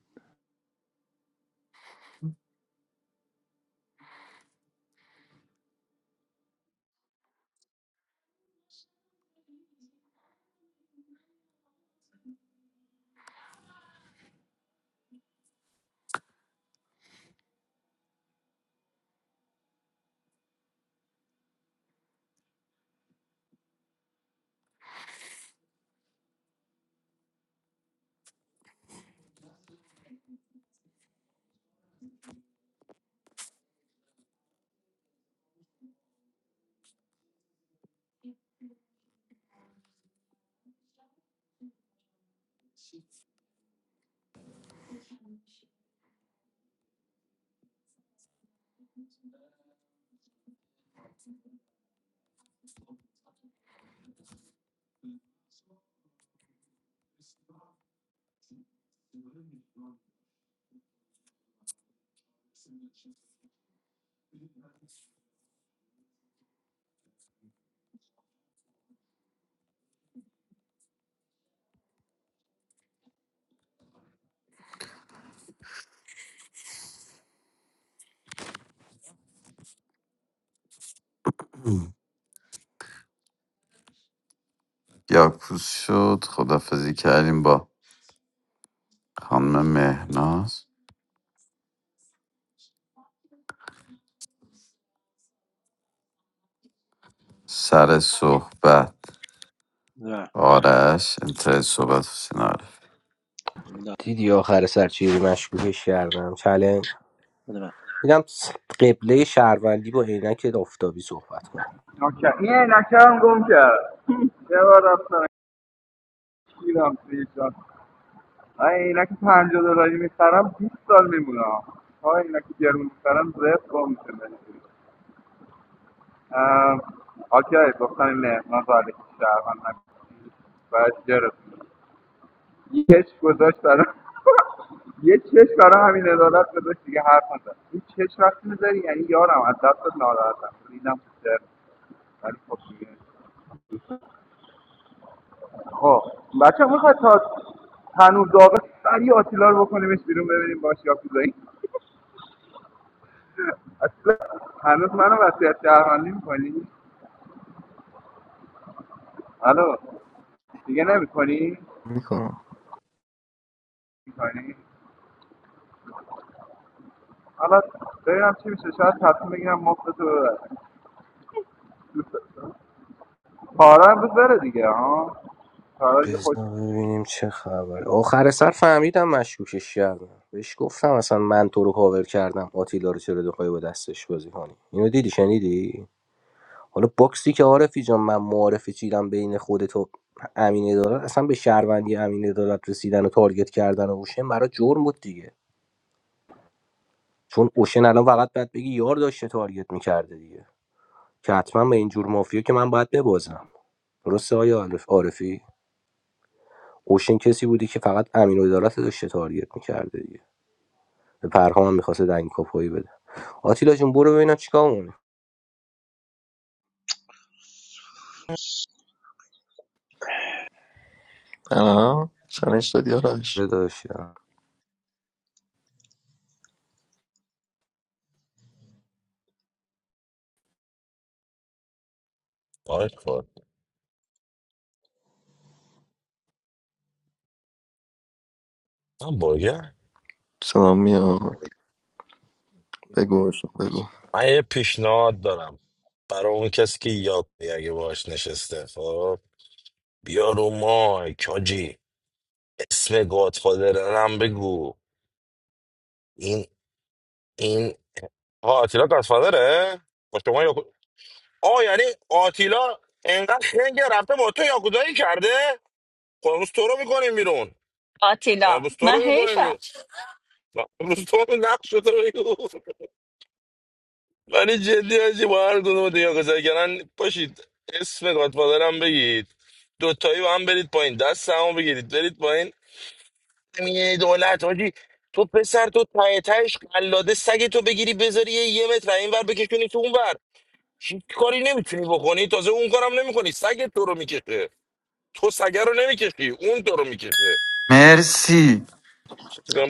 Speaker 12: یاکوز شد خدافزی کردیم با خانم مهناز سر صحبت
Speaker 14: نه
Speaker 12: آرش انتهای صحبت حسین عارف
Speaker 14: نه.
Speaker 9: دیدی آخر سر چیزی مشکوکش کردم چلنج
Speaker 14: بده
Speaker 9: میدم قبله شهروندی با عینک آفتابی صحبت کنم
Speaker 10: نوکر این عینکم گم کرد یه بار رفتم گیرم توی جان من عینک پنجاه دلاری میخرم 20 سال میمونم تا عینک گرون میخرم زرد گم میشه بهتون اوکی گفتم این مهمان رو علیکی شهرمن نکنم باید جرس یه چشم گذاشت برام *laughs* یه چشم برای همین عدالت گذاشت دیگه حرف نزد این چشم وقتی میذاری یعنی یارم از دست ناراحتم ریدم تو سر ولی خب دیگه خب بچه میخواد تا هنوز داغه سری آتیلا رو بکنیمش بیرون ببینیم باش یا کدایی اصلا هنوز منو وسیعت شهروندی میکنی الو دیگه نمیکنی
Speaker 2: میکنم
Speaker 10: میکنی حالا ببینم چی میشه شاید تصمیم بگیرم مفت تو ببرم تارا امروز بره دیگه ها تارا یه خوش
Speaker 9: بذار ببینیم چه خبر آخر سر فهمیدم مشکوکش کردم بهش گفتم اصلا من تو رو کاور کردم آتیلا رو چرا دخوای با دستش بازی کنی اینو دیدی شنیدی حالا باکسی که عارفی جان من معارفی چیدم بین خودت و امین عدالت اصلا به شهروندی امین عدالت رسیدن و تارگت کردن و اوشن برای جرم بود دیگه چون اوشن الان فقط باید بگی یار داشته تارگت میکرده دیگه که حتما به این جور مافیا که من باید ببازم درسته آیا عارف عارفی اوشن کسی بودی که فقط امین عدالت رو داشته تارگت میکرده دیگه به پرهام هم دنگ کاپویی بده آتیلا جون برو ببینم چیکار مونه
Speaker 2: تنها چالش دادی آرش
Speaker 9: داشتم
Speaker 2: سلام میاد بگو عشق، بگو
Speaker 19: که یاد بگیر اگه باش نشسته خب بیا رو مایک حاجی اسم گادفادرنم بگو این این آه آتیلا گادفادره با شما یا آه یعنی آتیلا انقدر خنگه رفته با تو یاکودایی کرده خب امروز تو رو میکنیم بیرون
Speaker 15: آتیلا
Speaker 19: امروز تو
Speaker 15: من
Speaker 19: رو
Speaker 15: هی
Speaker 19: میکنیم
Speaker 15: شد
Speaker 19: بیرون نه، امروز تو رو نقش تو بگو ولی جدی هستی با هر کدوم دیگه گذاری کردن پاشید اسم گادفادر هم بگید دوتایی با هم برید پایین دست هم بگیرید برید پایین میگه دولت حاجی تو پسر تو ته تهش قلاده سگ تو بگیری بذاری یه یه متر این ور بکشونی تو اون ور هیچ کاری نمیتونی بکنی تازه اون کارم نمیکنی سگ تو رو میکشه تو سگه رو نمیکشی اون تو رو میکشه
Speaker 12: مرسی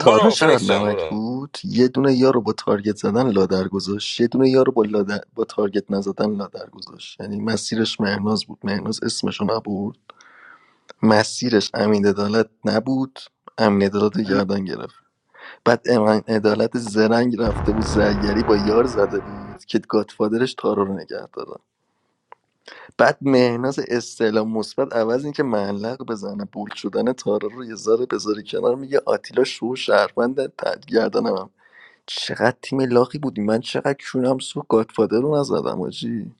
Speaker 2: تارا چقدر
Speaker 19: فنکس جان
Speaker 2: نمک
Speaker 19: برو
Speaker 2: بود یه دونه یارو با تارگت زدن لادر گذاشت یه دونه یارو با لادر... با تارگت نزدن لادر گذاشت یعنی مسیرش مهناز بود مهناز اسمشو نبود مسیرش امین عدالت نبود امین عدالت رو گردن گرفت بعد امین عدالت زرنگ رفته بود زرگری با یار زده بود که گاتفادرش تارا رو نگه داره. بعد مهناز استعلام مثبت عوض اینکه معلق بزنه بول شدن تارا رو یه ذره بذاره کنار میگه آتیلا شو شهروند تدگردنم چقدر تیم لاقی بودی من چقدر کونم سوخت گادفادر رو نزدم آجی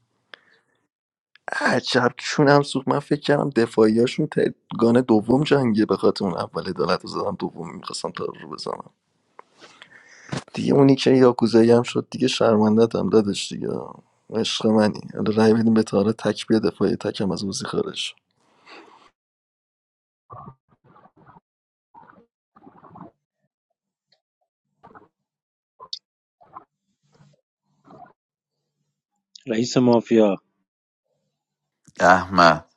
Speaker 2: عجب کونم سوخت من فکر کردم دفاعیاشون تگان دوم جنگه به خاطر اون اول عدالت رو زدم دوم میخواستم تارا رو بزنم دیگه اونی که یاکوزایی هم شد دیگه شرمندت هم دادش دیگه عشق منی حالا رای بدیم به تارا تک بیا دفاعی تکم از اوزی خارج شو.
Speaker 14: رئیس مافیا
Speaker 12: احمد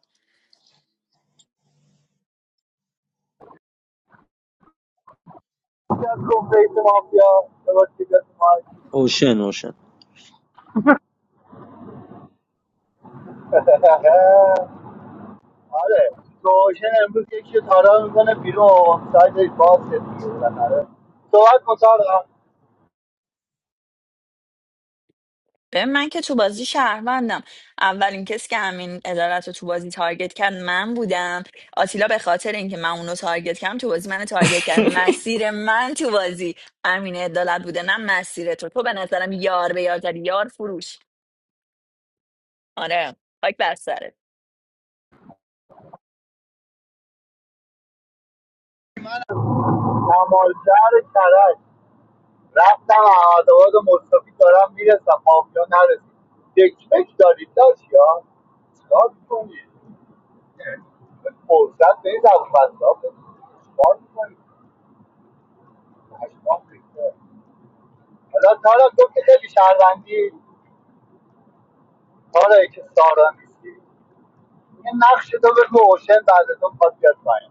Speaker 18: از کنفیس مافیا به واسطه دست ما.
Speaker 14: اوشن اوشن
Speaker 18: *laughs* آره روشن امروز یکی رو تارا میکنه بیرون سایت باز شد دیگه بالاخره صحبت کن تارا
Speaker 15: ببین، من که تو بازی شهروندم اولین کسی که همین عدالت رو تو بازی تارگت کرد من بودم آتیلا به خاطر اینکه من اونو تارگت کردم تو بازی من تارگت کرد مسیر من تو بازی امین عدالت بوده نه مسیر تو تو به نظرم یار به یار زدی، یار فروش آره خاک بر
Speaker 18: کمالگر کرج رفتم احمدآباد و مصطفی دارم میرسم مافیا نرسید دکمک دارید داشت یا چیکار میکنید فرصت به این زبونبسته ها بدید چیکار می‌کنید؟ پشمام ریخته. حالا تارا تو که خیلی شهروندی آره که سارا نیستی یه نقش تو به اوشن بعد از اون پاد بیاد پایین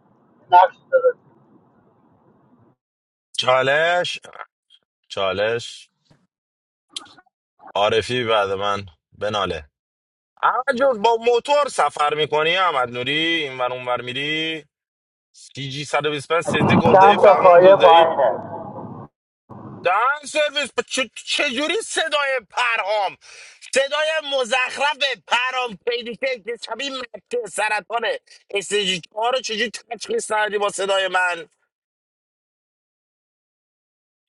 Speaker 18: نقش داره
Speaker 19: چالش چالش عارفی بعد من بناله احمد جون با موتور سفر میکنی احمد نوری این ور اون ور میری سی جی 125 سیدی گودایی
Speaker 18: چند تا
Speaker 19: فهمون
Speaker 18: خواهیه
Speaker 19: دودایی
Speaker 18: پایینه
Speaker 19: دهن سرویس ب- چ- چجوری صدای پرهام صدای مزخرف پرهام پیدی که شبیه مکه سرطان استیجی ها رو چجوری تشخیص ندادی با صدای من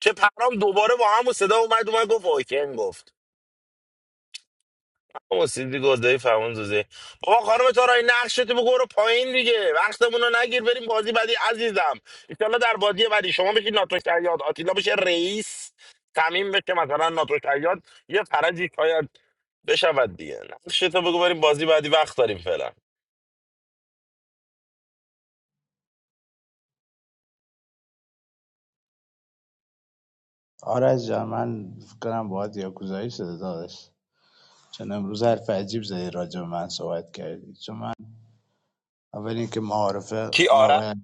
Speaker 19: که پرهام دوباره با همون صدا اومد اومد گفت اوکن گفت بابا سیدی گزده فرمان زوزه بابا خانم تارای نقشتو بگو برو پایین دیگه وقتمون رو نگیر بریم بازی بعدی عزیزم ایشالله در بازی بعدی شما بشید ناتو شیاد آتیلا بشه رئیس تعمین بشه مثلا ناتو شیاد یه فرجی شاید بشود دیگه نقشتو بگو بریم بازی بعدی وقت داریم فعلا
Speaker 1: آرش جان من فکر کنم باید یاکوزایی شده داداش چون امروز حرف عجیب زدی راجع به من صحبت کردی چون من اول اینکه معارفه
Speaker 19: کی
Speaker 1: اون
Speaker 19: آره
Speaker 1: آقای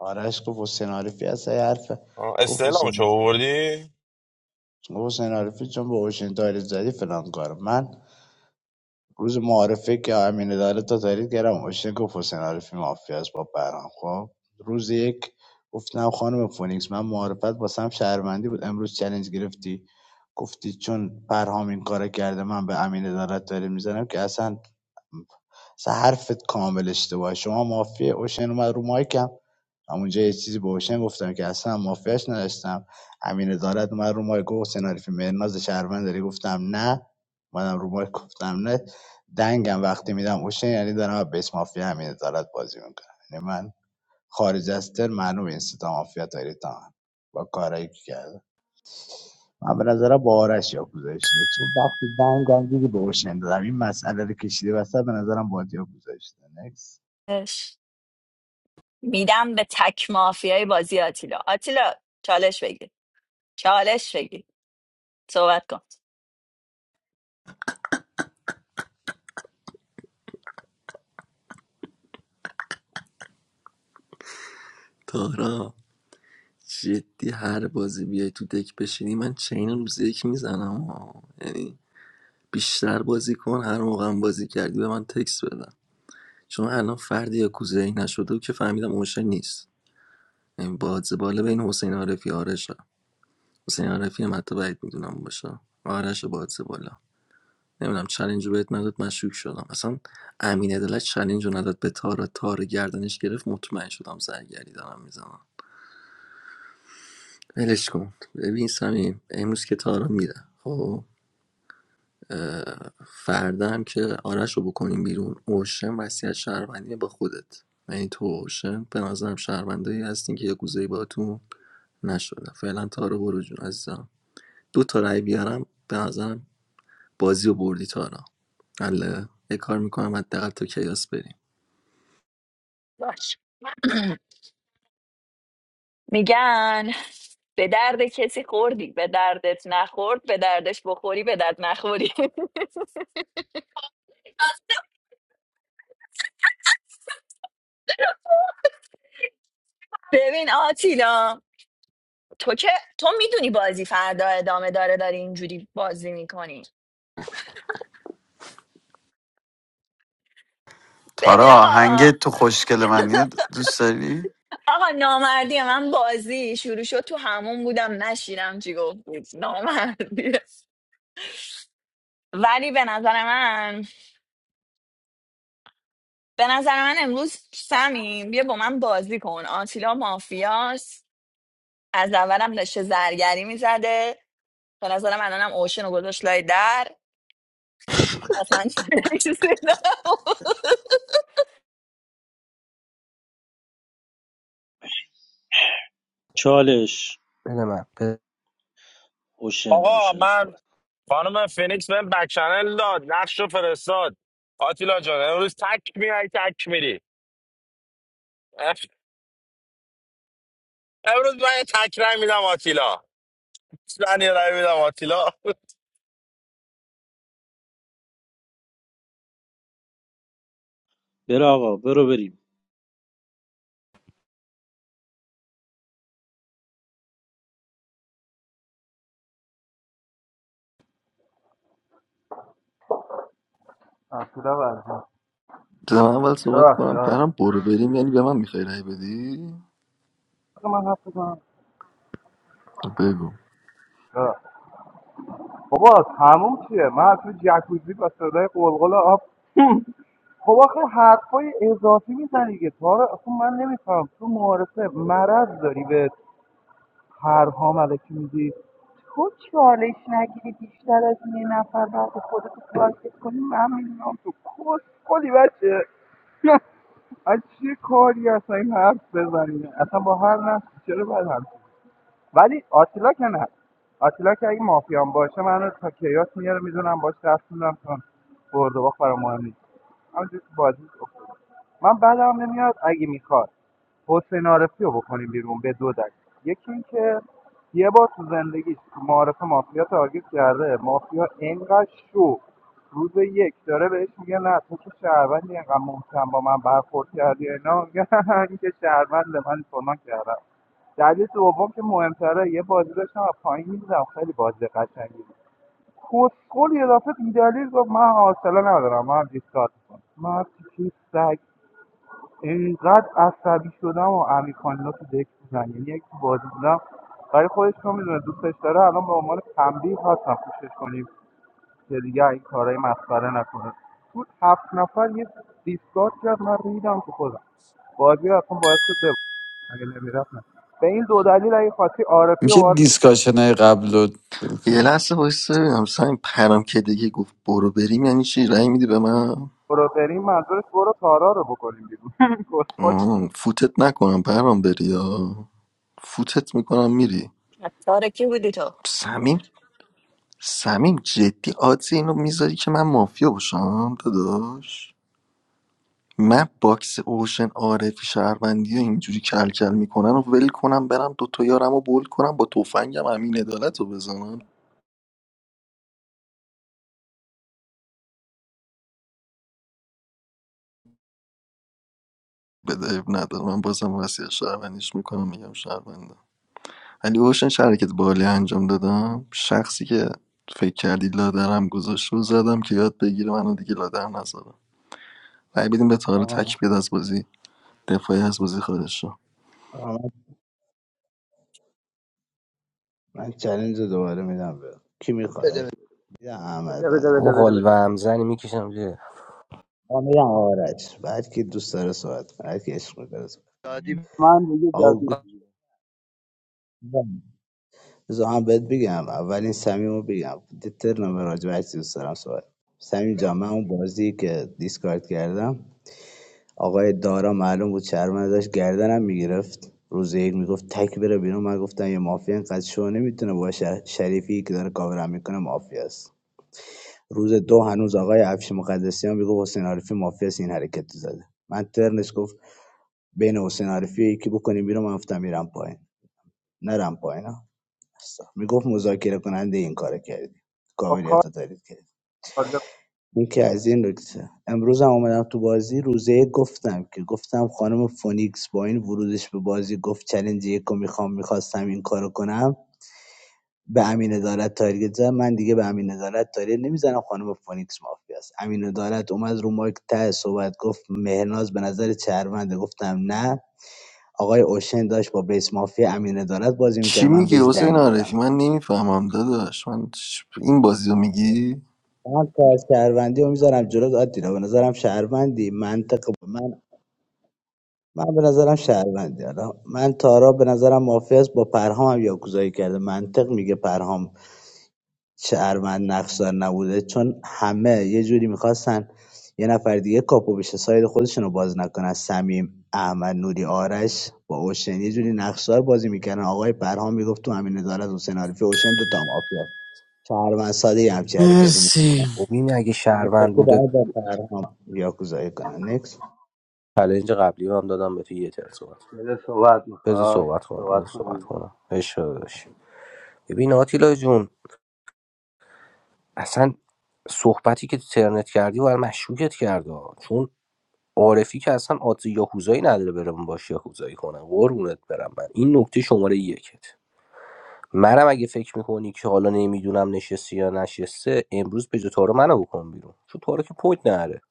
Speaker 1: آرش گفت حسین عارفی هست یه حرف
Speaker 19: آه،
Speaker 1: گفت
Speaker 19: استعلامو
Speaker 1: حسین
Speaker 19: چه آوردی
Speaker 1: گفت حسین عارفی چون به اوشن تاریخ زدی فلان کار من روز معارفه که امین عدالت تا تحلیل کردم ماشین گفت حسین عارفی مافیا است با برام خب روز یک گفتم خانم فونیکس من معارفت واسم شهروندی بود امروز چلنج گرفتی گفتی چون پرهام این کار کرده من به امین عدالت داره میزنم که اصلا اصلا حرفت کامل اشتباهه شما مافیا اوشن اومد رو مایکم همونجا یه چیزی به اوشن گفتم که اصلا مافیاش نداشتم امین عدالت اومد رو مایک گفت سناریف مرناز شهروند داری گفتم نه منم رو مایک گفتم نه دنگم وقتی میدم اوشن یعنی دارم بیس مافیا امین عدالت بازی میکنم یعنی من خارج از تر معلوم این ستا مافیا تاریتم با کارایی که کردم من به نظرم با آرش یاکوزایی شده چون وقتی دنگم دیدی به اوشن دادم این مسئله رو کشیده وسط به نظرم با یاکوزایی شده نکس
Speaker 15: سرت. میدم به تک مافیای بازی آتیلا آتیلا چالش بگیر چالش بگیر صحبت کن
Speaker 2: تارا جدی هر بازی بیای تو دک بشینی من چین روز یک میزنم ها. یعنی بیشتر بازی کن هر موقع هم بازی کردی به من تکس بدن چون الان فرد یا کوزه نشده و که فهمیدم اوشن نیست یعنی بادز بالا بین حسین عارفی آرشم حسین عارفی هم حتی بعید میدونم باشه آرش و بادز بالا نمیدونم چلنج رو بهت نداد مشکوک شدم اصلا امین عدالت چلنج رو نداد به تارا تارا گردنش گرفت مطمئن شدم زرگری دارم میزنم ولش کن ببین سمیم امروز که تارا میره خب فردا هم که آرش رو بکنیم بیرون اوشن وصیت شهروندی با خودت یعنی تو و اوشن به نظرم شهروندایی هستین که یه گوزهی باتون نشده فعلا تارا برو جون عزیزم دو تا رای بیارم به نظرم بازی رو بردی تارا الله، یه کار میکنم حداقل تو کیاس بریم
Speaker 15: باش میگن به درد کسی خوردی به دردت نخورد به دردش بخوری به درد نخوری *laughs* ببین آتیلا تو که تو میدونی بازی فردا ادامه داره داری اینجوری بازی میکنی ببین
Speaker 12: تارا
Speaker 15: آقا
Speaker 12: آهنگ تو خوشگل من اینو دوست داری؟
Speaker 15: آقا نامردی من بازی شروع شد تو همون بودم نشیرم چی گفت بود نامردی ولی به نظر من به نظر من امروز سمیم بیا با من بازی کن آتیلا مافیاست از اولم داشته زرگری میزده به نظرم الانم اوشن رو گذاشت لای در پس من چیزی نمی‌شنیدم.
Speaker 14: چالش
Speaker 9: بده من بده.
Speaker 14: اوشن
Speaker 19: آقا
Speaker 14: اوشن
Speaker 19: من
Speaker 14: صحبت
Speaker 19: خانم فینیکس بهم بک چنل داد نقش رو فرستاد آتیلا جان امروز تک میای تک میری امروز من یه تک رای میدم آتیلا من یه رای میدم آتیلا
Speaker 14: برو آقا برو بریم
Speaker 10: اصلا برزن
Speaker 2: جا من اول صحبت
Speaker 10: ببخشید
Speaker 2: کنم
Speaker 10: آره
Speaker 2: پرم برو بریم یعنی به من میخوای رای بدی
Speaker 10: حرفم.
Speaker 2: بگو
Speaker 10: ببخشید. بابا تموم چیه من تو جکوزی با صدای قلقل آب خب آخه حرفای اضافی میزنی دیگه تارا اصلا من نمیفهم تو معارفه مرض داری به پرهام علکی میگی تو چالش نگیری بیشتر از یه نفر بعد خودت رو کنی من میدونم تو کس کلی بچه از چه کاری اصلا این حرف بزنی اصلا با هر نفسی چرا باید هم ولی آتیلا که نه آتیلا که اگه مافیان باشه من منو تا کیاس میاره میدونم باش دست میدونم چون برد و باخت برام مهم نیست همینجور تو بازی افتاده. من بعدم نمیاد اگه میخواد حسین عارفی رو بکنیم بیرون به دو دلیل یکی اینکه یه بار تو زندگیش تو معارف مافیا تارگت کرده مافیا اینقدر شو روز یک داره بهش میگه نه تو که شهروندی اینقدر محکم با من برخورد کردی اینا میگه *laughs* این که شهروند من فلان کردم دلیل دوم که مهمتره یه بازی داشتم و پایین میدیدم خیلی بازی قشنگی بود کسخل یه دفعه بیدلیل گفت من حوصله ندارم من دیسکارد میکنم من چیز سگ اینقدر عصبی شدم و امیرکانینا تو دک بودن یعنی یک تو بازی بودم برای خودش رو میدونه دوستش داره الان به عنوان تنبیه هستم پوشش کنیم که دیگه این کارهای مسخره نکنه تو هفت نفر یه دیسکارد کرد من ریدم تو خودم بازی رو اصلا باعث شد ببرم اگه نمیرفت نه به این دو دلیل اگه خواستی عارفی رو
Speaker 12: میشه
Speaker 10: باید
Speaker 12: دیسکاشنه قبل رو ول
Speaker 2: یه
Speaker 12: کنی؟
Speaker 2: لحظه وایس ببینم سعیم پرم که دیگه گفت برو بریم یعنی چی رای میدی به من
Speaker 10: برو بریم منظورش برو تارا رو بکنیم بیرون کسخل
Speaker 2: آه، فوتت نکنم پرام بری یا فوتت میکنم میری
Speaker 15: کار کی بودی تو
Speaker 2: سمیم سمیم جدی آدزی اینو میذاری که من مافیا باشم داداش من باکس اوشن عارفی شهروندی و اینجوری کل کل میکنن و ول کنم برم دو یارم و بول کنم با تفنگم همین عدالت رو بزنم بده اب ندارم من بازم وسیع شهروندیش میکنم میگم شهرونده ولی اوشن چه حرکت بالی انجام دادم شخصی که فکر کردی لادرم گذاشت رو زدم که یاد بگیره منو دیگه لادر نذارم رأی بدیم به تاره
Speaker 1: آقا من
Speaker 2: تک بیاد از بازی دفاعی از بازی خارج شو
Speaker 1: آقا من, من رو دوباره میدم به کی
Speaker 18: بده
Speaker 1: میخواد میدم احمد
Speaker 18: بده بده بده
Speaker 1: بعد من
Speaker 18: بده
Speaker 9: او
Speaker 18: بده
Speaker 9: حال و
Speaker 18: بده بده.
Speaker 9: همزنی میکشم زیر
Speaker 1: آقا میدم آرش بعد که دوست داره صحبت کنه بعد که عشق داره صحبت
Speaker 18: دادی من دیگه
Speaker 1: آقا
Speaker 18: جدید
Speaker 1: گوش بده. بذار من بهت بگم اولین صمیم رو بگم دیتر نمه راجع دوست دارم صحبت صمیم جان من اون بازی که دیسکارد کردم آقای دارا معلوم بود شهروند داشت گردنم میگرفت روز یک میگفت تک بره بیرون من گفتم یه مافیا اینقدر شو نمیتونه باشه شریفی که داره کاورم میکنه مافیاست روز دو هنوز آقای افش مقدسیان میگفت حسین عارفی مافیاست این حرکت زده من ترنش گفت بین حسین عارفی یکی بکنیم بیرون من گفتم میرم پایین نرم پایین ها. میگفت مذاکره کننده این کار کردی
Speaker 10: با کار
Speaker 1: قابلیت رو دارید که
Speaker 10: تارگت
Speaker 1: این که از این نکته امروز هم اومدم تو بازی روزه یک گفتم که گفتم خانم فونیکس با این ورودش به بازی گفت چلنج یکو میخوام میخواستم این کارو کنم به امین عدالت تارگت زد من دیگه به امین عدالت تارگت نمیزنم خانم فونیکس مافیا است امین عدالت اومد رو مایک ته صحبت گفت مهناز به نظر چرمنده گفتم نه آقای اوشن داشت با بیس مافیا امین عدالت بازی
Speaker 2: چی
Speaker 1: میکرد من
Speaker 2: میگی
Speaker 1: بهش
Speaker 2: حسین
Speaker 1: دنگ دادم
Speaker 2: عارفی من نمیفهمم داداش من چ- این بازی رو میگی
Speaker 1: من تا شهروندی رو میذارم جلو آتیلا به نظرم شهروندی منطق من من به نظرم شهروندی حالا من تارا به نظرم مافیا است با پرهام هم یاکوزایی کرده منطق میگه پرهام شهروند نقشدار نبوده چون همه یه جوری میخواستن یه نفر دیگه کاپو بشه ساید خودشون رو باز نکنن سمیم احمد نوری آرش با اوشن یه جوری نقشدار بازی میکردن آقای پرهام میگفت تو همین نظارت حسین عارفی اوشن دو تا مافیا شهروند ساده یه همچین حرکتی میکنن
Speaker 12: مرسی
Speaker 9: ببین اگه شهروند
Speaker 1: منطقی
Speaker 9: بوده
Speaker 1: باید با پرهام یاکوزایی کنن
Speaker 9: چلنج قبلی رو هم دادم به تو یه تر صحبت
Speaker 18: دل صحبت
Speaker 9: بذار
Speaker 18: میخواد
Speaker 9: صحبت کنم
Speaker 18: صحبت
Speaker 9: بذار
Speaker 18: کن
Speaker 9: صحبت
Speaker 18: عزیزم
Speaker 9: کنم اشاره داشت ببین آتیلا جون اصلا صحبتی که تو ترنت کردی و مشکوکت کرده چون عارفی که اصلا آدز یاکوزایی نداره برم باش یاکوزایی کنم قربونت برم من این نکته شماره یکت منم اگه فکر میکنی که حالا نمیدونم نشستی یا نشسته امروز به جای تارو منو بکن بیرون چون تارو که پوینت نره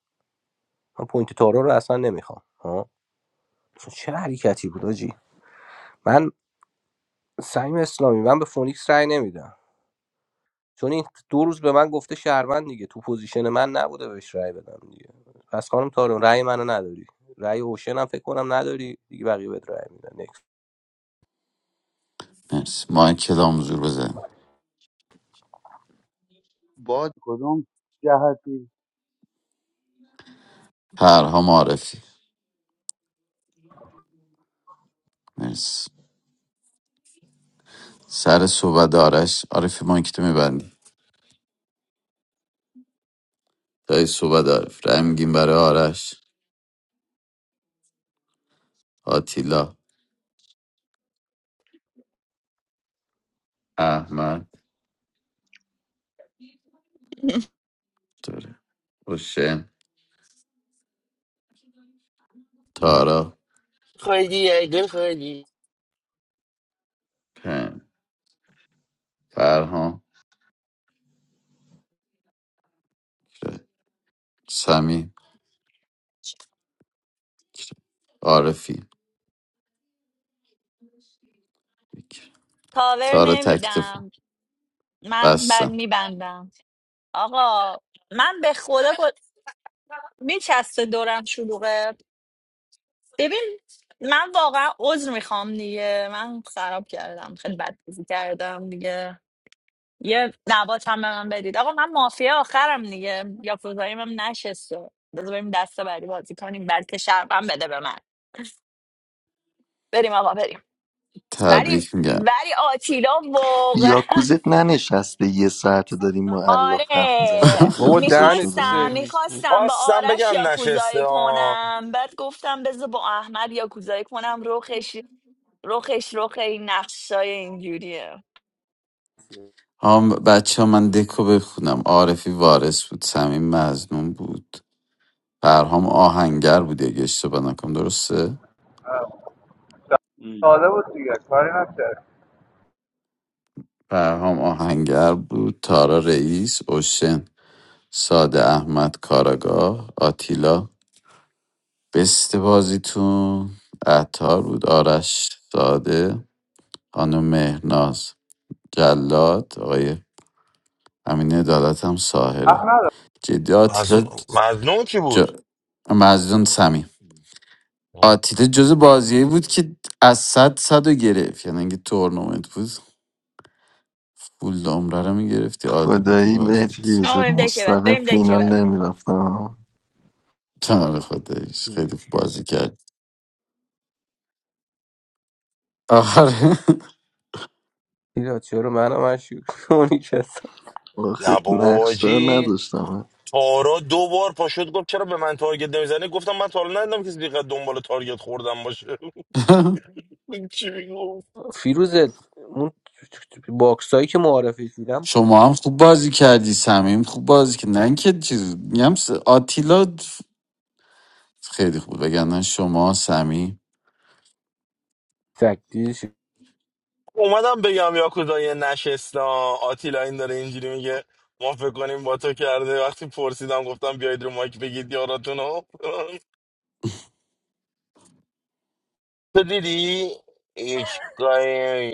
Speaker 9: من پوینت تارو رو اصلا نمیخوام ها چه حرکتی بود آجی من سعیم اسلامی من به فونیکس رای نمیدم چون این دو روز به من گفته شهروند دیگه تو پوزیشن من نبوده بهش رأی بدم دیگه پس خانم تارو رای منو نداری رای هوشن هم فکر کنم نداری دیگه بقیه بهت رای میدن
Speaker 12: مرسی مایکل آمزور بزن
Speaker 18: باد کدوم جهتی
Speaker 12: پرها معرفی مرسی سر صحبت آرش عارفی مایک تو میبندی جای صحبت عارف رای میگیم برای آرش آتیلا احمد دوره حسین تارا
Speaker 19: خیلی یه گل خیلی
Speaker 12: پن فرهان سمی عارفی
Speaker 15: کاور
Speaker 12: تارا تکتفون
Speaker 15: نمیدم من
Speaker 12: بستم
Speaker 15: میبندم آقا من به خدا میچسته دورم شلوغه ببین من واقعا عذر میخوام دیگه من خراب کردم خیلی بد بازی کردم دیگه یه نبات هم به من بدید آقا من مافیا آخرم دیگه یا کوزاییم هم نشسته بذار بریم دسته بری بازی کنیم بلکه شربم بده به من بریم آقا بریم بریم
Speaker 12: تبریک میگم
Speaker 15: ولی آتیلا واقعا
Speaker 2: یاکوزت ننشسته یه ساعت داریم ما
Speaker 15: *laughs*
Speaker 2: الاف حرف میزنیم
Speaker 12: *laughs*
Speaker 2: در
Speaker 15: آره
Speaker 2: مورد
Speaker 9: بابا
Speaker 2: یاکوزه
Speaker 9: دهن تو
Speaker 2: شده
Speaker 15: میخواستم
Speaker 9: سرویس بود
Speaker 15: میخواستم با
Speaker 19: خواستم
Speaker 15: آرش
Speaker 19: بگم نشسته
Speaker 15: یاکوزایی
Speaker 19: آه.
Speaker 15: کنم بعد گفتم بذار با احمد یاکوزایی کنم روخش روخش روخ این نقشای اینجوریه
Speaker 12: هم بچه ها من دکو بخونم عارفی وارث بود سمیم مزنون بود فرهام آهنگر بود اگه اشتباه نکنم درسته
Speaker 14: ام.
Speaker 10: ساده بود دیگه کاری نکرد
Speaker 12: فرهام آهنگر بود تارا رئیس اوشن ساده احمد کاراگاه آتیلا بست بازیتون عطار بود آرش ساده خانم مهناز جلاد آقای امین عدالت هم
Speaker 10: حق
Speaker 12: ساهره جدی
Speaker 19: از
Speaker 12: آتیلا
Speaker 19: مظنون کی
Speaker 12: جا...
Speaker 19: بود
Speaker 12: مزدون آتیلا جز بازیایی بود که از صد صد رو گرفت یعنی اگه تورنمنت بود فول عمره رو میگرفتی عالی بودی
Speaker 2: خدایی بهت
Speaker 12: بازیت
Speaker 15: آقا
Speaker 2: فیروزه
Speaker 15: بریم دکه بعد
Speaker 2: مستقیم
Speaker 15: بریم دکه
Speaker 2: فینال
Speaker 15: بعد
Speaker 2: نمیرفتم
Speaker 12: تنار خودش خیلی خوب بازی کرد آخر
Speaker 9: اینا چرا منم مشکوک کنی کسا
Speaker 2: آخه
Speaker 19: نه بابا
Speaker 2: نقشدار
Speaker 19: حاجی
Speaker 2: نداشتم
Speaker 19: تارا دو بار پاشد گفت چرا به من تارگت نمیزنی گفتم من تا حالا ندیدم کسی دیگه دنبال تارگت خوردم باشه *laughs* چی میگفت
Speaker 9: فیروزت اون باکس هایی که معرفی دیدم
Speaker 12: شما هم خوب بازی کردی سمیم خوب بازی کرد نه اینکه چیز میگم س- آتیلا خیلی خوب وگرنه شما سمیم
Speaker 9: تکتیش
Speaker 19: اومدم بگم یا کدای نشسته آه. آتیلا این داره اینجوری میگه ما فکر کنیم با تو کرده وقتی پرسیدم گفتم بیاید رو مایک بگید یاراتونو *laughs* تو دیدی هیچ کاری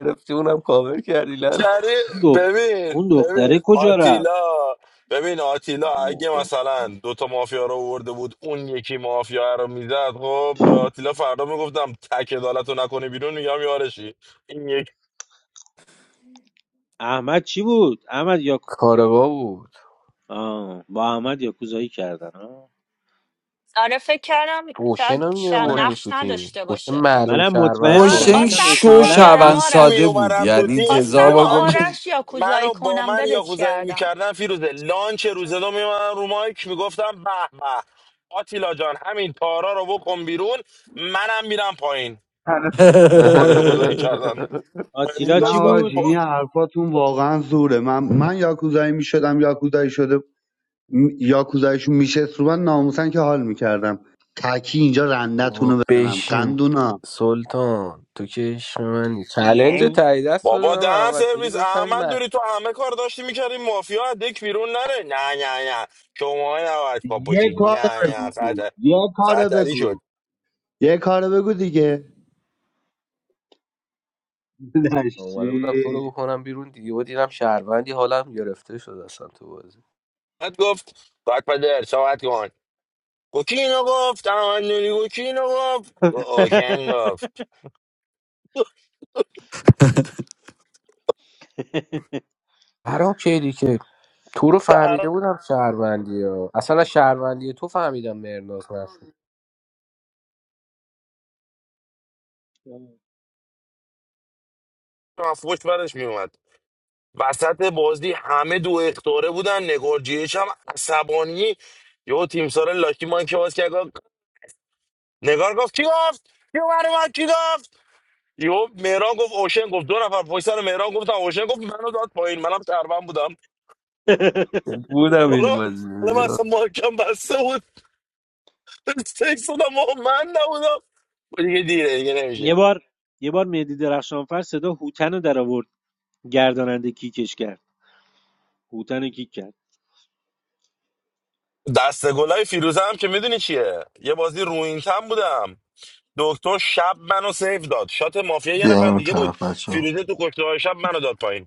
Speaker 9: گرفتی اونم کاور کردی لن
Speaker 19: شهره
Speaker 14: اون دخت
Speaker 19: ببین
Speaker 14: اون
Speaker 19: ببین
Speaker 14: دختره کجا رفت
Speaker 19: آتیلا ببین آتیلا
Speaker 14: اوه،
Speaker 19: اگه
Speaker 14: اوه.
Speaker 19: مثلا دوتا مافیا رو آورده بود اون یکی مافیا رو میزد خب به آتیلا فردا میگفتم تک عدالت رو نکنی بیرون میگم یارشی این یک
Speaker 14: احمد چی بود احمد یا
Speaker 9: کارگاه بود
Speaker 14: آه. با احمد یاکوزایی کردن آه.
Speaker 15: آره فکر کردم
Speaker 9: اوشن
Speaker 15: شاید
Speaker 9: هم یه
Speaker 15: شاید
Speaker 14: منم
Speaker 9: بردی
Speaker 15: نقش
Speaker 9: تو تیم
Speaker 15: نداشته
Speaker 9: اوشن
Speaker 15: باشه
Speaker 9: معلوم
Speaker 14: منم
Speaker 9: شهروند
Speaker 14: مطمئن
Speaker 19: من
Speaker 14: بودم
Speaker 9: ساده
Speaker 12: اوشنگ
Speaker 14: گفتم
Speaker 9: بود
Speaker 15: خواستم تو
Speaker 12: شو
Speaker 15: رو
Speaker 14: احتمالاً
Speaker 15: بیارم
Speaker 19: من
Speaker 12: شون
Speaker 19: می
Speaker 12: ساده
Speaker 15: آرش
Speaker 12: بود
Speaker 19: اومدم تو
Speaker 12: یعنی
Speaker 19: تیم
Speaker 12: هزار
Speaker 15: خواستم با
Speaker 12: بار
Speaker 19: لانچ
Speaker 12: گمش
Speaker 15: آرش یا کوزایی
Speaker 19: منو با
Speaker 15: کنم
Speaker 19: من
Speaker 15: ولت
Speaker 19: یاکوزایی
Speaker 15: کردم
Speaker 19: میکردن فیروزه لانچ روز دو میومدم رو مایک میگفتم به به آتیلا جان همین تارا رو بکن بیرون منم میرم پایین
Speaker 10: نداره
Speaker 19: با من
Speaker 9: *laughs*
Speaker 19: یاکوزایی
Speaker 12: *laughs*
Speaker 19: کردن من
Speaker 14: آتیلا
Speaker 18: نه
Speaker 14: چی
Speaker 19: میداشتم
Speaker 14: بود
Speaker 18: آجی این
Speaker 19: با
Speaker 18: حرفاتون واقعا زوره من من یاکوزایی میشدم یاکوزایی شده م- یاکوزاییشون میشه رو من ناموسن که حال میکردم تکی اینجا رندتون
Speaker 9: بابا
Speaker 18: رو بزنم
Speaker 9: بشین
Speaker 18: قندونا
Speaker 9: سلطان تو که عشق منی چلنج
Speaker 14: ینگ.
Speaker 9: تایی دست
Speaker 19: بابا
Speaker 9: بدم
Speaker 19: دهن
Speaker 9: احمد نوری
Speaker 19: سرویس احمد
Speaker 9: گفتم
Speaker 19: دوری تو همه کار داشتی میکردی مافیا از دک بیرون نره نه نه نه شما نباید پا
Speaker 18: یه
Speaker 19: باشید
Speaker 18: کارو
Speaker 19: نه
Speaker 18: بگو
Speaker 19: نه خطر
Speaker 18: یه کارو
Speaker 19: خطری شد
Speaker 18: بگو یه کارو بگو دیگه *laughs*
Speaker 9: اومده بودم تو رو بکنم بیرون دیگه و دیدم شهروندی حالم گرفته شد اصلا تو بازی
Speaker 19: بعد گفت بعد پدر صحبت کن گفت گفت تمدنی گفت گفت گفت آشنگ
Speaker 14: *laughs*
Speaker 19: گفت
Speaker 9: برام کیدی که تو رو فهمیده
Speaker 19: سهرا
Speaker 9: بودم شهروندی ها. اصلا از شهروندی تو فهمیدم مرناز نشد
Speaker 19: مفروش برش میومد وسط بازی همه دو اختاره بودن نگار جیش هم عصبانی یهو تیم سار لاکی مان که باز کرد گفت- نگار گفت کی گفت کی اومد اومد کی گفت یهو مهران گفت اوشن گفت دو نفر پشت سر مهران گفتن اوشن گفت منو داد پایین منم شهروند بودم
Speaker 9: بودم این
Speaker 19: حالا حالا من
Speaker 9: بازی
Speaker 19: اصلا مارکم بسته بود *laughs* سکس بودم و من نبودم دیگه دیره دیگه نمیشه
Speaker 14: یه بار یه بار مهدی درخشانفر صدا هوتن رو در آورد گرداننده کیکش کرد هوتن رو کیک کرد
Speaker 19: دست گلای فیروزه هم که میدونی چیه یه بازی روینتن بودم دکتر شب منو سیف داد شات مافیا یه نفر
Speaker 2: بیایم اون
Speaker 19: دیگه بود
Speaker 2: طرف بچه
Speaker 19: فیروزه تو کشته شب منو داد پایین